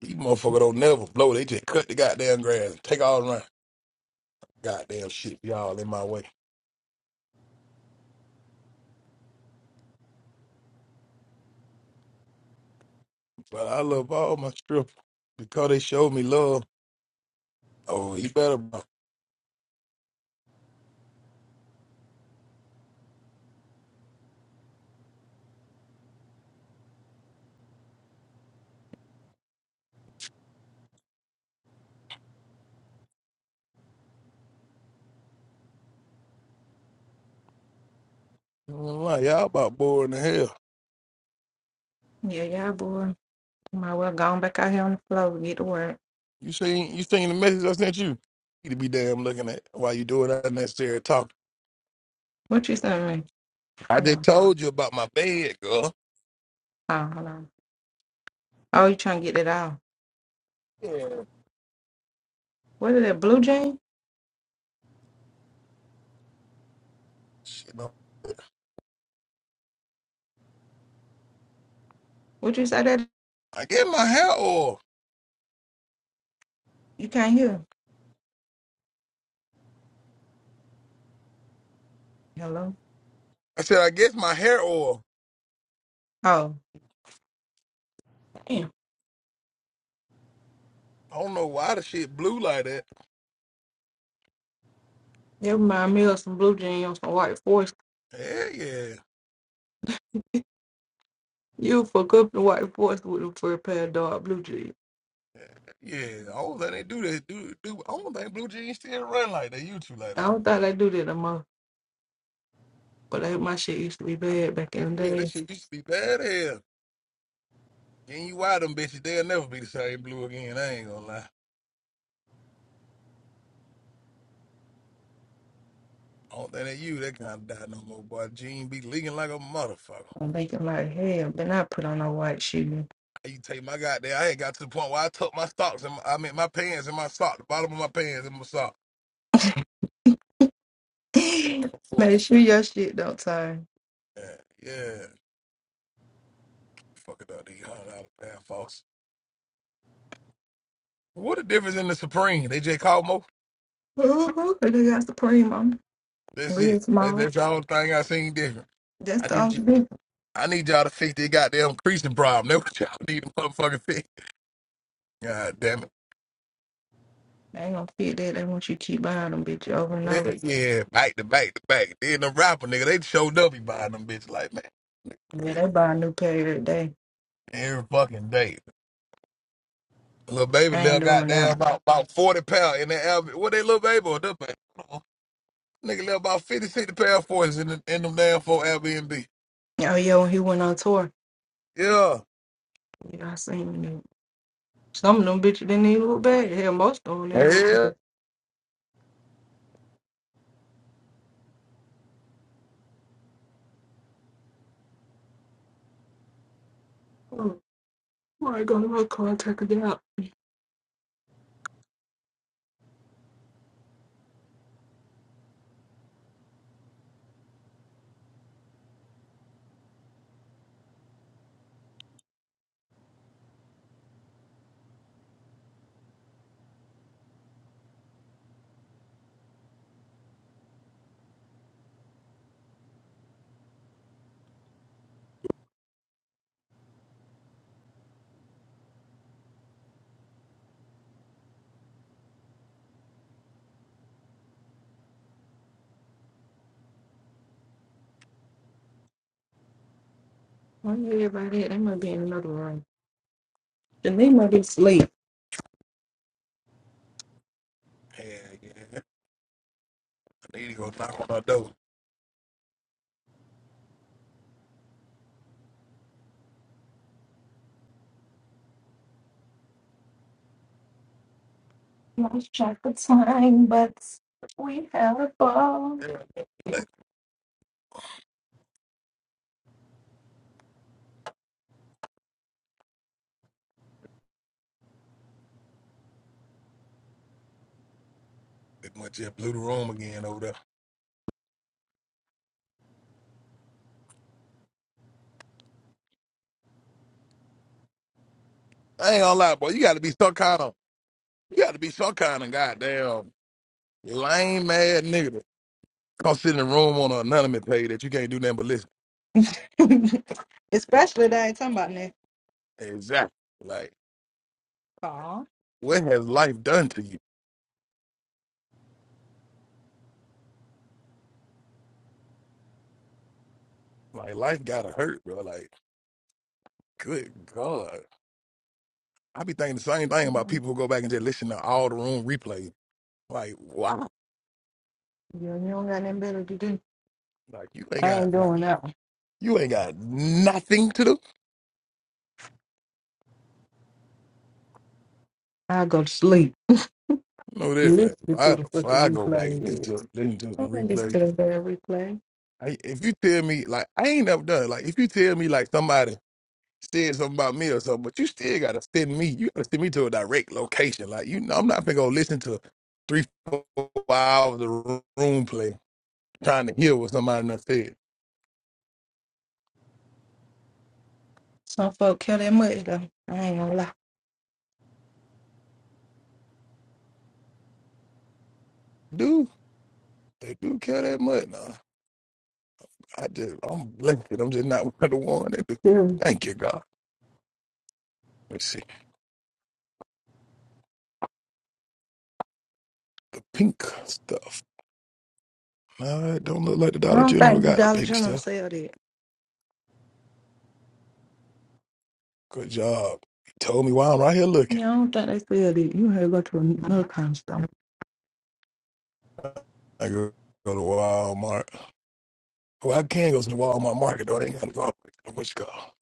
P: These motherfuckers don't never blow. They just cut the goddamn grass. and Take all around. Goddamn shit be all in my way. But I love all my strippers because they showed me love. Oh, he better. bro. I ain't gonna lie, Y'all about boring the hell.
O: Yeah, yeah, boy. Might well go on back out here on the floor and get to work.
P: You seen you seen the message I sent you? You need to be damn looking at while you doing unnecessary talking.
O: What you sent me?
P: I
O: Hold
P: just
O: on.
P: told you about my bed, girl.
O: Oh, hold on. Oh, you trying to get it out.
P: Yeah.
O: What is that, blue jean?
P: Shit, no.
O: What you say that?
P: I get my hair oil.
O: You can't hear. Hello?
P: I said, I guess my hair oil.
O: Oh, damn.
P: I don't know why the shit blue like that.
O: Never mind me of some blue jean on some white forces.
P: Yeah, yeah,
O: You fuck up the white force with them for a pair of dark blue jeans.
P: yeah. I don't think they do that. Do, do. I don't think blue jeans still run like they used to like
O: I
P: that.
O: don't think they do that no more. But like, my shit used to be bad back
P: Yeah,
O: in the
P: yeah, that
O: days.
P: shit used to be bad as. And you why them bitches, they'll never be the same blue again. I ain't gonna lie. I don't think that you that kind of die no more, boy. Jean be leaking like a motherfucker.
O: I'm thinking like, hell, but I put on a white shoe.
P: You take my goddamn, I ain't got to the point where I tuck my socks and my, I mean my pants and my sock, the bottom of my pants and my sock, of
O: Make
P: course.
O: sure your shit don't turn.
P: Yeah, yeah. Fucking up these hundred dollar pair, folks. What a difference in the Supreme. They just called Mo.
O: Ooh, they got Supreme on them,
P: That's
O: real
P: it. That-
O: small.
P: That's the only thing I seen different.
O: That's
P: I
O: the
P: need
O: only
P: you.
O: thing.
P: I need y'all to fix this goddamn creasing problem. That's what y'all need to motherfucking fix. God damn it.
O: They ain't gonna fit that. They want you to keep buying them, bitch, over and over.
P: Yeah, back to back to back. Then the rapper nigga, they showed up. He buying them bitches like man,
O: Yeah,
P: crazy.
O: they buy a new pair every day.
P: every fucking day. Little baby,
O: I
P: little
O: ain't doing that.
P: goddamn about about forty pound in that album. What they little baby or that baby? I don't know. Nigga, left about fifty sixty pound forces in, the, in them damn four Airbnb.
O: Oh yeah, when he went on tour,
P: Yeah.
O: yeah, I seen them. Some of them bitches didn't even look bad. Hell, most of them didn't look bad.
P: Hell
O: Oh, I go to my car and check it out. I need everybody. They might be in another room. And they might be asleep.
P: Hell yeah. I need to go knock on her door.
O: Let's check the time, but we have a ball.
P: That much just blew the room again over there. I ain't gonna lie, boy. You gotta be some kind of you gotta be some kind of goddamn lame ass nigga to come sit in the room on an anonymous page that you can't do nothing but listen.
O: Especially that it's talking about next
P: Exactly. Like,
O: call.
P: what has life done to you? Like life gotta hurt, bro. Like, good God. I be thinking the same thing about
O: You
P: people who go back and just listen to all the room replays. Like, wow.
O: you don't got nothing better to do.
P: Like you ain't
O: I
P: got
O: ain't
P: like
O: doing that. one.
P: you ain't got nothing to do.
O: I'll go to sleep.
P: I know that, right?
O: Listen to
P: I,
O: the
P: so
O: fucking
P: I go back and listen
O: replay.
P: to, listen to
O: I
P: some
O: don't listen
P: replays.
O: to the bad replay.
P: I, if you tell me, like, I ain't never done. it. Like, if you tell me, like, somebody said something about me or something, but you still gotta send me. You gotta send me to a direct location. Like, you know, I'm not gonna go listen to three, four hours of room play trying to hear what somebody done said.
O: Some folk care that much though. I ain't gonna lie.
P: Dude, they do care that much. No, I just, I'm blessed. I'm just not one of the one that do.
O: Yeah.
P: Thank you, God. Let's see the pink stuff. No, it don't look like the
O: I
P: Dollar
O: don't
P: General
O: think the
P: got the
O: Dollar
P: pink stuff.
O: General sell that.
P: Good job. He told me why I'm right here looking.
O: Yeah, I don't think they sell that. You have to go to another
P: I
O: kind of store.
P: go, go to Walmart. Well, I can go to the Walmart market though. They ain't gotta go what you call.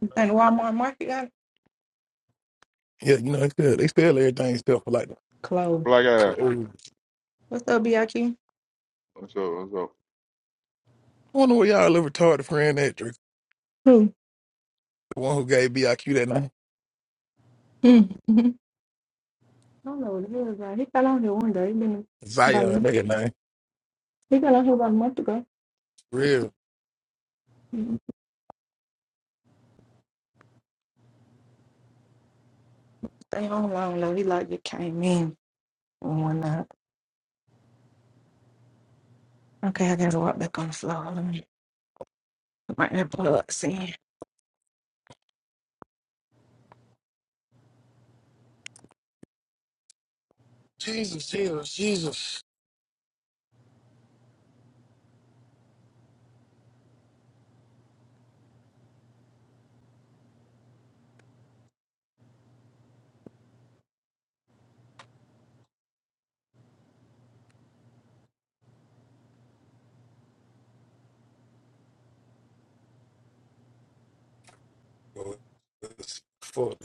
O: You think Walmart market got it?
P: Yeah, you know, they sell, they sell everything except for like the
O: closed?
T: Black ass,
P: clothes.
O: What's up, BIQ?
T: what's up? What's up?
P: I wonder where y'all little retarded friend that the
O: Who?
P: one who gave BIQ that name.
O: Hmm. Não, não, ele vai recalar onde onda, even
P: Zion,
O: bum
P: nigga name.
O: recalar who about a month ago.
P: Real.
O: Stay on long though. He like it came in and whatnot. Okay, I gotta walk back on the floor. Let me put my AirPods in.
P: Fuck.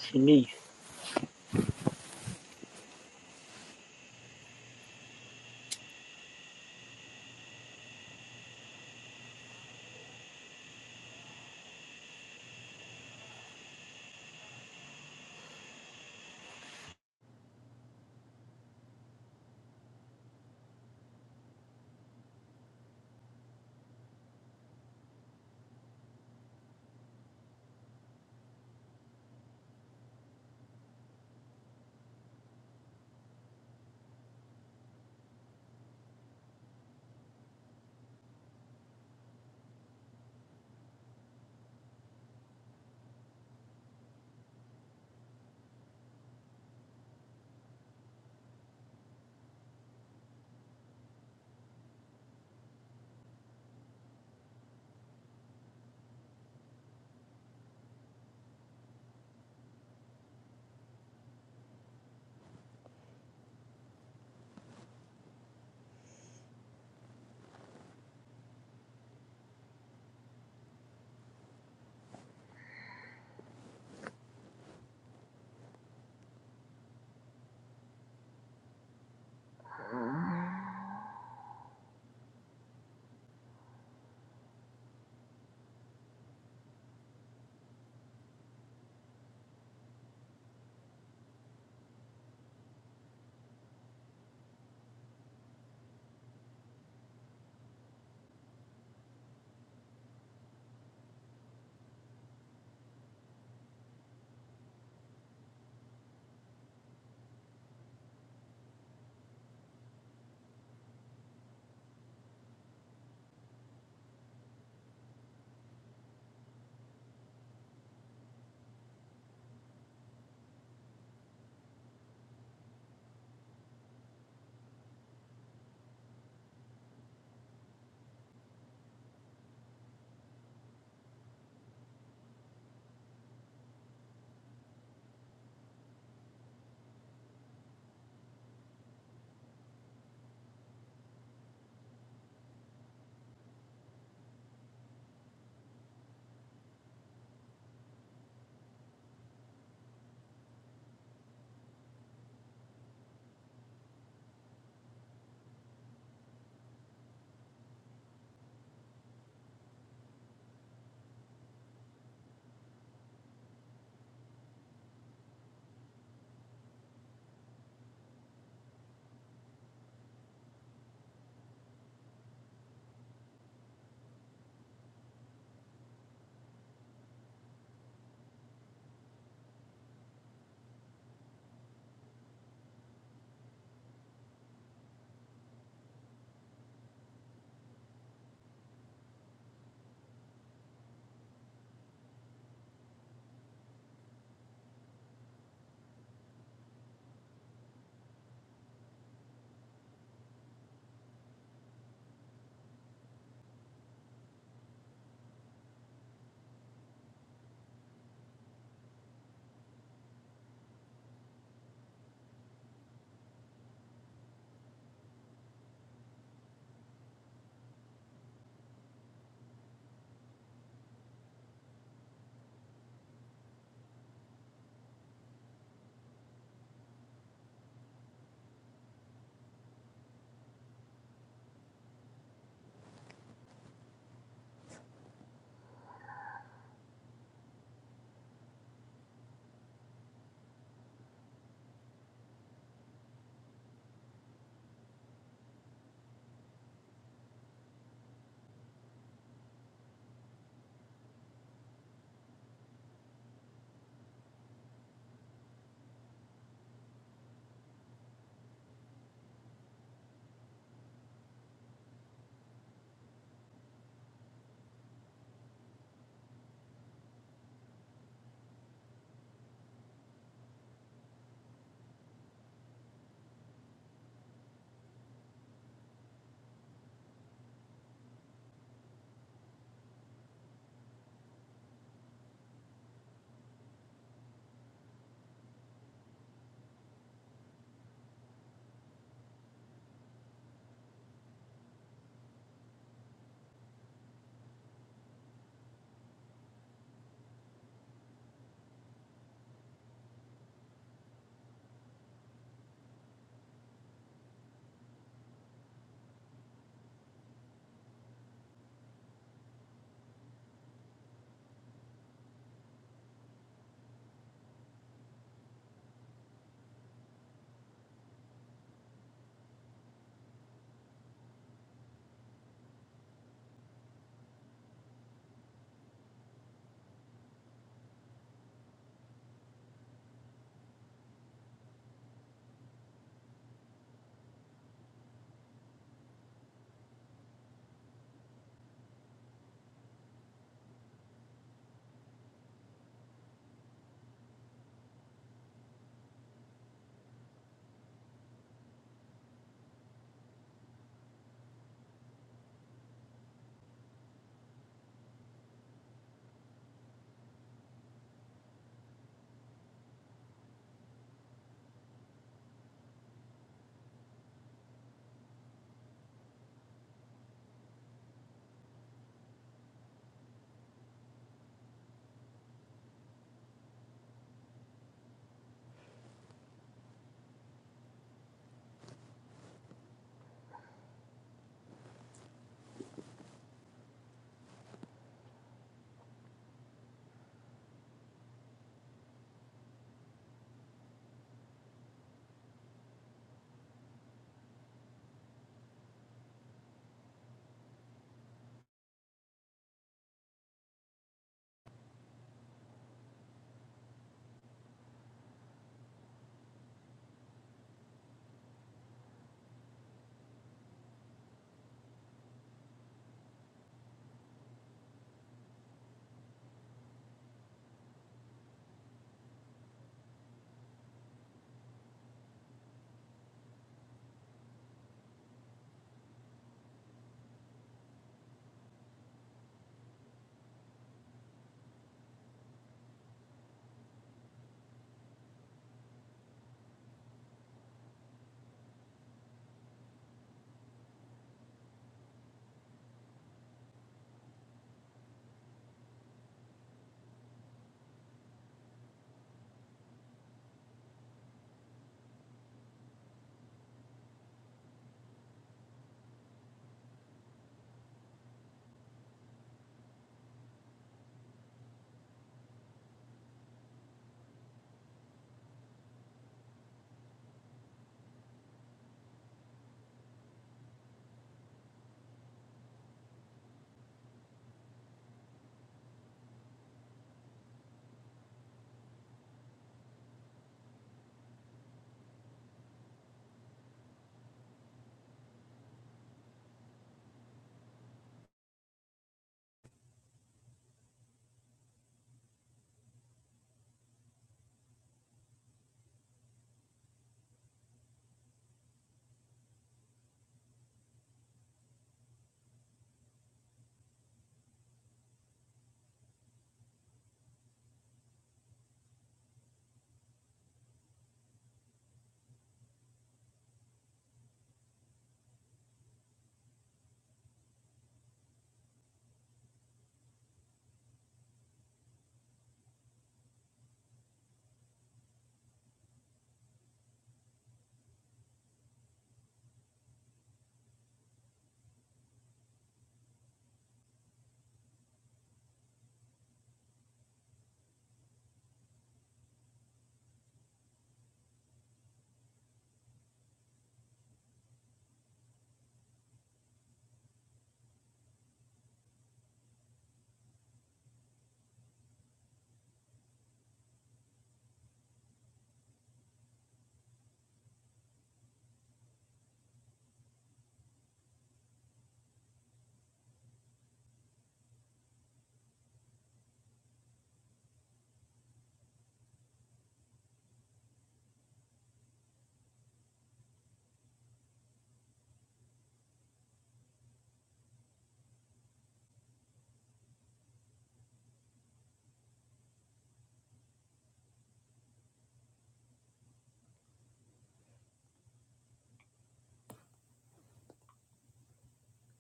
D: Shanice.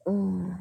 H: Mm.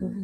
H: mm.